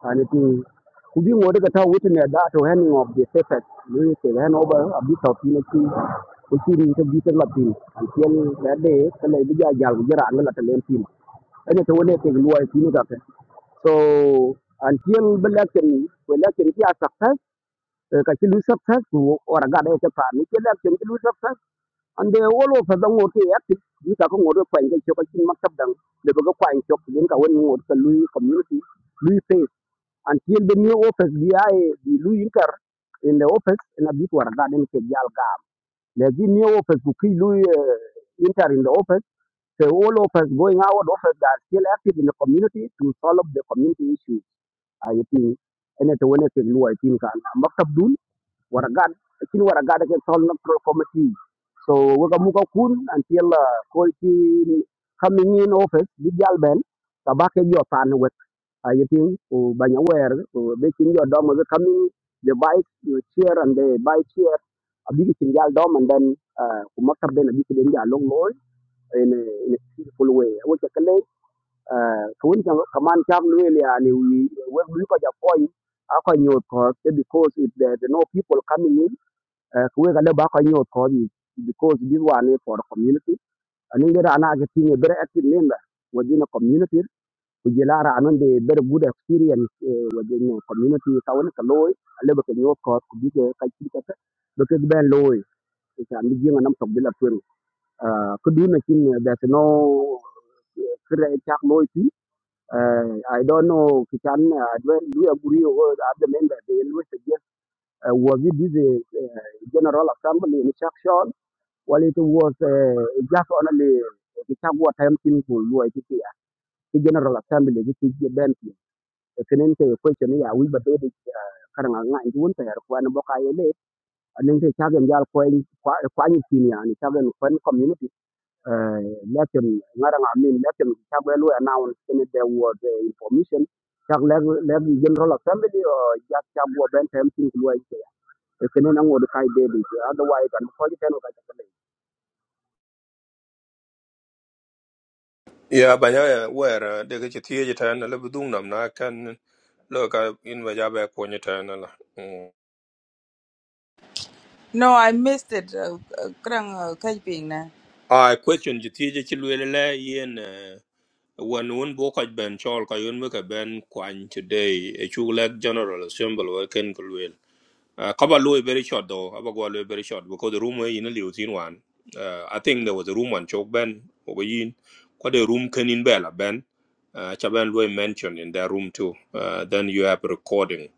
आणि ती कुबी ngode ka ta wutin ya da to handing of the papers ne ke ga no ba abi ta fi ne ki ko ki ni ta bi ta la pin an tiel da de ka le bi ja jal bi ra an la ta len pin ene to wone ke luwa fi ne ka ka so an tiel ba la ken ko la ken ki a ta ta ka ki lu sa ta ko ora ga da ta pa ni ke la ken ki lu sa ta an de wo lo fa da ngote ya ti ni ka ko ngode kwa nge ko ki maktab dang le ba ga kwa nge ko ka woni ngode ka lu community lu face until the new office bi ay bi lu inter in the office na bit war garden ke jal ga lekin new office ku ki lu eh, in the office the whole office going out office that still active in the community to solve the community issues i think ene to wone ke lu i think kan maktab dun war gad kin war gad ke solve the committee so we ga mu ka kun until ko ki coming in office bi jal ben tabake yo tan we ayeting o banyawer o bekin your dom the coming they buy your chair and they buy chair a big thing yal dom and then uh kumakar den a big thing yal long loy in a in a peaceful way wo ke kale uh kun jang kaman cham luel ya ni we we lu ko ja point a ko nyot ko eh, because if there are no people coming in uh we ga le ba ko nyot ko di because this one is for the community and in there ana ke thing very active member within a community kujela ra anon de very good experience eh, within the community town ka loy ale ba kenyo ko ku bi ke ka chi ka ta ba ke ben loy ta mi jinga nam tok bila twen ku du na kin eh, there's no kre chak loy ti i don't know ki chan adwen du aguri o the member they always suggest uh, was it this uh, general assembly in section while it was uh, just only ki chak wa time tin ku loy ti ya ki general assembly ki ki ben ti kenen ke question ya wi ba de karang nga ndun ta yar kwan bo ka yele anen ke chagen jal ko kwa ni tin ya ni chagen fan community eh lekin ngara nga min lekin chagen lu announce in the word uh, information chak leg leg general assembly o jak chak bo ben tem tin lu ai ke kenen ang od kai de di otherwise an ko ji ten ka chagen ya ba ya wer uh, de ke ti je tan le bu dung nam na kan lo ka in ba ja be ko ni tan la Mm. No, I missed it. Uh, uh, Kerang uh, kajping na. i question je ti je ti le le yen eh, wan won bo ko ben chol ko yun be ka ben kwan today e chu lek general assembly wa ken ko Uh, cover low very short though. Cover go low very short because the room where you know Liu Tin one. Uh, I think there was a room on Chok Ben. Over in, quite a room can in Bella Ben. Uh, Chaban Loy mentioned in that room too. Uh, then you have a recording.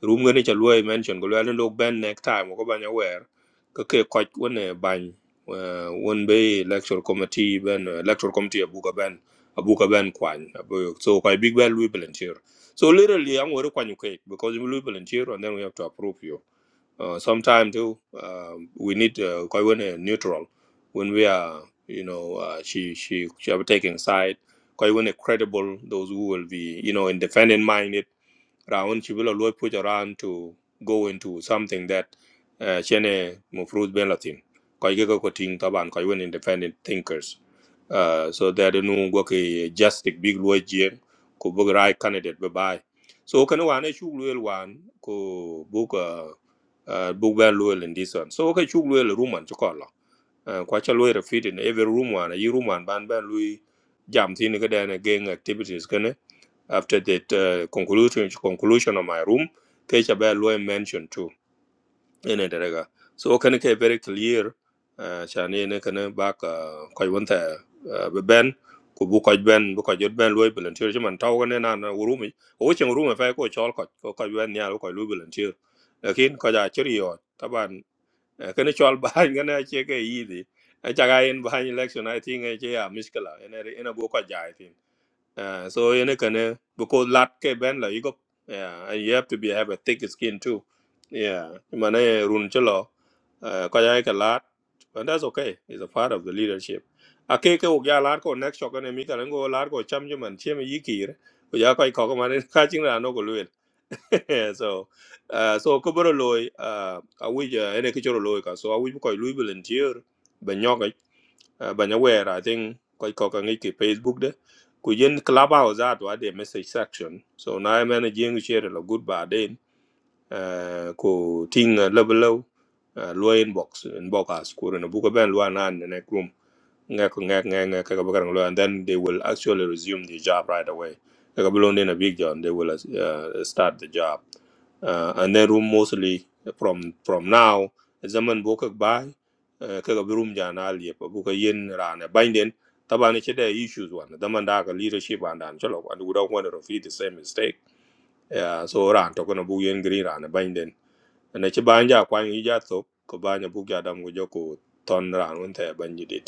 Room gonna cha Loy mentioned. Go Loy look Ben next time. Go ban aware. Kake quite one eh ban. Uh, one bay electoral committee Ben uh, electoral committee abuka Ben abuka Ben kwan. Abu- So quite big Ben Louis volunteer. So literally I'm going to kwan you cake because you Louis volunteer and then we have to approve you. Uh, sometime too, um, we need uh, quite when uh, neutral when we are, you know, uh, she she she are taking side. Quite when a credible those who will be, you know, independent minded Raun Chibula Loy push around to go into something that uh, Chene Mufruz Belatin. Koigeko Koting Taban, Koiwen Independent Thinkers. Uh, so that no work a justice big Loy Jien, ko book right candidate bye bye. So can one issue Luel wan ko book uh, uh, book well Luel in this one. So okay, Chugluel Ruman Chokola uh, kwa cha lawyer fit in every room one a yi room one ban ban lui jam tin ga dan gang activities kana after that uh, conclusion conclusion of my room ke cha ba lawyer mention too in it daga so can ke very clear uh, cha ne ne kana ba ka ko wonta uh, be ben ku bu ko ben bu ko jot ben lawyer volunteer man taw ne na na room o chen room fa ko chol ko ko ben ya ko lawyer volunteer lakin ko ja chiri yo Eh, kene chol bahany gane ache ke yidi achaga in bahany election i think ache ya miskala ene re- ene go ka jai tin Ah, so ene kene because lat ke ben la yugo yeah and you have to be have a thick skin too yeah mane run chelo ah, ka jai ka lat and that's okay it's a part of the leadership ake ke ugya lat ko next shot ene mi kalen go lat ko cham juman chim yikir ko ya kai ko mane ka chingra no Yeah, so uh, so ko boro loy uh, awi uh, ene ki choro loy ka so awi ko lui volunteer ba nyoga uh, ba nyawer i think ko ko ka ngi ki facebook de ku yen clubhouse at wa de message section so na men jing share lo good ba den uh, ko ting uh, level low uh, loy inbox inbox as ko na bu ko ben lo na ne ngek ngek ngek ngek kaka bakarang lo and then they will actually resume the job right away kaka belong in a big job they will uh, uh, start the job uh, and then room mostly from from now zaman boka bai uh, kaka bi room jana liep buka yin rana binding tabani chede issues one The daman da ka leadership and and chalo and we don't want to repeat the same mistake yeah so ran to kono bu yin green rana binding and che banja kwan yi ja to ko banja bu ja dam go joko ton ran un the banjidit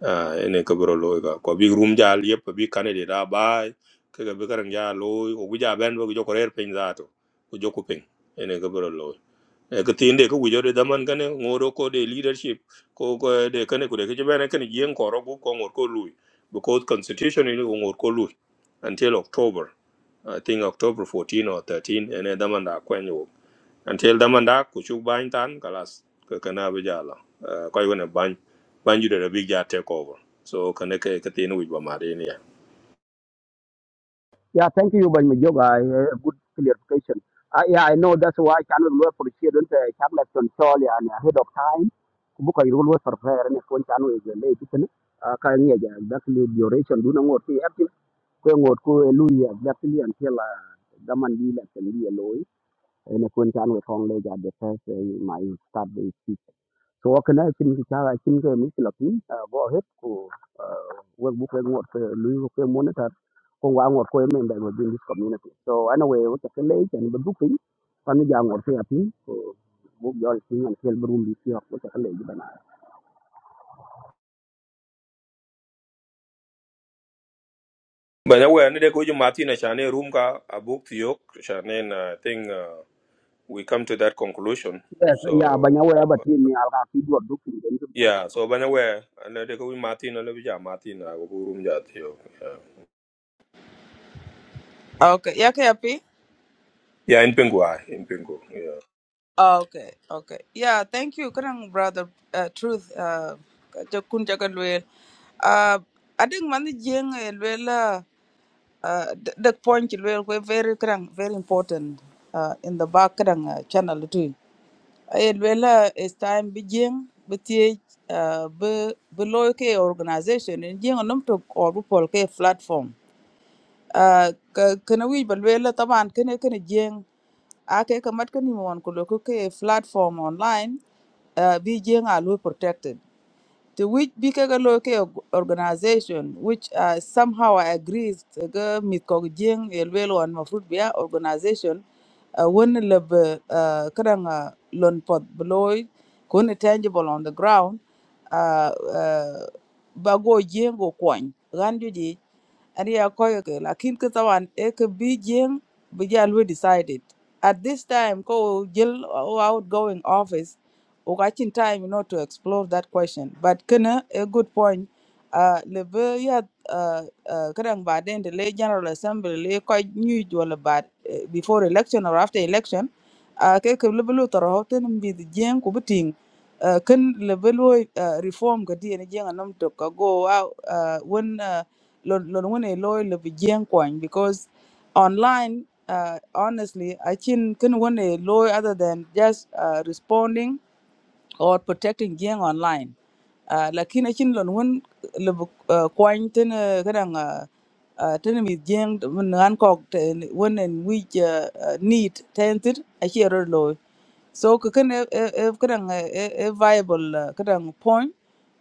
Ah, ene ka bro loy ka ko big room ja yep, ka big candidate da bai ke ka big ran ja loy o guja ben bo jo korer pin za to ko jo ku pin ene ka bro loy e ka tinde ka wujo de daman kane ngoro ko de leadership ko ko de kane ko de ke bene kane yen ko ro ko ngor ko lui because constitution ni ngor ko lui until october i think october 14 or 13 ene daman da until the manda kuchuk bany tan kalas ke kana bijala koy wona bany bany jude big ja take over so kana ke ke tin wi ba mari ni yeah thank you ban me joga eh, good clarification Uh, yeah, I know that's why I cannot work for the children. Uh, control yeah, and ahead of time. buka irul wo surveyor ne kon chanu e le kitin ka nge ja dakli duration du na ngot ki ati ko ngot ko e lu ya dakli an tela daman di la tan di loy ne kon chanu e thong le ja de first eh, my start the speech so wa kana chin ki cha chin ke mi la pi go ahead ko wo bu ko ngot ko lu ko monitor ko wa ngot ko e member within this community so anyway wo ta le chen bu pin pan ja ngot ke ati ko bu jol sin an kel brum di ti ko ta le ji ban bana we ne de ko ju mati na chane room ka abuk thiok chane na thing uh, we come to that conclusion Yes, ya so banyawera batini alga kidwa dukin. yeah so bana we ne de ko mati na le bija mati na go room ja thiok yeah Okay, yeah, kaya Yeah, in pingwa in pingu yeah. Okay, okay. Yeah, thank you. Kadang brother uh, truth uh jo kun jaga luel. Uh I think man jeng eh, luel uh the the point luel we very kadang very important uh in the back kadang uh, channel too. Ay luel is time bi jeng bi tie uh bi bi loy ke organization in jeng nom to or bi pol ke platform. Ah, ka- kana wij ba lwela taban kene kene jeng ake ka mat kani mon ko loko ke platform online ah, bi jeng a lo protected to which bigger ka ga organization which uh, somehow I agree to ga mit ko jeng e lwelo an mafrut biya organization uh, when the uh, kadang uh, lon pot bloy ko ne tangible on the ground uh, uh, ba go jeng go kwany ran and yeah koyo ke lakin ke tawan e ke bi jeng bi jal we decided at this time ko jil o outgoing office o ka chin time you know to explore that question but kana a good point uh le be ya uh uh kadang ba den the late general assembly le ko nyu wala ba eh, before election or after election a ke ke lebi lu tɔrɔ tin mbi di jiŋ ku bi tiŋ ah, kin lebi lu ah, reform ka di ni jiŋ a nam ka go a ah, wen ah, lon lon wen e loy lebi jiŋ kwan because online ah, honestly i think kin wen e loy other than just ah, responding or protecting gang online uh, lakini chin lon won le kwany ten uh, kadang uh, uh, ten mi jeng mun an kok ten won en wi need tented a hero lo so ka kan kadang a viable uh, kadang point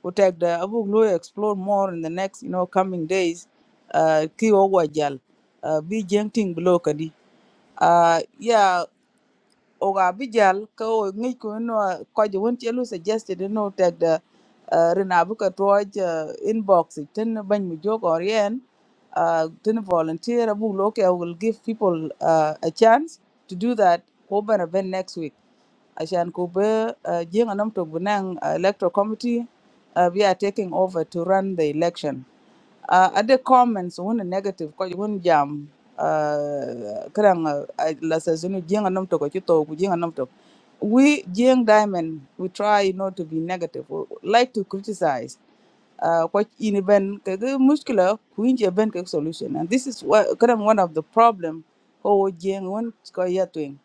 we take the abu lo explore more in the next you know coming days uh, ki o wajal uh, bi jeng ting blow kadi uh, yeah oga bijal ka o ngi ko no ko je won chelu suggested no tag the uh, rena bu ka toj uh, inbox it, tin ban mi jog or yen uh, tin volunteer bu lo ke will give people uh, a chance to do that ko bana ben next week ashan ko be uh, jinga nam to bunang uh, electoral committee uh, we are taking over to run the election uh, other comments when negative ko when jam uh karang la sa zunu jenga nam to ko chito ku jenga nam to we jeng diamond we try not to be negative we like to criticize uh what in ben ke ge muskila ku inje ben ke solution and this is what karang one of the problem ko jeng won ko ya twing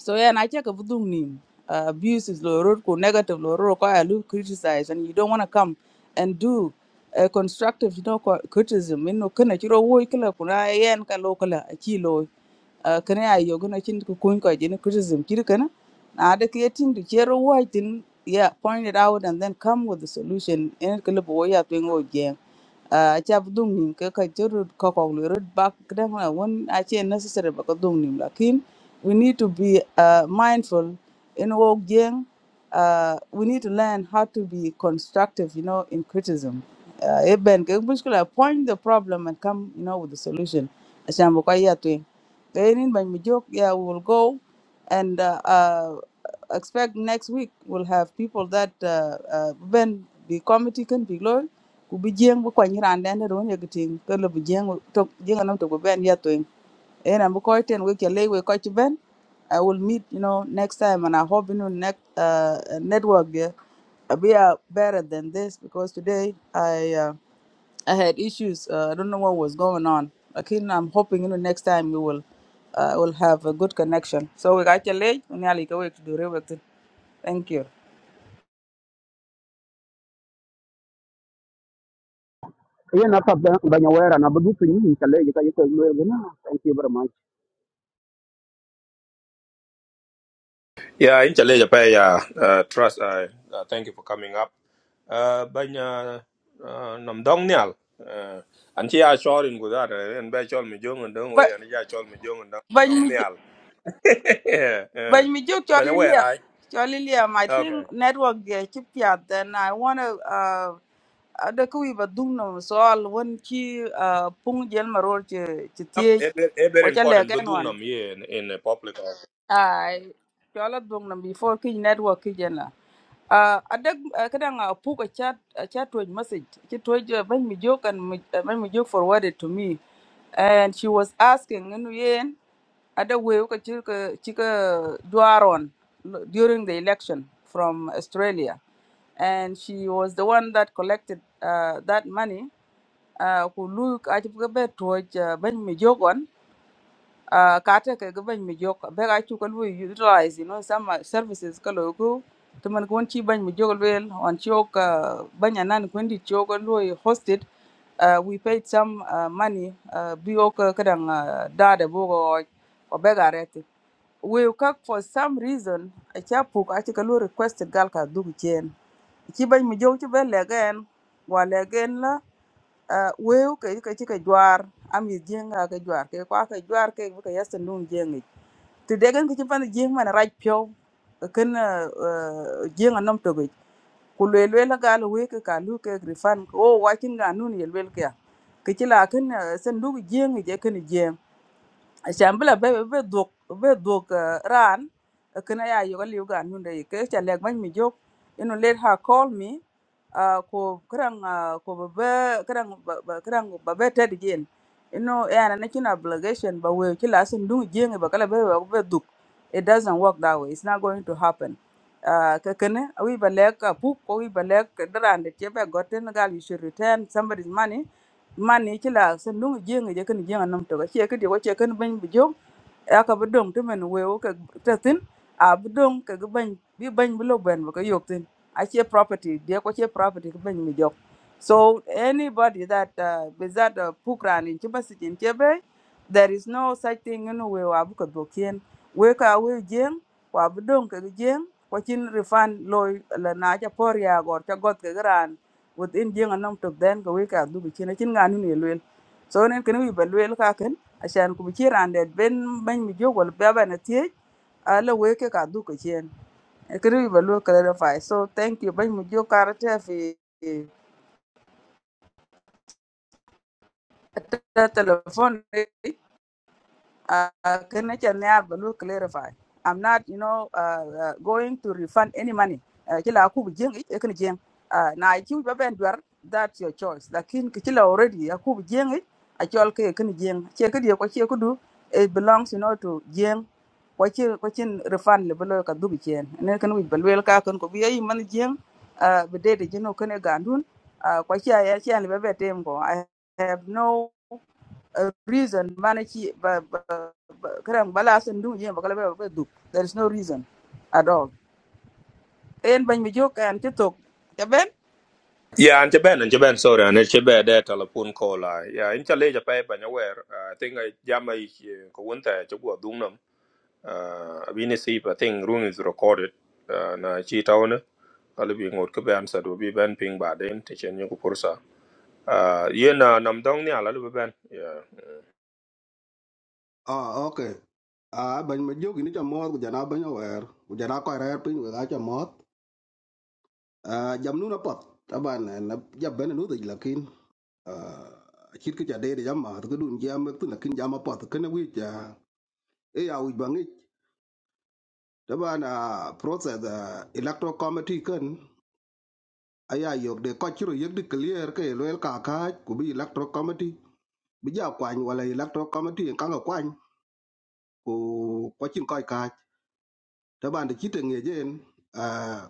so yeah, and I check a vudung nim. Uh, abuse is low road, ko negative low road, ko I look criticize, and you don't want to come and do uh, constructive, you know, co- criticism. You know, kana chiro wo kala kuna yen ka lo kala a chi lo. Uh, Kana ya yo gonna chin ko kun ko jin criticism kiri kana. Na ada creating to chero wo tin yeah, point it out and then come with the solution. And kala bo ya twing wo jeng acap dung nim ke ka jorut kokok lu rut bak kedang la won achi necessary ba ka dung nim lakin we need to be uh, mindful in wok jeng uh, we need to learn how to be constructive you know in criticism uh, eben ke muskula point the problem and come you know with the solution asan bu ka ya twing they need ban mi yeah we will go and uh, uh, expect next week we'll have people that uh, uh, ben the committee can be low ku bi jeng bu ko nyiran den do ne gitin ko le bu jeng to jeng nam to bu ben ya to en am ko ten we ke le we ko ti ben i will meet you know next time and i hope you know next uh, network there we are better than this because today i uh, I had issues. Uh, I don't know what was going on. Again, I'm hoping you know next time you will uh, will have a good connection. So we got your late. We nearly go to do real work. Thank you. Ye na ka banyawera na budukin yi kale ka yi ka lo na. Thank you very much. Yeah, in Chile, Japan, yeah. Uh, trust, I uh, thank you for coming up. Uh, banya uh, uh, nam dong nial. Uh, and she are short in Gujar, and by chol me jung and dong way, But and she chol me jung and dong when dong you nial. Yeah, yeah. when we do But Charlie where Liam, I? Charlie Liam, I Okay. think network the chip yeah. Then I wanna uh. ada ka wiba dung nam soal wan ci uh, pung jel maror ci ci Yep, tiej it, it, it very wa ca important. But legen dung wan nam ye in, in a public. office. Mm. Ai, chola dung nam before kij network kij na. Uh, adag uh, kadang uh, puk a pu ka chat a chat to message. She told you when me joke and me, uh, when me joke forwarded to me, and she was asking in yen other way ka chika chika juaron l- during the election from Australia, and she was the one that collected uh, that money. Uh, ku look at the bed to when me joke uh, kata ke gaban mi jok be ga chu ko utilize you know some uh, services ka lo ko to man kon chi ban mi jok wel on chok uh, banya nan kon di chok lu hosted uh, we paid some uh, money uh, bi ok kadang uh, dada bo go o be ga rete we ka for some reason a cha pu ka chi ka lu requested gal ka du chen chi ban mi jok chi be le gen wa le gen la uh, we ka ka chi ka jwar am yi jenga ka jwar ke kwa ka jwar ke ka yasan dun jengi ti degen ki chimpan jing man raj pyo ken jing anom to gej ku lwe lwe la gal we ke ka lu ke grifan o wa chin ga nun ye lwe ke ya ke chila ken sen du jing je ken jing Achambula be be duk be duk uh, ran kana ya yoga liu gan hunde ke cha leg ban mi jok you know let her call me uh, ko krang uh, ko be be- krang ba ba- krang ba be ted gen you know ya na kin obligation ba we ki lasin dung gen ba kala be ba be duk it doesn't work that way it's not going to happen uh, ka we ba lek uh, book ko we ba lek dran de che be gotten gal you should return somebody's money man ni ci la sen lungu jenga je kan jenga nam to ga che ka de ko che kan ban bu jom yaka bi dong ti mɛn we ke te thin a bi dong ke gi bɛny bi bɛny bi lo bɛn bi ke yok thin acie property diɛ kɔ cie property ki bɛny mi jɔk so anybody that uh, bi that uh, puk in ci basicin cie bɛi there is no such thing in weu a bi ke dhok yen wei ka weu jieŋ wa bi dong ke gi jieŋ kɔ cin rifan loi la naa ca pɔr yaagɔr ca gɔt ke gi raan within jieŋ anɔŋ tok dhɛn ke wei ka dhubi cin acin ŋa nini ye luel so nen kene wi bɛ luel kaken acan ku bi ci raan det ben bany mi jok wala piaba na thiec a la wee kek adhuk acien ekeri ba so thank you bany mi jok kara te fi ta telefon Uh, can I tell you, clarify. I'm not, you know, uh, uh, going to refund any money. Uh, Kila aku bujeng it ekan jeng. Uh, Na ikiu baba enduar that's your choice. Lakin kila already aku bujeng it actual ke ekan jeng. Cie dia kwaci aku do it belongs you know to jeng. Kwaci kwaci refund le belo kadu bujeng. Nen kan wih ka kan ko biayi jeng. Uh, bede de jeno kan e gandun. Uh, kwaci ayah cie le baba tem I have no a reason manachi ba ba ba- karam bala sun du je ba kala ba ba du there is no reason at all en ban mi jok an tiktok ta ben Yeah, and Japan, and Japan, sorry, and it's Japan, that telephone call. I. Yeah, in Chile, Japan, banya where, I think I jam I, Kawunta, Chukwa dung nam. uh, abine sip i think room is recorded uh, na chi tawne alibi ngot ke ban sa do bi ban ping ba den te chen yoku pursa uh, ye na nam dong ni ala libi ban yeah ah ok ah ban ma jogi ni cha mot ku jana ban wer ku jana ko rer pin ku ga cha mot ah jam nu na pot taban na jab ben nu de lakin ah chit ke ja de de jam ma to dun jam tu na kin jam ma pot ken wi ja e ya wi bang ich taban ah process ah, electoral committee ken aya yok de ko chiro yek de clear ke loel ka ka ku bi electoral committee bi ja kwany wala electoral committee kan ga kwany ku ko chin ko ka taban de chit ngejen Ah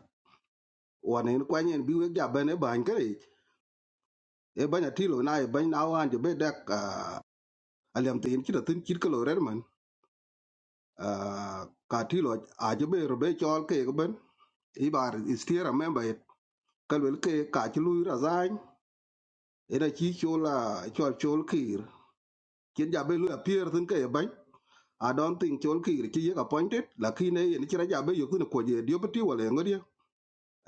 wanen kwanyen bi wek jaben e bany kare e bany atilo na e bany na wan je be dak ah, aliam te yin chita tin chit kalo rer man Ah, ka tilo a je be robe chol ke ga ben i bar istier a member it kalwel ke ka chi lui razany e da chi chola chol chol kir kin jabe lu apier tin ke e bany I don't think chol kir chi yek appointed lakini yin chira jabe yoku ne koje diopati wala ngodia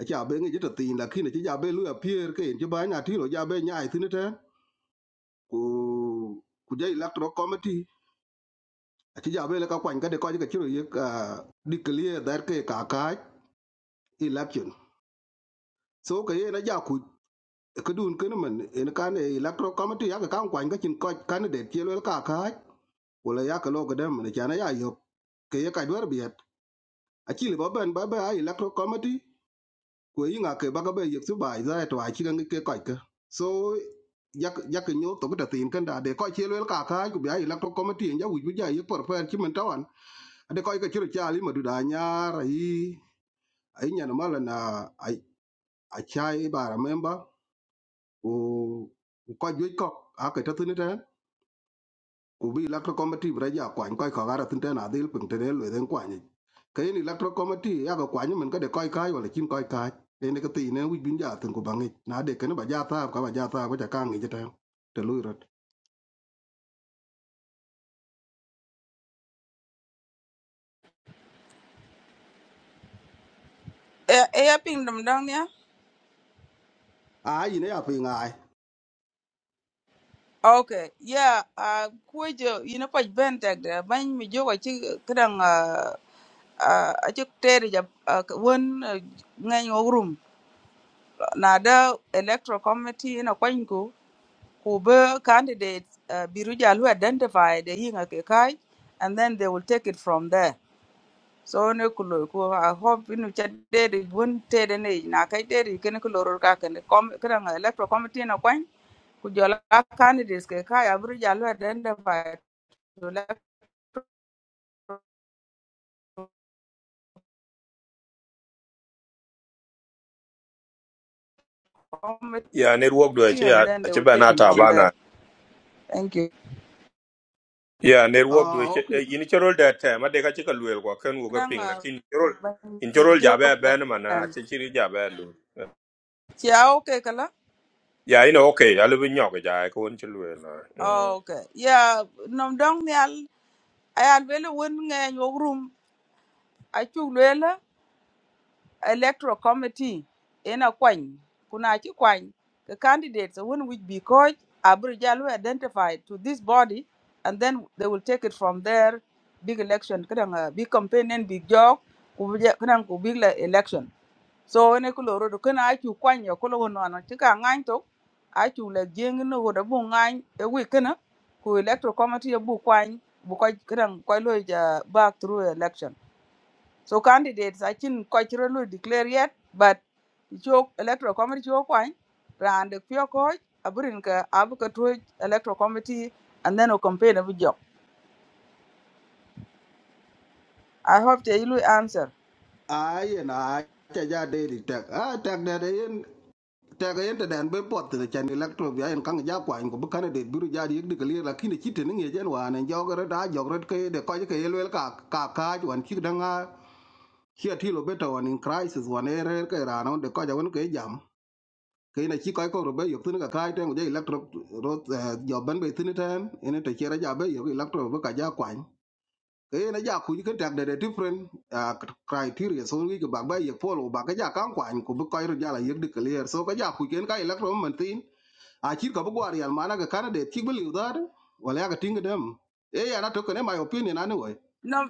acha be ngi jita tin lakini chi jabe lu apier ke yin chi bany atilo jabe nyai tin ten ku ku ja electoral committee aci ja bele ka kwany kade kɔc ke cï ro yek ah, declare that ke kakaaj election so ke yen aja kuc kedun kene men en kan eh, electoral committee yake kan kwany kacin kɔc candidate ci luel kakaaj wala yake lo kedem men can aya yok ke ye kac wer biet aci li ba ben ba be a electoral committee kwe những nga ke ba ga be yek su bai za to a chi ga ngi ke kai ka so yak yak nyo to ga tin kan da de ko chi lel ka ka ku bi ai có to committee ja wi bu ja ye por per chi men tawan de ko ga chi ru cha li ma du da nya ra yi ai nya na mala na ai ai chai ba ra memba ku ku ko à cái a ke ta tin ubi electro committee bra ja kwany koy ko gara tin tena dil pung tene le den kwany kayen electro committee ya ga kwany men ka de koy kai wala kin koy kai ne ne ka ti ne wi bin ja tin ku bangi na de ken ba ja ta ka ba ja ta ko ja ka ngi jeta te lu rot e e ya ping dum dang ya a yi ne ya pi ngai okay yeah uh kujo you know pa ben tag da ban mi jok chi karam uh uh, a chuk tere ja won ngai ngogrum na the electoral committee na kwan ku ku be candidate uh, biruja lu identify the yinga ke kai and then they will take it from there so ne ku lo i hope inu cha de de won te de ne na kai de de ken ku lo ro ka ken kom kan electoral committee na kwan ku jola candidates ke kai biruja lu identify to electoral committee yeah network do e che and ya then e they che will ban take it ne ata from bana there thank you yeah a network do e che okay ini chorol da ta ma de ka che ka luel ko ken wo ka Kadang, ping la uh, kin chorol ban in mi chorol ja ba jok ben mana dan. che chiri ja ba lu Ciao ke kala? yeah ino okay ala bi nyok ja ko won che luel na Mm. Oh, Okay. Yeah, nom dong nyal ayal wele your room. I achu lwela electoral committee ena coin. kuna chi kwany the candidates won which be coach abri jalu identified to this body and then they will take it from there big election kadang uh, big campaign and big job ku kadang ku big la- election so when ku lo rodo kana I chu kwan yo ku lo no no ti ka ngan to let Jing know what a chu le jeng no wo da bu ngan e wi kana electoral committee bu kwan bu ko kran ko lo ja back through election so candidates I didn't quite lo declare yet but cho electoral committee cho kwan ran de pyo ko abrin ka ab ka to electoral committee and then o campaign abu job i hope they will answer a yi na cha ja de di tek a tek de de yen tek yen te den be pot te chan electro bi ayen kan ja kwany ko bu kan de biru ja di de ka le la kin ti te ne ngi jen wa ne jogre da jogre ke de koy ke yelwel ka ka ka wan ki danga Here till better one in crisis one error ke rano de ko jawon ke jam. Ke na chi ko ko robe yok tin ka kai ten je electro rot joban be tin ten ene te chera ja be yok electro be ka ja kwan. Ke na ja ku ni tak de de different ah, criteria so ni ke ba ba ye polo ba ka ja kan kwan ku be ko ro ja la yek de clear so ka ja ku ken ka electro man tin. A chi ko be gwar yan mana ka candidate chi be liu da wala ya ka tinga dem. Eh ya na to ne my opinion anyway. No.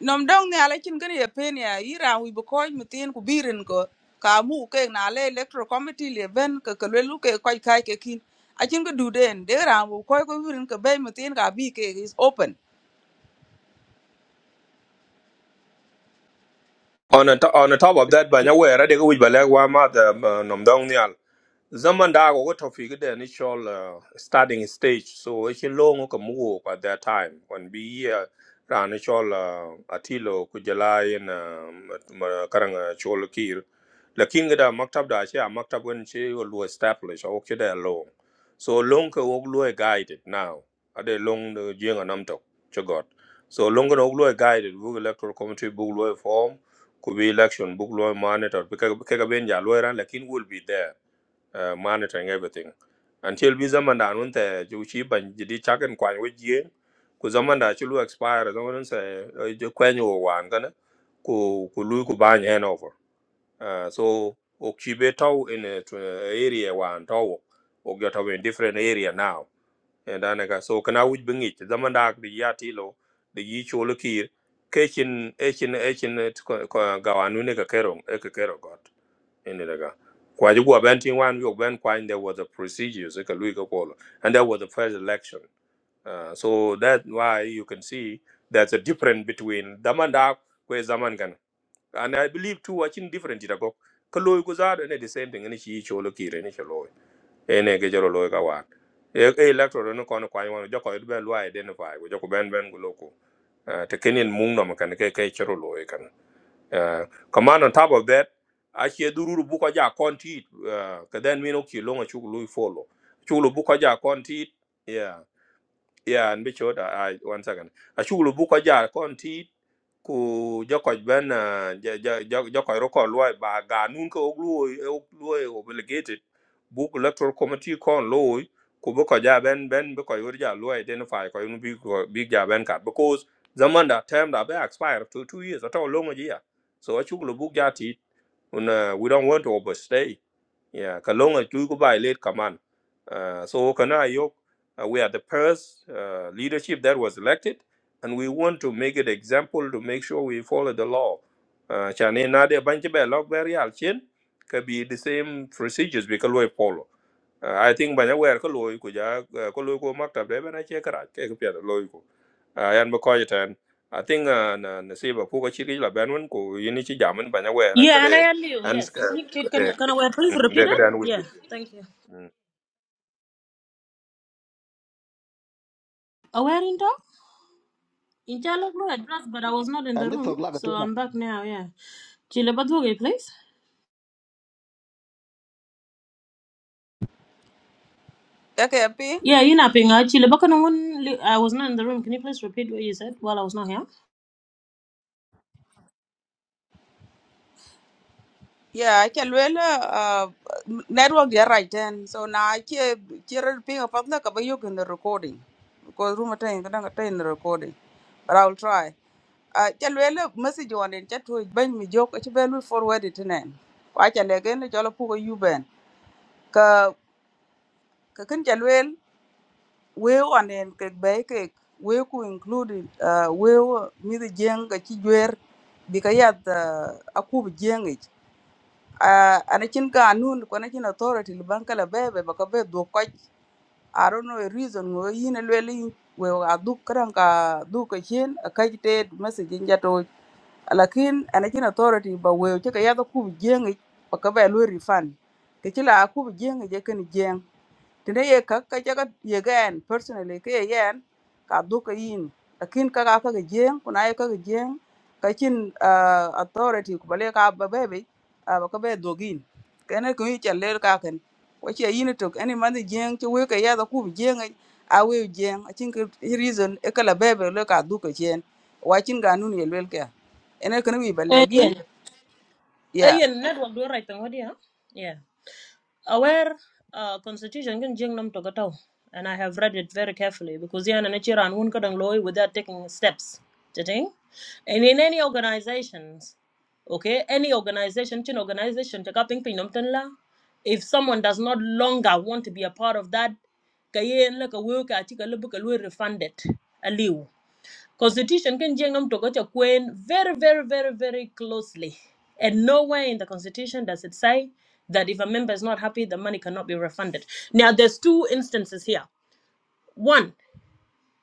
nom dong ne ala chin gani pen ya ira wi bo koy mutin ku birin ko ka mu ke na le electoral committee le ben ka ka le lu ke koy kai ke kin a chin ko du den de ra wu koy ko birin ka be mutin ka bi ke is open On a, on the top of that, by Eh, now where they go with Balag Wama the Nom Dong Nial. Zaman da go to figure the initial uh, starting stage. So it's a long move at that time when we year ran initial uh, Atilo Kujalai and um, Karanga Cholakir. The king da maktab da she a maktab when she will establish or kid long. So long ka oglu guided now. Are they long the jing and amtok? Chagot. So long ka oglu guided. Google electoral committee book form could be election book law monitor because benja lawyer lakin will be there uh, monitoring everything until bi zaman da nun ta ju chi ban jidi chakan kwan we ku zaman da chulu expire zaman nun sa ju kwan yo wan kana ku ku lu ku ban hand over uh, so ok chi be tau in a, tw- eh, area wan tau ok ya tau in different area now and dane ka so kana wuj bi ngic zaman dak di ya tilo di yi cholo kir kechin echin echin gawanu ne ka kero e ka kero got ene daga kwaji gwa ben tin wan yo ben kwan there was a procedures e ka lui ka kolo and that was the first election uh, so that's why you can see there's a difference between zaman dak kwe zaman kana and i believe too watching different ita go kalo ko za ne the same thing ne shi cholo kir ne ene ke joro loy ka wat e e electoral no kono kwany wono joko it ben lo identify go joko ben ben go loko Eh, te kenin mung no kan ke ke joro loy kan Eh, command on top of that a che dururu bu ko ja konti uh, ka den mino ki longa chu lu follow chu lu bu ko ja konti yeah yeah and be sure that i one second a chu lu bu ko ja konti ku joko ben uh, joko ro ko lo ba ga nun ko oglu oglu obligated book electoral committee kon lo ku bu ko ja ben ben bu ko yor ja lo identify ko yun bi ko bi ja ben ka because zaman da term da be expire to two years at all long ya so a chuklo book ja ti un uh, we don't want to overstay yeah ka long a chu ko by late command uh, so kana yo uh, we are the first uh, leadership that was elected and we want to make an example to make sure we follow the law uh, chane na de banche be log be real chin could be the same procedures we can follow uh, I think banya wer ko loy ko ja uh, ko loy ko maktab de bana che kara ke ko pian loy ko uh, yan ba ko jiten I think uh, na na se ba ko ko chi ri la ban wen ko yini chi jamen banya wer ka Yeah, and I de am you. an Yes. You Can de can can I please de repeat ka it? dan wit Yeah. Thank you. Aware in talk? In Jalo address, but I was not in the An je room, thok la so ka I'm back now. Yeah. Chile, but okay, please. ka ke pe Yeah, you napping actually. Back on one, I was not in the room. Can you please repeat what you said while I was not here? ya ke le le network ya right then so na ke ke re pe ka patna ka ba yo kin recording because room atain ka dang atain recording but i will try a ca luele message wonen ca tuoc bany mi jok ci be lui forward itinen kwa ca legen ne jolo puko yuben ka ka kin ca luel we wonen ke be ke we ku include uh, we mi de jeng ka ci jwer bi ka yat uh, aku bi jeng ich uh, ana cin ka anun ko na cin authority li banka la be be ka be do ko i don't know a reason wo yine luel we a duk kran ka duk ka chen ka ci te message ja lakin ana cin authority ba weu ci ka yada kubu jengi ba ba lu refund ke ci la kubu jengi je kan tene ye ka ka jaga ye gan personally ke ye yan ka du ka yin akin ka ka ka ga jeng kuna ye ka ka jeng ka kin ah, authority ku bale ka ba be be ah, ba ka be dogin kene ku yi challe ka ken ko che yin to any man jeng che we ka ya da ku jeng ai, a we jeng akin ka reason e ka la be be le ka du ka chen wa kin ga nun ye lel ka ene kan wi bale Uh, gin yeah. yeah ayen network do right ngodi ha yeah aware uh, constitution kan jing nam to gataw and i have read it very carefully because yana na chira an won kadang loy without taking steps Chitting? and in any organizations okay any organization chin organization to kaping ping nam tan la if someone does not longer want to be a part of that kayen la ka wo ka chi ka lu ka lu refunded aliu Constitution can jengam togocha Queen very, very, very, very closely. And nowhere in the constitution does it say that if a member is not happy, the money cannot be refunded. Now there's two instances here. One,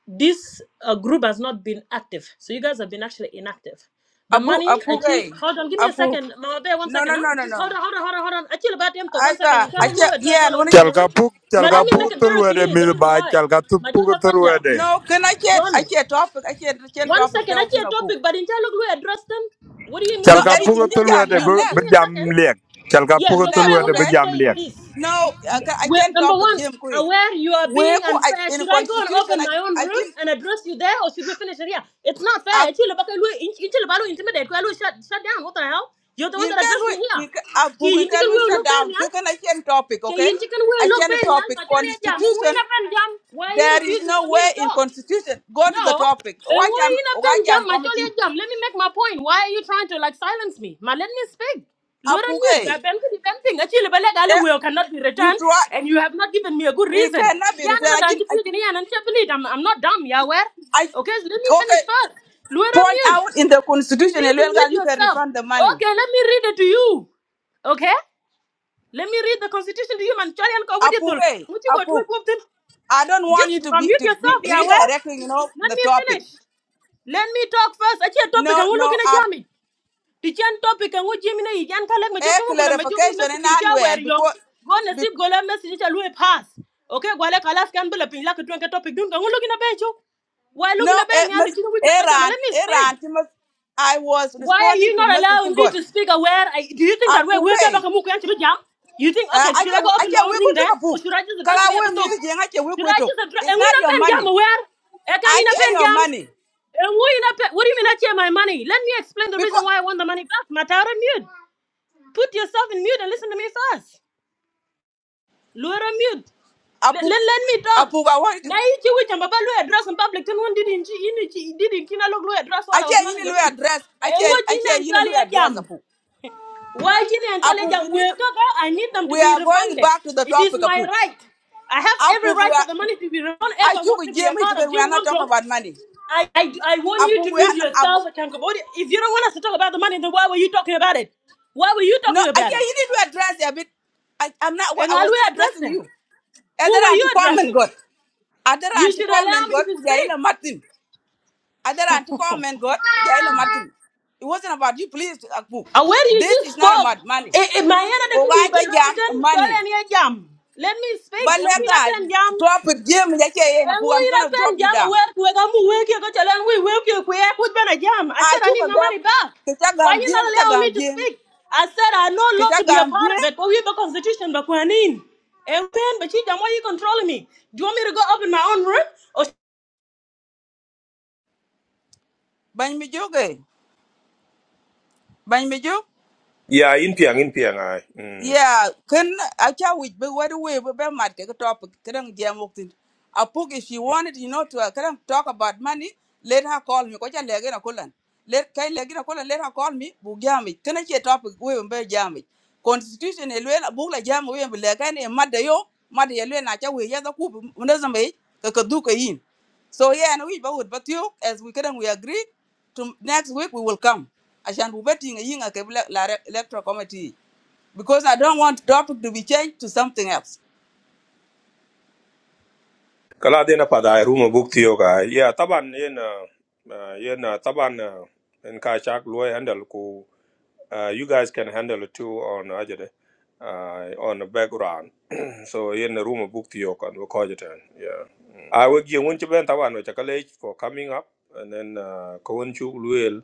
this uh, group has not been active. So you guys have been actually inactive. The abu money, apu actually, gai hold on, give me a apu second. Mama Bear, one no no second, huh? no no Just no hold on, hold on, hold on, hold on. Actually, about them talk, one second. Asa, You tell I them ake who addressed yeah, while I was wani not in Chal the ka room. puk, chal Ma, ka let me puk make apu. it thul very wede clear the mith ba, reason why. chal ka thup My puk thul children, wede. No, can I get I John. get topic, I can the One topic that second, I see open a up. topic, but in Dialogue we address them. What do you mean? Chal No, ka You're the Eric, one puk in that the brought thul it up here. you So give left. me a second. Chal ka Yeah, puk You so what thul I left, wanted okay? to say is this. No, I ca- I we can't number topic one, game quick. aware you are where being ku I- unfair. in the Should I go and constitution open I my own I room can and address you there, or should we finish it here? It's not I fair. Chile baka lu- in- in Chile balu intimidate. kwa lu Shut, shut down. What the hell? You're the one in that addressed can me here. we in can, I Ki book in in chicken can we will shut look bad, down. yeah? Can can I can topic, okay? Ki in chicken will I look can bad, yeah? topic Ma chale jam, ngui constitution. na pen jam. Why are you There is refusing no for me way to in talk? constitution. Go to the No. topic. And Why why am in a why pen jam? am My jolly committee? jam. Let me make my point. Why are you trying to like silence me? Ma, let me speak. Lord on mute. Apuke. I Ben could be ping. Actually, but like Eh, all will cannot be you returned, try. and you have not given me a good It reason. cannot be Yeah, returned. no, I no, no. can, I, You can can- I'm I'm not dumb. Yeah, where? I, Okay, so let me finish okay. first. Lord on Point mute. out in the You constitution, need a to well girl, mute you can yourself. refund the money. Okay, let me read it to you. Okay? Let me read the constitution to you, man. Charlie and Apuk, Kawadiatul. eh? Would you go to Apuk. a I don't want you Just to uh, be mute to be yourself, yeah, where? redirecting, you know, Let the me topic. finish. Let me talk first. Achi topic No, ang no. looking at Um, Jami. Tichan topic ang Jimmy na yan kalek me a jokto ngula me jokto clarification message in ticha well where yo. because, Go na because sip gola message ticha lui pass. Okay, gwale kalas kan bula pin lak tuan ka topic dun kang looking at bencho. Why looking no, at eh, ben yal Miss dichino we kan bajama Iran, let me speak. Iran, she must- I was Why are responding you to not allowing Mr. me God. to speak aware? I, do you think that we're Apuk, working eh, back and jam? You think, Uh, okay, I should I can go up I in my can own we go room to then? a Or book. should I just address the other at Kala we music jeng I can we Should go I to. just address It's and we are not not your pen jam money. aware? I can't I in a can pen your jam. money And we are not pen, what do you mean I share my money? Let me explain the reason because why I want the money back. Matara mute. Put yourself in mute and listen to me first. Laura mute. Let, apu let, let me talk. apu I want it. Now you two which I'm about to address in public. Then one didn't you didn't didn't you look address while I I was can not in you the know room. address. I And can what I you know can you know and address jam. apu. Why Chilean Apu we Challenge need to, worker? I need them to we be are going refunded. back to the It is topic my apu. right. I have every Apu we right for the are money to be refunded. If I I want took a to be a gym hit part of we are Jing not talking Namdong, about money. I, I, I want you Apu to we mute are not. yourself, Tankobodi. If you don't want us to talk about the money, then why were you talking about it? Why were you No, talking I about yeah, it? you need to address it a bit. I, I'm not. And I how do was not we address addressing them? you. Other Who were anti you comment addressing? God. Other You anti should allow comment me God. to speak. Kujaila Martin. Other anti comment God. Kujaila Martin. It wasn't about you. Please, Akbu. And when you This just is not spoke, about money. if my enemy could be by Ogaji Lord, jam then tell money. any Let me speak. But And we lenga not jam. drop it. Jam yake ye na puga. ngui I'm na gonna pen drop you jam down. wer ku ga mu we ke ko chala ngui we ke ku e put ben a jam i I said i took need a my gam. money back Kita why gam you jing. not Kita allow me gam to jing. speak i said i no law Kita to be a gam part of jing. it but we have a constitution but we are in and when but you don't want you controlling me do you want me to go up in my own room Bany mi ya in pian in pian ai Mm. Yeah, can I can we be what way we be mad take a topic can jam walked in. A book if she wanted, you know, to uh, can talk about money, let her call me. Kocha legin a colon. Let kai legin a colon, let her call me, bugami. Can I get topic we be jammy? Constitution elwen a book like jam we be legan a mother yo, mother elwen a we ya the coop, munazame, kakaduka in. So yeah, and we would but you as we can we agree to next week we will come. Ashan bubeting a yin a kebla electoral committee because I don't want topic to be changed to something else. kala de na pada ru mo buk tiyo ga ya taban yen uh, uh, yen uh, taban uh, en ka chak loy handle ko Uh, you guys can handle it too on uh, Ajede, uh, on the background. so in the room of book to your and record it. and, Yeah. Mm. I will give one to Ben Tawan with college for coming up and then uh Kowenchu Luel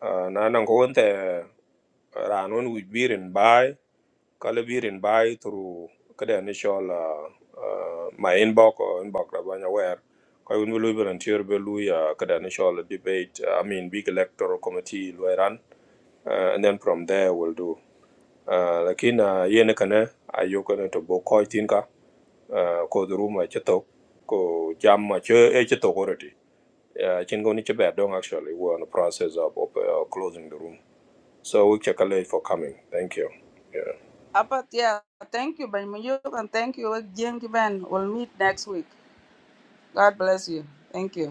uh Nanang Kowente Ranun with beer and buy, color beer and buy through kada initial uh, uh, my inbox or inbox Rabanya where I will be volunteer Beluya kada initial debate, uh, I mean big electoral committee Lueran. Uh, and then from there we'll do. Ah, lakin uh, yene kana ayo to bo ko tinka uh, ko duru ma cheto ko jam ma che e cheto already uh, chin go ni che bad dong actually we're on the process of, of uh, closing the room so we check a late for coming thank you yeah. Uh, But yeah, thank you, Banyamuyuk, and thank you, Jim Kiban. We'll meet next week. God bless you. Thank you.